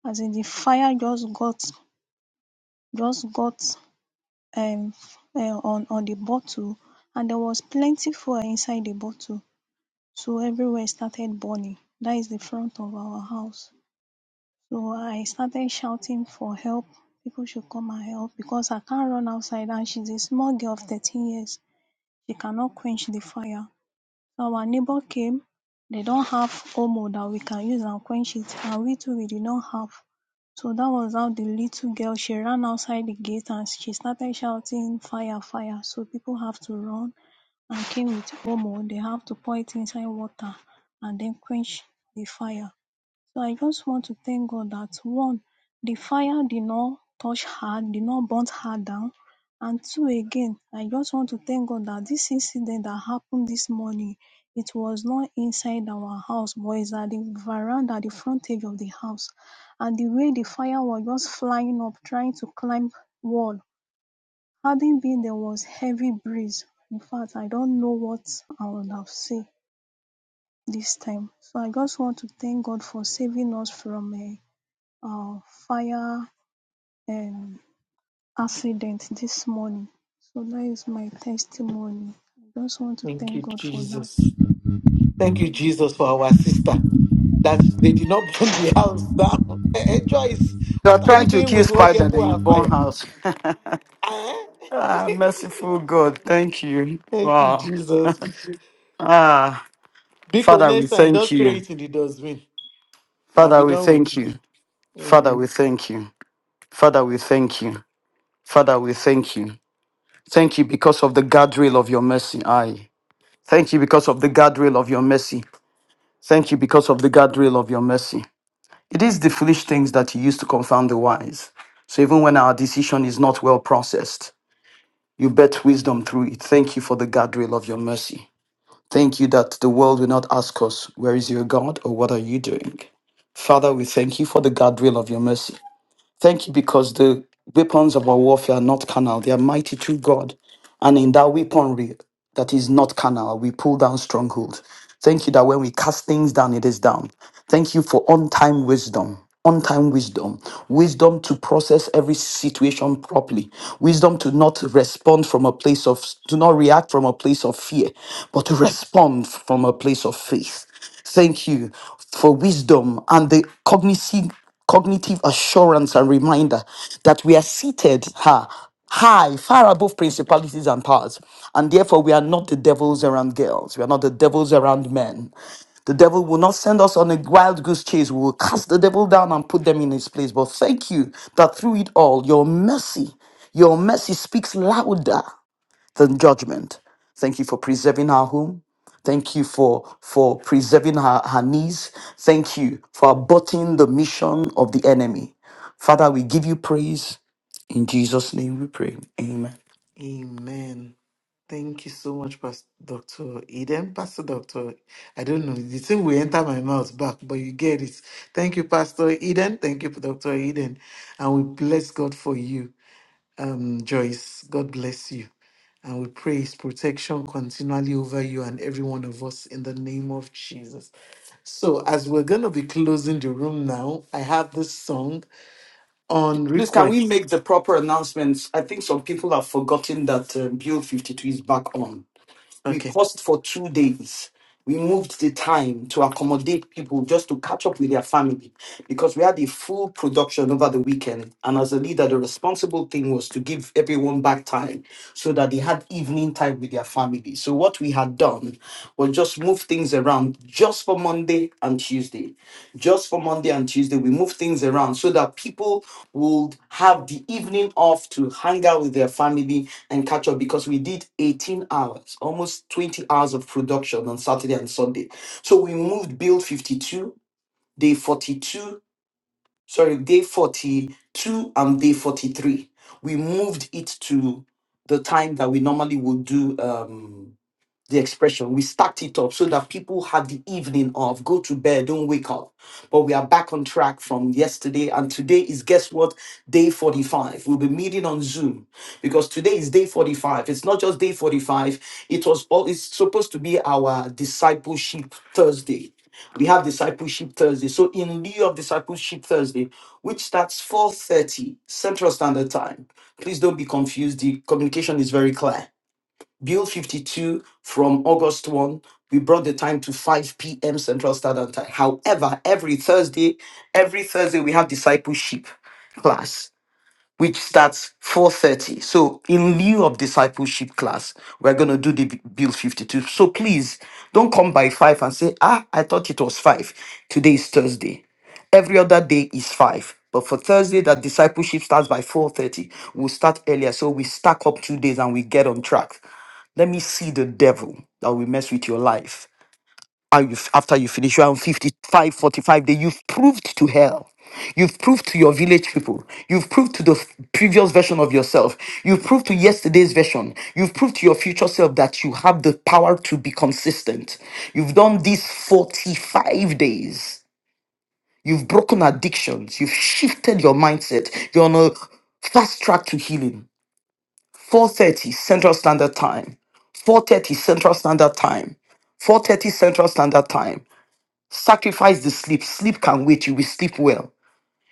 H: As in the fire just got just got um uh, on on the bottle and there was plenty fuel inside the bottle so everywhere started burning that is the front of our house so I started shouting for help people should come and help because I can't run outside and she's a small girl of thirteen years she cannot quench the fire So our neighbor came, they don't have omo that we can use and quench it and we too we did not have. So that was how the little girl, she ran outside the gate and she started shouting fire, fire. So people have to run and came with omo. They have to pour it inside water and then quench the fire. So I just want to thank God that one, the fire did not touch her, did not burn her down. And two, again, I just want to thank God that this incident that happened this morning, it was not inside our house, but it's at the veranda, at the front edge of the house. And the way the fire was just flying up, trying to climb wall. Having been there was heavy breeze. In fact, I don't know what I would have said this time. So I just want to thank God for saving us from a uh, fire um, accident this morning. So that is my testimony. I just want to
A: Thank you,
H: thank God for that.
A: Jesus. Thank you, Jesus, for our sister. That they did not burn the house down. Eh, eh, Joyce,
C: They're
A: what are you
C: trying to
A: doing
C: kill
A: with what
C: spider,
A: get put
C: then you
A: on
C: burn
A: fire?
C: house.
A: Eh?
C: Ah, merciful God, thank you.
A: Thank you,
C: Wow.
A: Jesus.
C: Ah,
A: Because
C: Father, we
A: next time,
C: thank
A: just throw
C: you.
A: it in the dustbin and be
C: Father, we
A: done with
C: thank
A: it.
C: you. Father,
A: Amen.
C: we thank you. Father, we thank you. Father, we thank you. Thank you because of the guardrail of your mercy. Aye. Thank you because of the guardrail of your mercy. Thank you because of the guardrail of your mercy. It is the foolish things that you use to confound the wise. So even when our decision is not well processed, you bet wisdom through it. Thank you for the guardrail of your mercy. Thank you that the world will not ask us, Where is your God or what are you doing? Father, we thank you for the guardrail of your mercy. Thank you because the weapons of our warfare are not carnal, they are mighty through God. And in that weaponry that is not carnal, we pull down strongholds. Thank you that when we cast things down, it is down. Thank you for on time wisdom. On time wisdom, wisdom to process every situation properly, wisdom to not respond from a place of, to not react from a place of fear, but to respond from a place of faith. Thank you for wisdom and the cognitive, cognitive assurance and reminder that we are seated ha, high, far above principalities and powers. And therefore, we are not the devils around girls. We are not the devils around men. The devil will not send us on a wild goose chase. We will cast the devil down and put them in his place. But thank you that through it all, your mercy your mercy speaks louder than judgment. Thank you for preserving her home. Thank you for, for preserving her, her knees. Thank you for aborting the mission of the enemy. Father, we give you praise. In Jesus' name we pray. Amen.
A: Amen. Thank you so much, Pastor Dr. Eden. Pastor Dr. I don't know. The thing will enter my mouth back, but you get it. Thank you, Pastor Eden. Thank you, Dr. Eden. And we bless God for you, um, Joyce. God bless you. And we pray his protection continually over you and every one of us in the name of Jesus. So, as we're going to be closing the room now, I have this song on
C: Please, can we
A: request.
C: make the proper announcements? I think some people have forgotten that um, Build 52 is back on. We
A: Okay.
C: paused for two days. We moved the time to accommodate people just to catch up with their family because we had a full production over the weekend. And as a leader, the responsible thing was to give everyone back time so that they had evening time with their family. So, what we had done was just move things around just for Monday and Tuesday. Just for Monday and Tuesday, we moved things around so that people would have the evening off to hang out with their family and catch up because we did 18 hours, almost 20 hours of production on Saturday and Sunday. So we moved build 52, day 42, sorry, day 42 and day 43. We moved it to the time that we normally would do. Um, the expression. We stacked it up so that people had the evening off, go to bed, don't wake up. But we are back on track from yesterday. And today is, guess what? Day 45. We'll be meeting on Zoom because today is day 45. It's not just day 45, it was all, it's supposed to be our discipleship Thursday. We have discipleship Thursday. So in lieu of discipleship Thursday, which starts 4:30 Central Standard Time. Please don't be confused. The communication is very clear. Bill 52 from August 1. We brought the time to 5 p.m. Central Standard Time. However, every Thursday, every Thursday we have discipleship class which starts 4.30 so in lieu of discipleship class we're going to do the B- bill 52 so please don't come by 5 and say ah i thought it was 5 today is thursday every other day is 5 but for thursday that discipleship starts by 4.30 we'll start earlier so we stack up two days and we get on track let me see the devil that will mess with your life and you, after you finish, you are on 55, forty-five day, you've proved to hell. You've proved to your village people. You've proved to the f- previous version of yourself. You've proved to yesterday's version. You've proved to your future self that you have the power to be consistent. You've done these 45 days. You've broken addictions. You've shifted your mindset. You're on a fast track to healing. 4:30 Central Standard Time. 4:30 Central Standard Time. 4:30 Central Standard Time. Sacrifice the sleep. Sleep can wait. You will sleep well.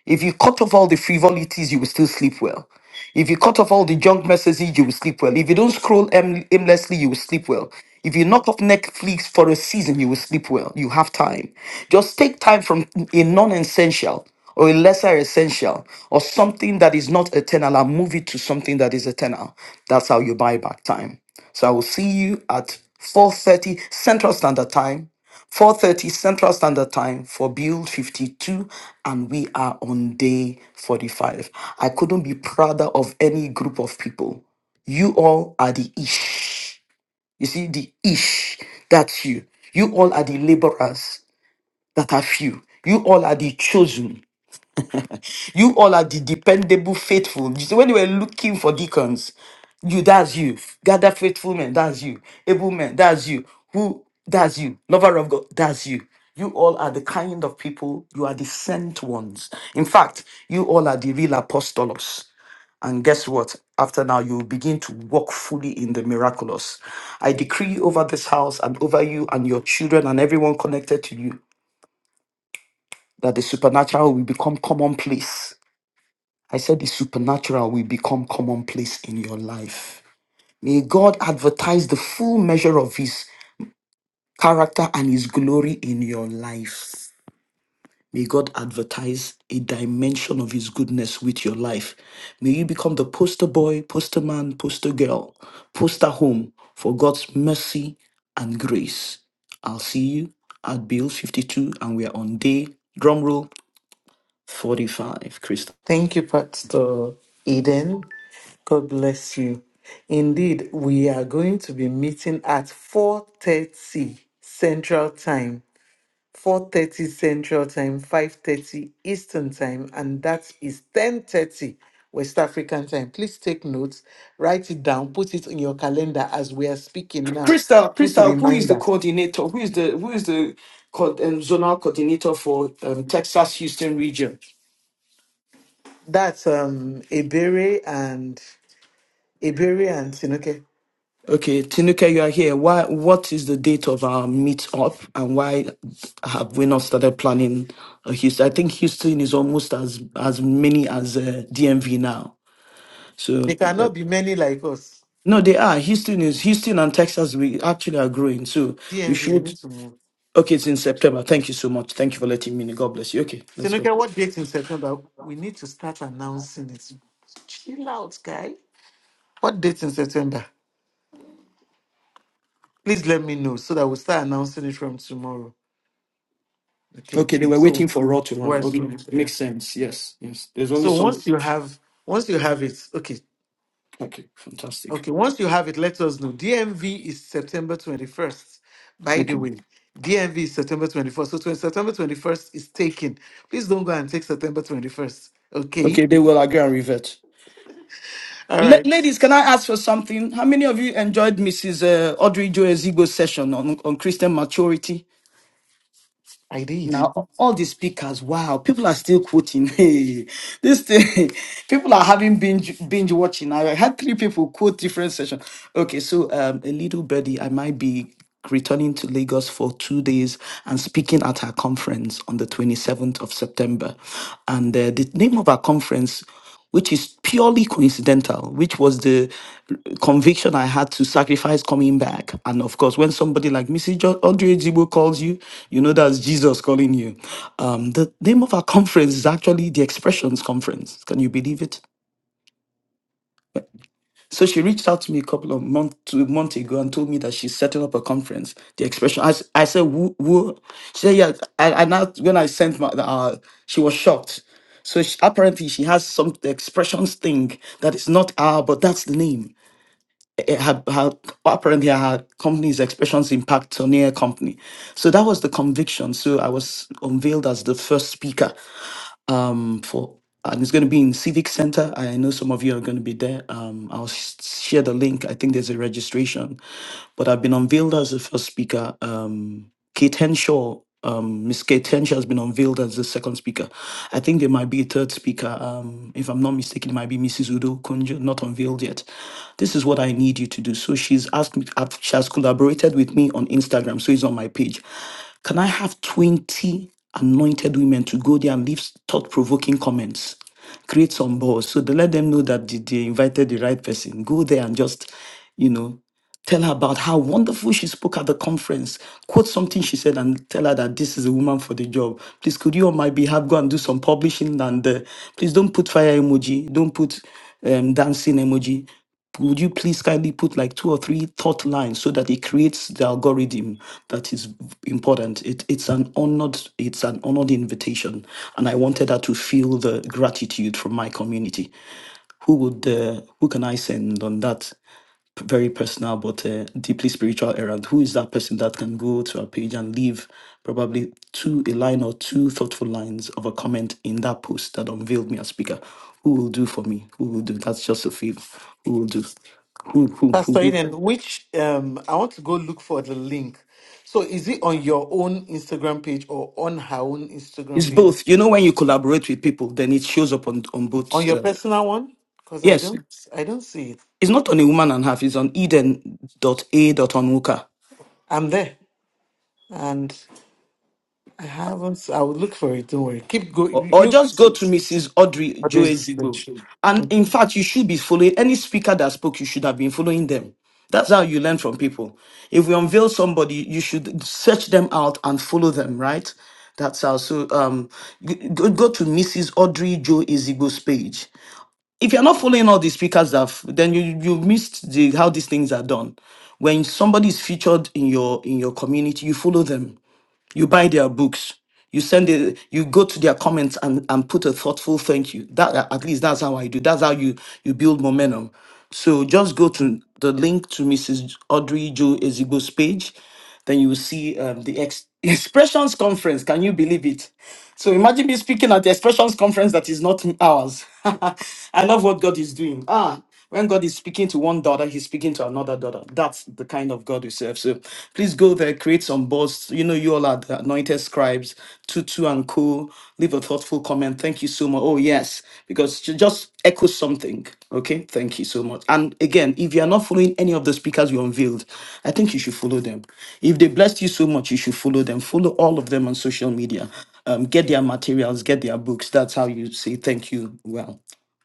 C: If you cut off all the frivolities, you will still sleep well. If you cut off all the junk messages, you will sleep well. If you don't scroll aim- aimlessly, you will sleep well. If you knock off Netflix for a season, you will sleep well. You have time. Just take time from a non essential or a lesser essential or something that is not eternal and move it to something that is eternal. That's how you buy back time. So I will see you at 4:30 Central Standard Time 4:30 Central Standard Time for Build 52 and we are on day 45. I couldn't be prouder of any group of people. You all are the ish. You see the ish, that's you. You all are the laborers that are few. You all are the chosen. You all are the dependable, faithful. You see, when they were looking for deacons, you, that's you. Gather faithful men, that's you. Able men, that's you. Who, that's you. Lover of God, that's you. You all are the kind of people, you are the sent ones. In fact, you all are the real apostolos. And guess what? After now, you will begin to walk fully in the miraculous. I decree over this house and over you and your children and everyone connected to you that the supernatural will become commonplace I said the supernatural will become commonplace in your life. May God advertise the full measure of his character and his glory in your life. May God advertise a dimension of his goodness with your life. May you become the poster boy, poster man, poster girl, poster home for God's mercy and grace. I'll see you at Bill 52 and we are on day, drum roll, 45. Crystal.
A: Thank you, Pastor Eden. God bless you. Indeed, we are going to be meeting at 4:30 Central Time. 4:30 Central Time, 5:30 Eastern Time, and that is 10:30 West African Time. Please take notes, write it down, put it in your calendar as we are speaking now.
C: Crystal,
A: Put
C: Crystal, who is the
A: reminders.
C: coordinator? Who is the who is the co- um, zonal coordinator for um, Texas Houston region?
A: That's um Ebere and Ebere and Sinoke.
C: Okay, Tinuke, you are here. Why? What is the date of our meetup, and why have we not started planning a Houston? I think Houston is almost as as many as uh, DMV now. So
A: They cannot be many like us.
C: no, they are. Houston is Houston and Texas. We actually are growing. So we
A: DMV, we
C: should.
A: need to move.
C: Okay, it's in September. Thank you so much. Thank you for letting me. know. God bless you. Okay, let's go.
A: Tinuke, what date in September? We need to start announcing it. Chill out, guy. What date in September? Please let me know so that we start announcing it from tomorrow. Okay.
C: Okay, they were waiting
A: So
C: for Raw to run.
A: where's
C: Okay,
A: yeah.
C: makes sense. Yes, yes. There's only
A: So
C: some.
A: once you have once you have it, okay.
C: Okay, fantastic.
A: Okay, once you have it, let us know. DMV is September 21st. By the
C: Okay,
A: way, DMV is September 21st. So 20, September 21st is taken. Please don't go and take September 21st. Okay.
C: okay. They will agree and revert.
A: All
C: La-
A: right.
C: ladies, can I ask for something? How many of you enjoyed Mrs. Uh, Audrey Joe Ezigo's session on, on Christian maturity?
A: I did.
C: Now all the speakers, wow, people are still quoting. Hey, this thing, people are having binge binge watching. I had three people quote different sessions. Okay, so um, a little birdie, I might be returning to Lagos for two days and speaking at her conference on the twenty seventh of September, and uh, the name of our conference which is purely coincidental, which was the conviction I had to sacrifice coming back. And of course, when somebody like Mrs. Jo- Audrey Jibo calls you, you know that's Jesus calling you. Um, the name of our conference is actually the Expressions Conference. Can you believe it? So she reached out to me a couple of months two months ago and told me that she's setting up a conference. The expression I, s- I said who who she said yeah I, I now when I sent my uh she was shocked. So she, apparently she has some the expressions thing that is not our but that's the name. It had her, apparently her company's expressions impact Tonia company. So that was the conviction. So I was unveiled as the first speaker um, for and it's going to be in Civic Center. I know some of you are going to be there. Um, I'll sh- share the link. I think there's a registration, but I've been unveiled as the first speaker. Um, Kate Henshaw, um, Miss Kate Henshaw has been unveiled as the second speaker. I think there might be a third speaker. Um, if I'm not mistaken, it might be Mrs. Udo Kunjo, not unveiled yet. This is what I need you to do. So she's asked me. I've- She has collaborated with me on Instagram, so it's on my page. Can I have 20 anointed women to go there and leave thought provoking comments? Create some buzz so they let them know that they they invited the right person. Go there and just, you know, tell her about how wonderful she spoke at the conference. Quote something she said and tell her that this is a woman for the job. Please, could you on my behalf go and do some publishing and uh, please don't put fire emoji, don't put um, dancing emoji would you please kindly put like two or three thought lines so that it creates the algorithm that is important it, it's an honored it's an honored invitation and i wanted her to feel the gratitude from my community who would uh, who can i send on that p- very personal but uh, deeply spiritual errand. Who is that person that can go to a page and leave probably two a line or two thoughtful lines of a comment in that post that unveiled me as speaker? Who will do for me? Who will do? That's just a feel. Who will do? Who who who?
A: Pastor
C: will do?
A: Eden, which um, I want to go look for the link. So is it on your own Instagram page or on her own Instagram
C: It's
A: page?
C: both. You know, when you collaborate with people, then it shows up on on
A: On
C: both.
A: your
C: Uh,
A: personal one? Because I
C: yes,
A: don't, I don't see it.
C: it's not on a woman and half. It's on Eden dot dot a Eden.a.onwuka.
A: I'm there, and I haven't. I will look for it. Don't worry. Keep going.
C: or,
A: You,
C: or
A: you-
C: just go to Mrs. Audrey
A: I'll
C: Joe
A: do
C: Ezigbo.
A: it.
C: And
A: Okay.
C: in fact, you should be following any speaker that spoke, you should have been following them. That's how you learn from people. If we unveil somebody, you should search them out and follow them, right? That's how. So um, g- go, go to Mrs. Audrey Joe Ezigbo's page. If you're not following all the speakers, that f- then you you missed the how these things are done. When somebody is featured in your in your community, you follow them you buy their books you send it you go to their comments and and put a thoughtful thank you that uh, at least that's how i do that's how you you build momentum so just go to the link to mrs audrey joe ezigbo's page then you will see um, the ex- expressions conference can you believe it so imagine me speaking at the expressions conference that is not ours i love what god is doing ah when God is speaking to one daughter, he's speaking to another daughter. That's the kind of God we serve. So please go there, create some boasts. You know, you all are the anointed scribes, tutu and Co. Leave a thoughtful comment. Thank you so much. Oh, yes, because ju- just echo something. Okay, thank you so much. And again, if you are not following any of the speakers you unveiled, I think you should follow them. If they blessed you so much, you should follow them. Follow all of them on social media. Um, get their materials, get their books. That's how you say thank you well.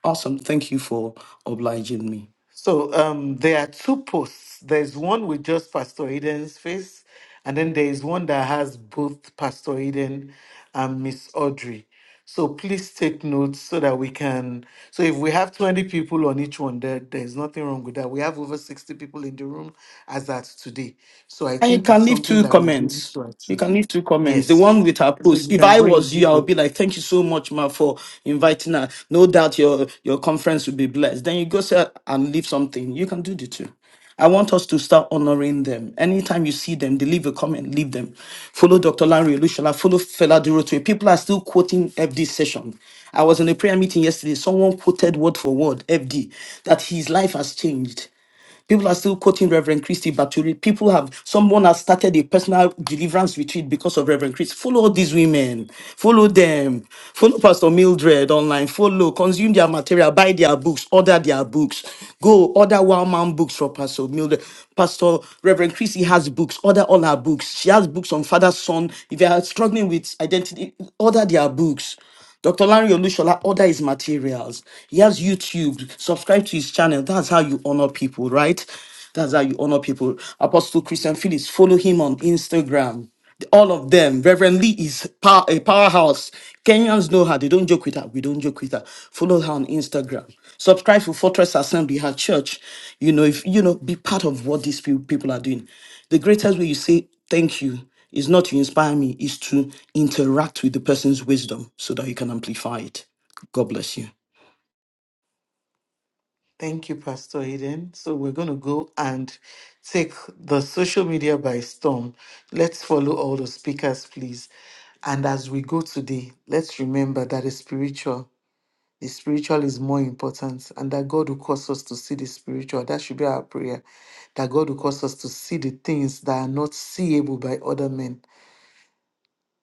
C: Awesome. Thank you for obliging me.
A: So um, there are two posts. There's one with just Pastor Eden's face, and then there is one that has both Pastor Eden and Miss Audrey. So please take notes so that we can. So if we have 20 people on each one, there, there's nothing wrong with that. We have over 60 people in the room as at today. So I
C: And you
A: think it's
C: can leave
A: something
C: two
A: that we'll be able
C: comments.
A: to
C: You
A: achieve.
C: can leave two comments. The
A: Yes.
C: one with her
A: So
C: post.
A: you
C: If
A: can
C: I
A: go
C: was
A: into
C: you, I would
A: both.
C: be like, "Thank you so much, Ma, for inviting her. No doubt your your conference will be blessed." Then you go say and leave something. You can do the two. I want us to start honoring them. Anytime you see them, they leave a comment, leave them. Follow Dr. Larry Olushola, follow Fela Durotue. People are still quoting FD session. I was in a prayer meeting yesterday. Someone quoted word for word FD that his life has changed. People are still quoting Reverend Christy Baturi. People have someone has started a personal deliverance retreat because of Reverend Christy. Follow all these women, follow them, follow Pastor Mildred online, follow, consume their material, buy their books, order their books, go order one man books for Pastor Mildred. Pastor Reverend Christy has books, order all her books. She has books on father, son. If you are struggling with identity, order their books. Dr. Larry Olushola order his materials. He has YouTube. Subscribe to his channel. That's how you honor people, right? That's how you honor people. Apostle Christian Phillips, follow him on Instagram. All of them. Reverend Lee is pow- a powerhouse. Kenyans know her. They don't joke with her. We don't joke with her. Follow her on Instagram. Subscribe to Fortress Assembly, her church. You know, if you know, be part of what these peo- people are doing. The greatest way you say thank you it's not to inspire me, it's to interact with the person's wisdom so that you can amplify it. God bless you.
A: Thank you, Pastor Eden. So we're going to go and take the social media by storm. Let's follow all the speakers, please. And as we go today, let's remember that the spiritual, the spiritual is more important, and that God will cause us to see the spiritual. That should be our prayer. That God will cause us to see the things that are not seeable by other men,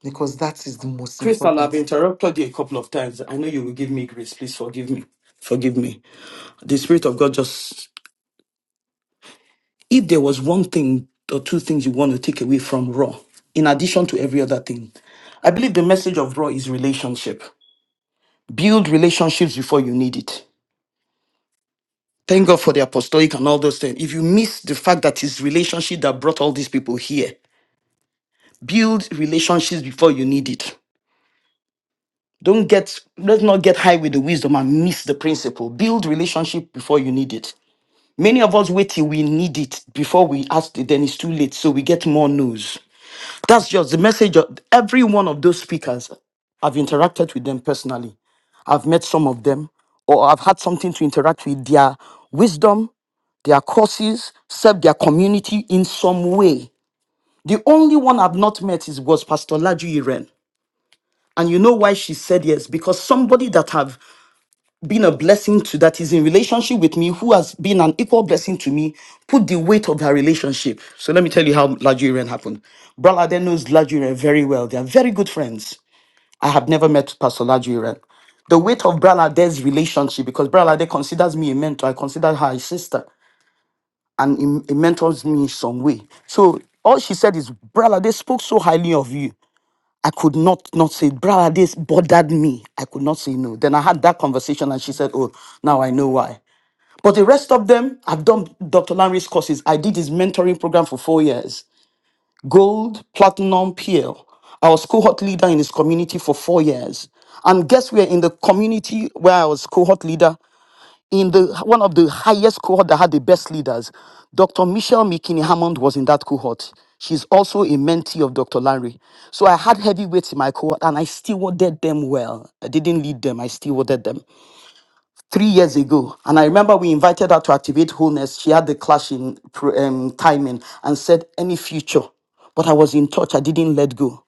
A: because that is the most
C: Crystal, I've
A: important.
C: interrupted you a couple of times. I know you will give me grace. Please forgive me. Forgive me. The Spirit of God just, if there was one thing or two things you want to take away from Raw, in addition to every other thing, I believe the message of Raw is relationship. Build relationships before you need it. Thank God for the apostolic and all those things. If you miss the fact that it's relationship that brought all these people here, build relationships before you need it don't get let's not get high with the wisdom and miss the principle build relationship before you need it many of us wait till we need it before we ask it, then it's too late so we get more no's that's just the message of every one of those speakers i've interacted with them personally i've met some of them or i've had something to interact with their wisdom their courses serve their community in some way the only one i've not met is was pastor laju Iren. And you know why she said yes? Because somebody that have been a blessing to, that is in relationship with me, who has been an equal blessing to me, put the weight of their relationship. So let me tell you how Lajurian happened. Brother Ade knows Lajurian very well. They are very good friends. I have never met Pastor Lajurian. The weight of Bralade's relationship, because Bralade considers me a mentor, I consider her a sister, and he, he mentors me in some way. So all she said is, Bralade spoke so highly of you. I could not not say, brother, this bothered me. I could not say no. Then I had that conversation and she said, oh, now I know why. But the rest of them, I've done Dr. Larry's courses. I did his mentoring program for four years. Gold, platinum, PL. I was cohort leader in his community for four years. And guess where? In the community where I was cohort leader, in the one of the highest cohort that had the best leaders. Dr. Michelle McKinney Hammond was in that cohort. She's also a mentee of Dr. Larry. So I had heavyweights in my cohort and I stewarded them well. I didn't lead them, I stewarded them. Three years ago, and I remember we invited her to activate wholeness. She had the clash in pro- um, timing and said, Any future. But I was in touch, I didn't let go.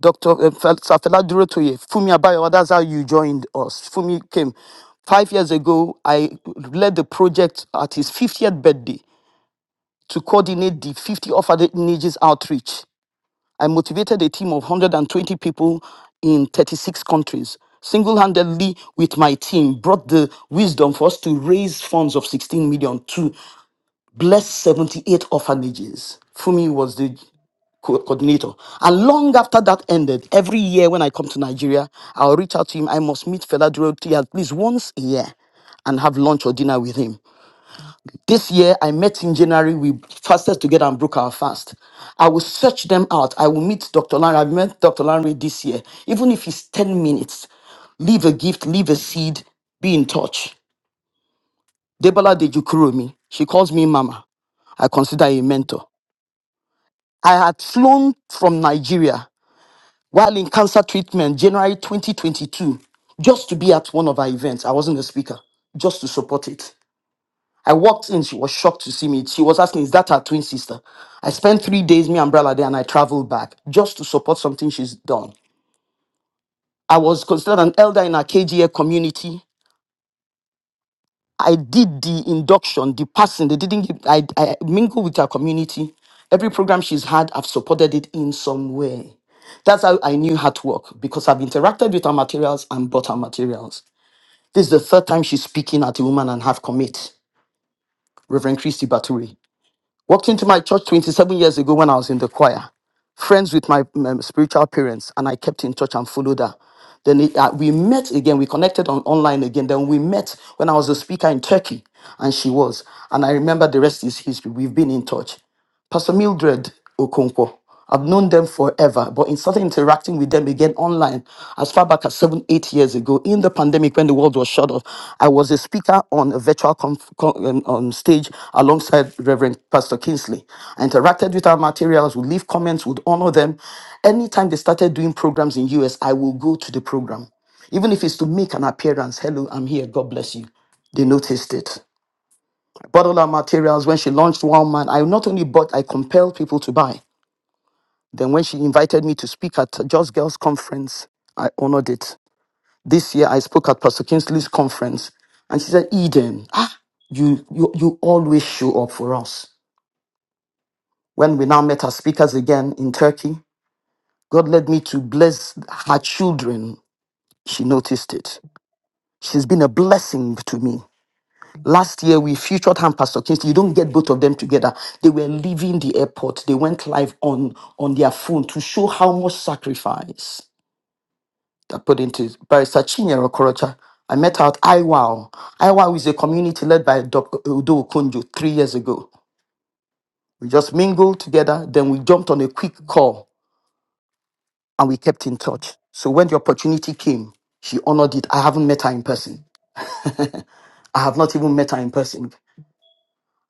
C: Dr. uh, Fel- Safela Durotoye, Fumi Abayawa, that's how you joined us. Fumi came. Five years ago, I led the project at his 50th birthday to coordinate the 50 orphanages outreach. I motivated a team of 120 people in 36 countries. Single handedly, with my team, brought the wisdom for us to raise funds of 16 million to bless 78 orphanages. Fumi was the co- coordinator. And long after that ended, every year when I come to Nigeria, I'll reach out to him. I must meet Fela Duroti at least once a year and have lunch or dinner with him. This year, I met in January. We fasted together and broke our fast. I will search them out. I will meet Dr. Larry. I've met Dr. Larry this year, even if it's 10 minutes. Leave a gift, leave a seed, be in touch. Debola Dejukuromi, she calls me Mama. I consider her a mentor. I had flown from Nigeria while in cancer treatment, January 2022, just to be at one of her events. I wasn't the speaker, just to support it. I walked in, she was shocked to see me. She was asking, Is that her twin sister? I spent three days, me and Brala there, and I traveled back just to support something she's done. I was considered an elder in our KGA community. I did the induction, the passing. They didn't give, I, I mingle with our community. Every program she's had, I've supported it in some way. That's how I knew her to work because I've interacted with her materials and bought her materials. This is the third time she's speaking at the woman and half commit, Reverend Christy Baturi. Walked into my church 27 years ago when I was in the choir, friends with my um, spiritual parents, and I kept in touch and followed her. Then it, uh, we met again, we connected on online again. Then we met when I was a speaker in Turkey, and she was. And I remember the rest is history. We've been in touch. Pastor Mildred Okonkwo. I've known them forever, but in started interacting with them again online as far back as seven, eight years ago in the pandemic when the world was shut off. I was a speaker on a virtual conf- con- um, um, stage alongside Reverend Pastor Kingsley. I interacted with our materials, would leave comments, would honor them. Anytime they started doing programs in US, I will go to the program. Even if it's to make an appearance, hello, I'm here, God bless you. They noticed it bottle our materials. When she launched One Man, I not only bought, I compelled people to buy. Then when she invited me to speak at Just Girls Conference, I honored it. This year I spoke at Pastor Kingsley's conference and she said, Eden, ah, you, you, you always show up for us. When we now met as speakers again in Turkey, God led me to bless her children. She noticed it. She's been a blessing to me. Last year, we featured him, Pastor Kingsley. You don't get both of them together. They were leaving the airport. They went live on, on their phone to show how much sacrifice that put into Barrister Chinyere Okorocha. I met her at IWOW. IWOW is a community led by Dr. Udo Okonjo three years ago. We just mingled together, then we jumped on a quick call and we kept in touch. So when the opportunity came, she honored it. I haven't met her in person. I have not even met her in person.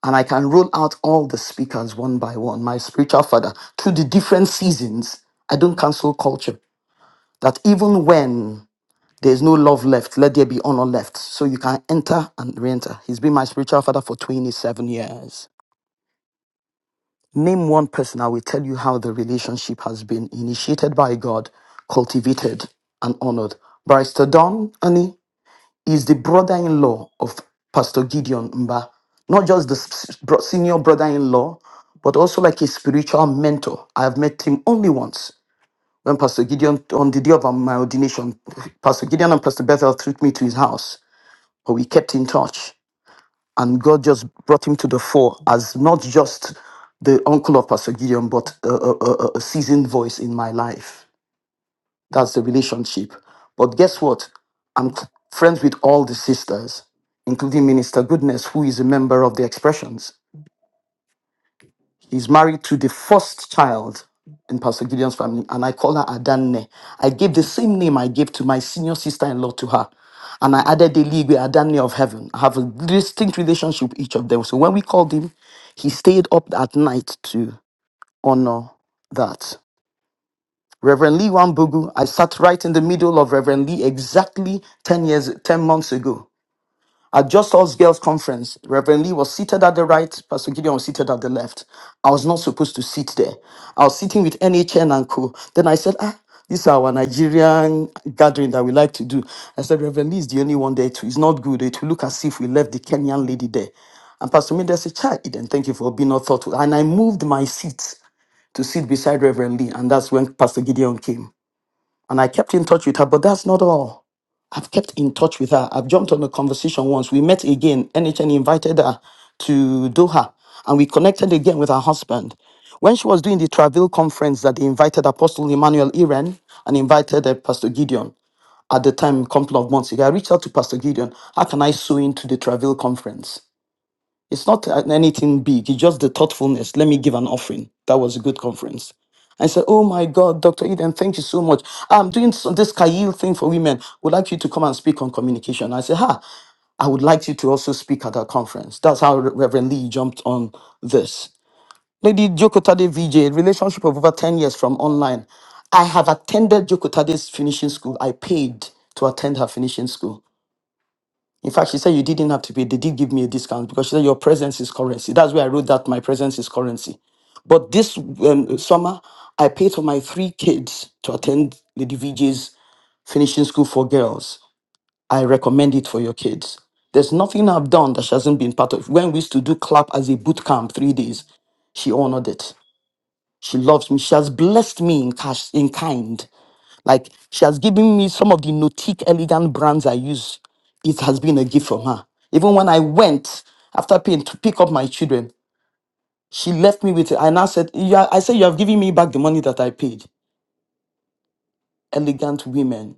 C: and I can roll out all the speakers one by one, my spiritual father, through the different seasons. I don't cancel culture. That even when there's no love left, let there be honor left. So you can enter and re enter. He's been my spiritual father for 27 years. Name one person, I will tell you how the relationship has been initiated by God, cultivated, and honored. Barrister Don, Annie, is the brother-in-law of Pastor Gideon Mba. Not just the s- bro- senior brother-in-law, but also like a spiritual mentor. I have met him only once when Pastor Gideon, on the day of my ordination, Pastor Gideon and Pastor Bethel took me to his house, but we kept in touch. And God just brought him to the fore as not just the uncle of Pastor Gideon, but a, a, a a seasoned voice in my life. That's the relationship. But guess what? I'm c- friends with all the sisters, including Minister Goodness, who is a member of the Expressions. She's married to the first child in Pastor Gideon's family, and I call her Adanne. I gave the same name I gave to my senior sister in law to her. And I added the league with Adanne of heaven. I have a distinct relationship with each of them. So when we called him, he stayed up at night to honor that. Reverend Lee Wambugu, I sat right in the middle of Reverend Lee exactly 10 years, 10 months ago. At Just Us Girls Conference, Reverend Lee was seated at the right, Pastor Gideon was seated at the left. I was not supposed to sit there. I was sitting with NHN and co. Then I said, ah, this is our Nigerian gathering that we like to do. I said, Reverend Lee is the only one there too. It's not good. It will look as if we left the Kenyan lady there. And Pastor Minda said, Chai, Eden, thank you for being not thoughtful. And I moved my seat to sit beside Reverend Lee. And that's when Pastor Gideon came and I kept in touch with her, but that's not all. I've kept in touch with her. I've jumped on a conversation once. We met again. NHN invited her to Doha and we connected again with her husband. When she was doing the Travail conference that they invited Apostle Emmanuel Iren and invited uh, Pastor Gideon at the time, a couple of months ago, I reached out to Pastor Gideon. How can I sew into the Travail conference? It's not an- anything big. It's just the thoughtfulness. Let me give an offering. That was a good conference. I said, Oh my God, Dr. Eden, thank you so much. I'm doing some, this Kail thing for women. Would like you to come and speak on communication. I said, Ha, I would like you to also speak at our conference. That's how Reverend Lee jumped on this. Lady Jokotade Vijay, relationship of over 10 years from online. I have attended Jokotade's finishing school. I paid to attend her finishing school. In fact, she said you didn't have to pay. They did give me a discount because she said your presence is currency. That's where I wrote that my presence is currency. But this um, summer, I paid for my three kids to attend Lady VJ's finishing school for girls. I recommend it for your kids. There's nothing I've done that she hasn't been part of. When we used to do clap as a boot camp, three days, she honored it. She loves me. She has blessed me in cash, in kind. Like she has given me some of the nautique elegant brands I use. It has been a gift from her. Even when I went after paying to pick up my children, she left me with it. And I now said, "Yeah, I said, you have given me back the money that I paid. Elegant women.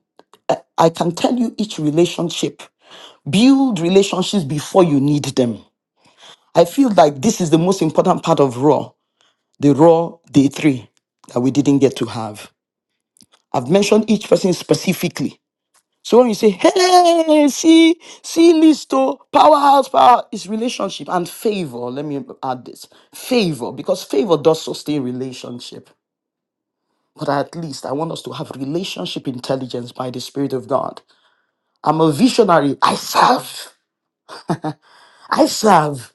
C: I can tell you each relationship. Build relationships before you need them. I feel like this is the most important part of Raw, the Raw Day 3 that we didn't get to have. I've mentioned each person specifically So when you say, hey, see, see, Listo, powerhouse, power it's relationship and favor. Let me add this favor, because favor does sustain relationship. But at least I want us to have relationship intelligence by the Spirit of God. I'm a visionary. I serve. I serve.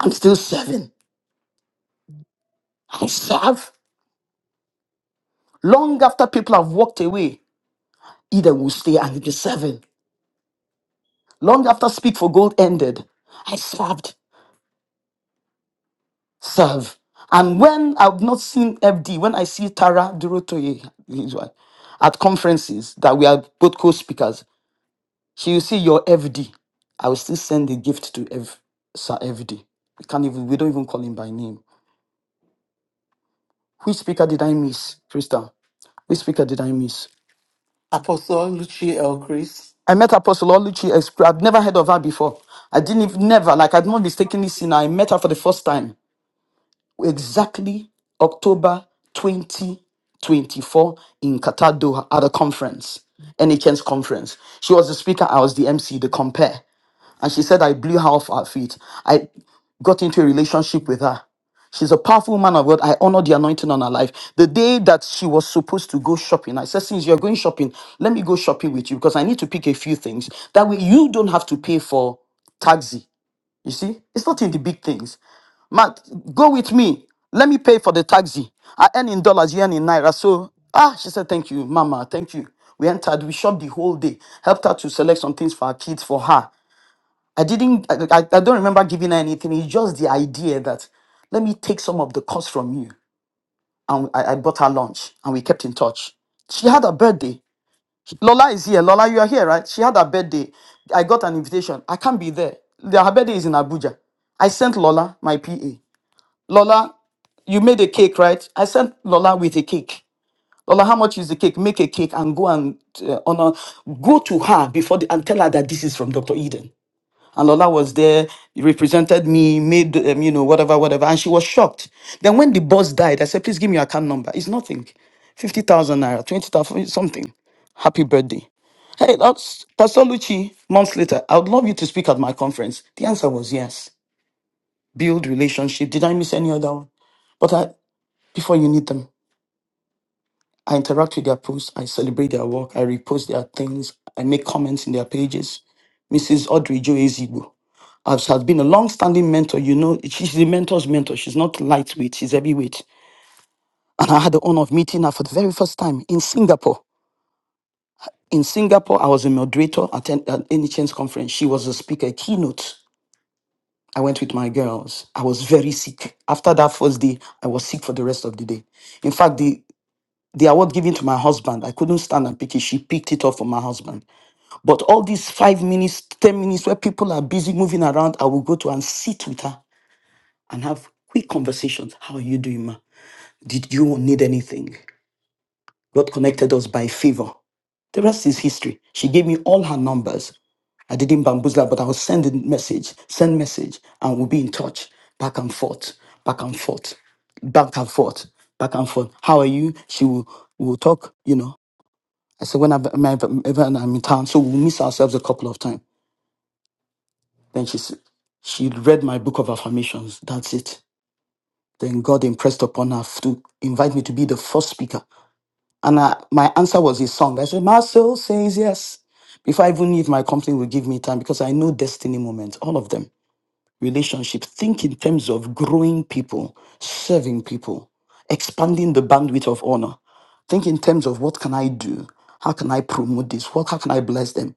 C: I'm still serving. I serve. Long after people have walked away, Eden will stay and be serving. Long after Speak for Gold ended, I served. serve. And when I've not seen FD, when I see Tara Durotoye his wife, at conferences that we are both co-speakers, she will see your F. D. I will still send the gift to F, Sir FD. We can't even we don't even call him by name. Which speaker did I miss, Krista? Which speaker did I miss?
A: Apostle Luchi L. Chris.
C: I met Apostle Oluchi. I've never heard of her before. I didn't even, never, like I'd not mistakenly seen her. I met her for the first time exactly October 2024 in Qatar, Doha, at a conference, NHN's conference. She was the speaker, I was the MC, the compare. And she said, I blew her off her feet. I got into a relationship with her. She's a powerful man of God. I honor the anointing on her life. The day that she was supposed to go shopping, I said, Since you're going shopping, let me go shopping with you because I need to pick a few things. That way, you don't have to pay for taxi you see, it's not in the big things. Matt, go with me. Let me pay for the taxi. I earn in dollars, you earn in naira. So, ah, she said, thank you, mama, thank you. We entered, we shopped the whole day, helped her to select some things for her kids, for her. I didn't, I, I I don't remember giving her anything. It's just the idea that let me take some of the cost from you. And I, I bought her lunch and we kept in touch. She had a birthday. Lola is here. Lola, you are here, right? She had her birthday. I got an invitation. I can't be there. The- Her birthday is in Abuja. I sent Lola my PA. Lola, you made a cake, right? I sent Lola with a cake. Lola, how much is the cake? Make a cake and go and uh, honor. Go to her before the, and tell her that this is from Dr. Eden. And Lola was there, represented me, made, um, you know, whatever, whatever. And she was shocked. Then when the boss died, I said, please give me your account number. It's nothing. 50,000 naira, 20,000, something. Happy birthday. Hey, that's Pastor Lucci, months later, I would love you to speak at my conference. The answer was yes. Build relationship. Did I miss any other one? But I, before you need them, I interact with their posts, I celebrate their work, I repost their things, I make comments in their pages. Mrs. Audrey Joe Ezigbo, has, has been a long-standing mentor. You know, she's the mentor's mentor. She's not lightweight, she's heavyweight. And I had the honor of meeting her for the very first time in Singapore. In Singapore, I was a moderator at an, an NHN's conference. She was a speaker, a keynote. I went with my girls. I was very sick. After that first day, I was sick for the rest of the day. In fact, the, the award given to my husband, I couldn't stand and pick it. She picked it up for my husband. But all these five minutes, 10 minutes where people are busy moving around, I will go to and sit with her and have quick conversations. How are you doing, ma? Did you need anything? God connected us by favor. The rest is history. She gave me all her numbers. I didn't bamboozle her, but I was sending message, send message, and we'll be in touch back and forth, back and forth, back and forth, back and forth. How are you? She will will talk, you know. I said, when I'm, when I'm in town, so we'll miss ourselves a couple of times. Then she s- she read my book of affirmations. That's it. Then God impressed upon her to invite me to be the first speaker. And I, my answer was a song. I said, My soul says yes. Before I even knew if my company will give me time, because I know destiny moments, all of them, relationships, think in terms of growing people, serving people, expanding the bandwidth of honor. Think in terms of what can I do? How can I promote this? What, how can I bless them?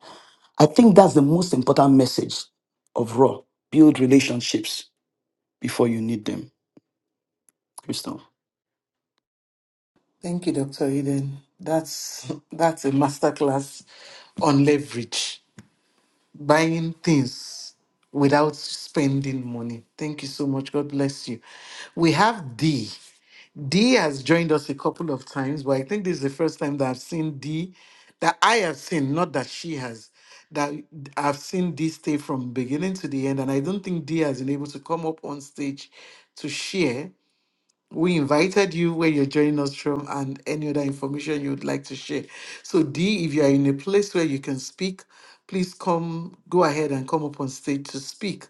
C: I think that's the most important message of Raw. Build relationships before you need them. Crystal.
A: Thank you, Dr. Eden. That's that's a masterclass on leverage, buying things without spending money. Thank you so much. God bless you. We have D. D has joined us a couple of times, but I think this is the first time that I've seen D that I have seen, not that she has, that I've seen D stay from beginning to the end. And I don't think D has been able to come up on stage to share we invited you where you're joining us from and any other information you would like to share. So, D, if you are in a place where you can speak, please come, go ahead and come up on stage to speak.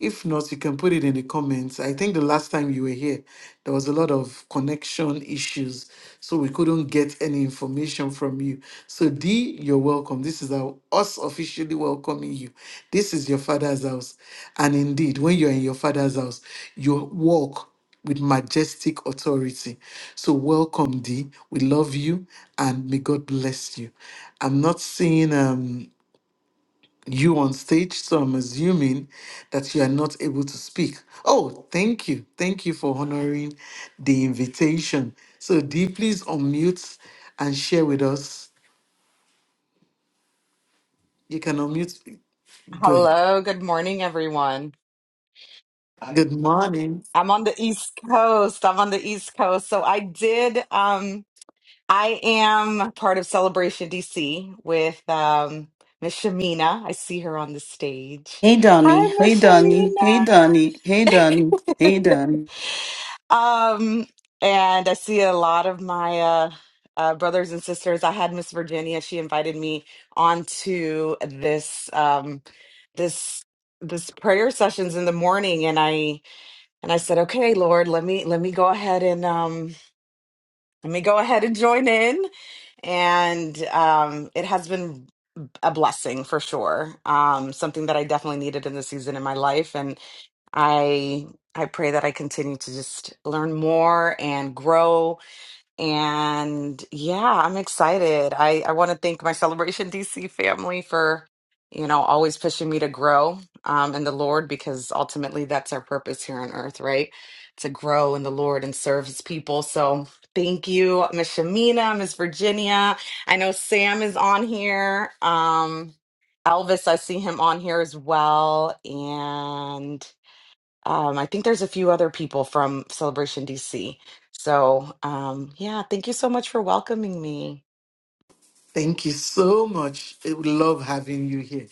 A: If not, you can put it in the comments. I think the last time you were here, there was a lot of connection issues, so we couldn't get any information from you. So, D, you're welcome. This is our, us officially welcoming you. This is your father's house. And indeed, when you're in your father's house, you walk with majestic authority. So, welcome, D. We love you and may God bless you. I'm not seeing. Um, you on stage, so I'm assuming that you are not able to speak. Oh, thank you. Thank you for honoring the invitation. So, Dee, please unmute and share with us. You can unmute. Good.
I: Hello, good morning, everyone.
A: Good morning.
I: I'm on the East Coast. I'm on the East Coast. So I did um I am part of Celebration DC with um Miss Shamina. I see her on the stage.
C: Hey, Don.
I: Hi, Miss Shamina.
C: Donnie. Hey, Donnie.
I: Um, and I see a lot of my uh, uh brothers and sisters. I had Miss Virginia. She invited me onto this um this this prayer sessions in the morning and I and I said, "Okay, Lord, let me let me go ahead and um let me go ahead and join in." And um it has been a blessing for sure. Um something that I definitely needed in the season in my life and I I pray that I continue to just learn more and grow and yeah, I'm excited. I, I want to thank my Celebration DC family for, you know, always pushing me to grow um, in the Lord because ultimately that's our purpose here on earth, right? To grow in the Lord and serve his people. So thank you, Miss Shamina, Miss Virginia. I know Sam is on here. Um, Elvis, I see him on here as well. and. Um, I think there's a few other people from Celebration DC. So, um, yeah, thank you so much for welcoming me.
A: Thank you so much. Eh, We love having you here.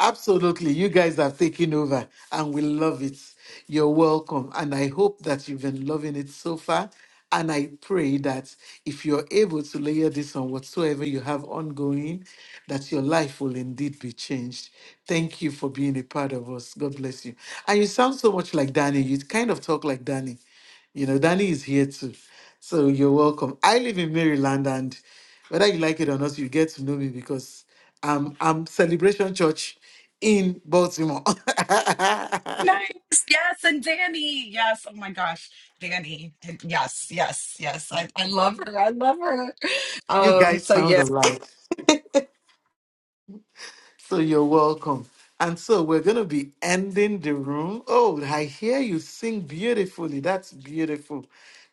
A: Absolutely. You guys have taken over and we love it. You're welcome. And I hope that you've been loving it so far. And I pray that if you're able to layer this on whatsoever you have ongoing, that your life will indeed be changed. Thank you for being a part of us. God bless you. And you sound so much like Danny. You kind of talk like Danny. You know, Danny is here too. So you're welcome. I live in Maryland and whether you like it or not, you get to know me because I'm I'm Celebration Church in Baltimore.
I: Nice. Yes, and Danny. Yes. Oh my gosh, Danny. And Yes, yes, yes. I, I love her. I love her.
A: you
I: Um,
A: guys
I: so
A: sound
I: yes.
A: alike. So you're welcome. And so we're going to be ending the room. Oh, I hear you sing beautifully. That's beautiful.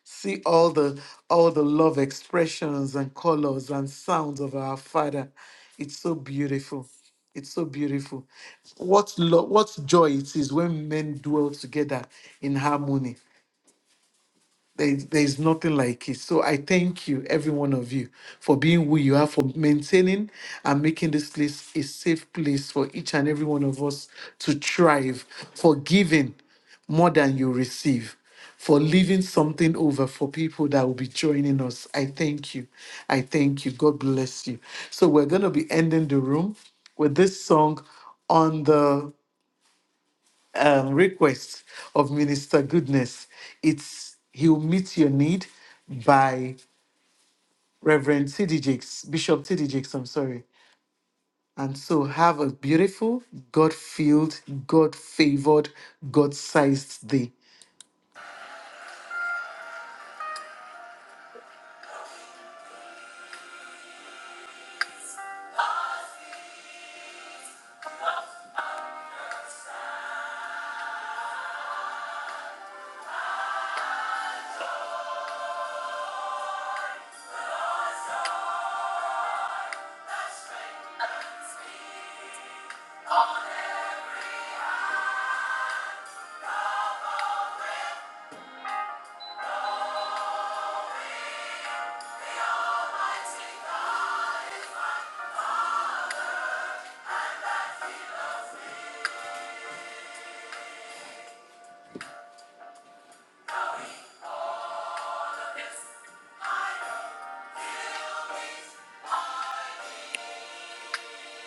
A: See all the all the love expressions and colors and sounds of our Father. It's so beautiful. It's so beautiful. What lo- what joy it is when men dwell together in harmony. There's, there's nothing like it. So I thank you, every one of you, for being who you are, for maintaining and making this place a safe place for each and every one of us to thrive, for giving more than you receive, for leaving something over for people that will be joining us. I thank you. I thank you. God bless you. So we're going to be ending the room with this song on the um, request of Minister Goodness. It's he'll meet your need by Reverend T.D. Jakes, Bishop T.D. Jakes, I'm sorry. And so have a beautiful, God filled, God favored, God sized day.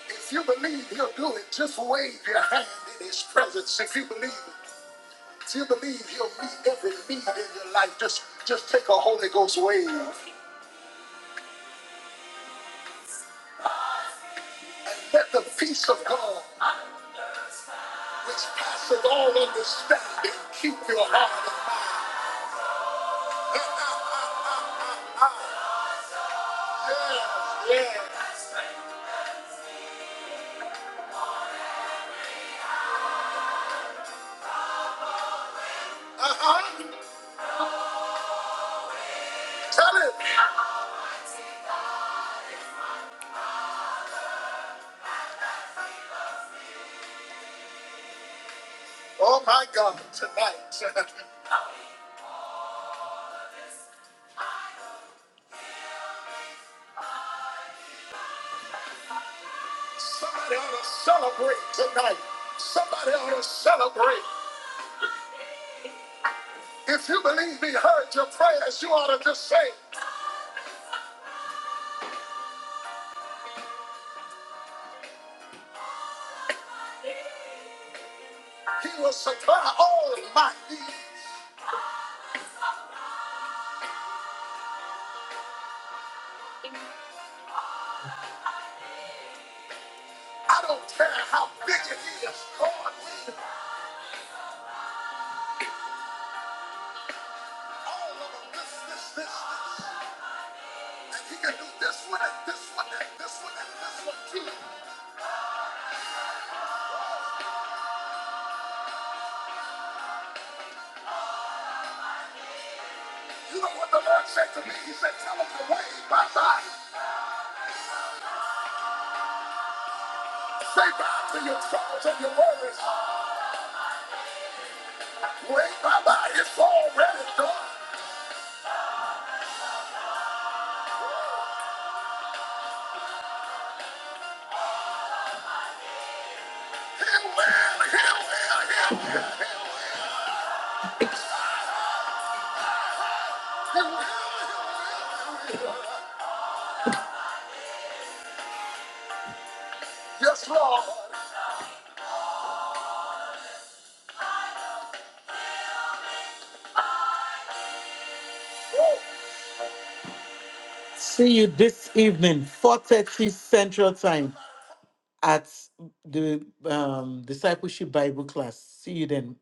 A: If you believe he'll do it, just wave your hand in his presence. If you believe, if you believe he'll meet every need in your life, just just take a Holy Ghost wave. Let the peace of God which passes all understanding. Keep your heart. and mind. Yeah, yeah. Uh-huh. Tell it. Oh my God, tonight. Somebody ought to celebrate tonight. Somebody ought to celebrate. If you believe he heard your prayers, you ought to just say, He will supply all my needs. I don't care how big it is. God, we all of them. This, this, this, this. And he can do this way, this way, this way, this way too. You know what the Lord said to me? He said, tell him to wave bye bye. Say bye to your troubles and your worries. Wave bye bye. It's already done. Here we are, here Yes, Lord. See you this evening, 4.30 Central Time at the um, Discipleship Bible class. See you then.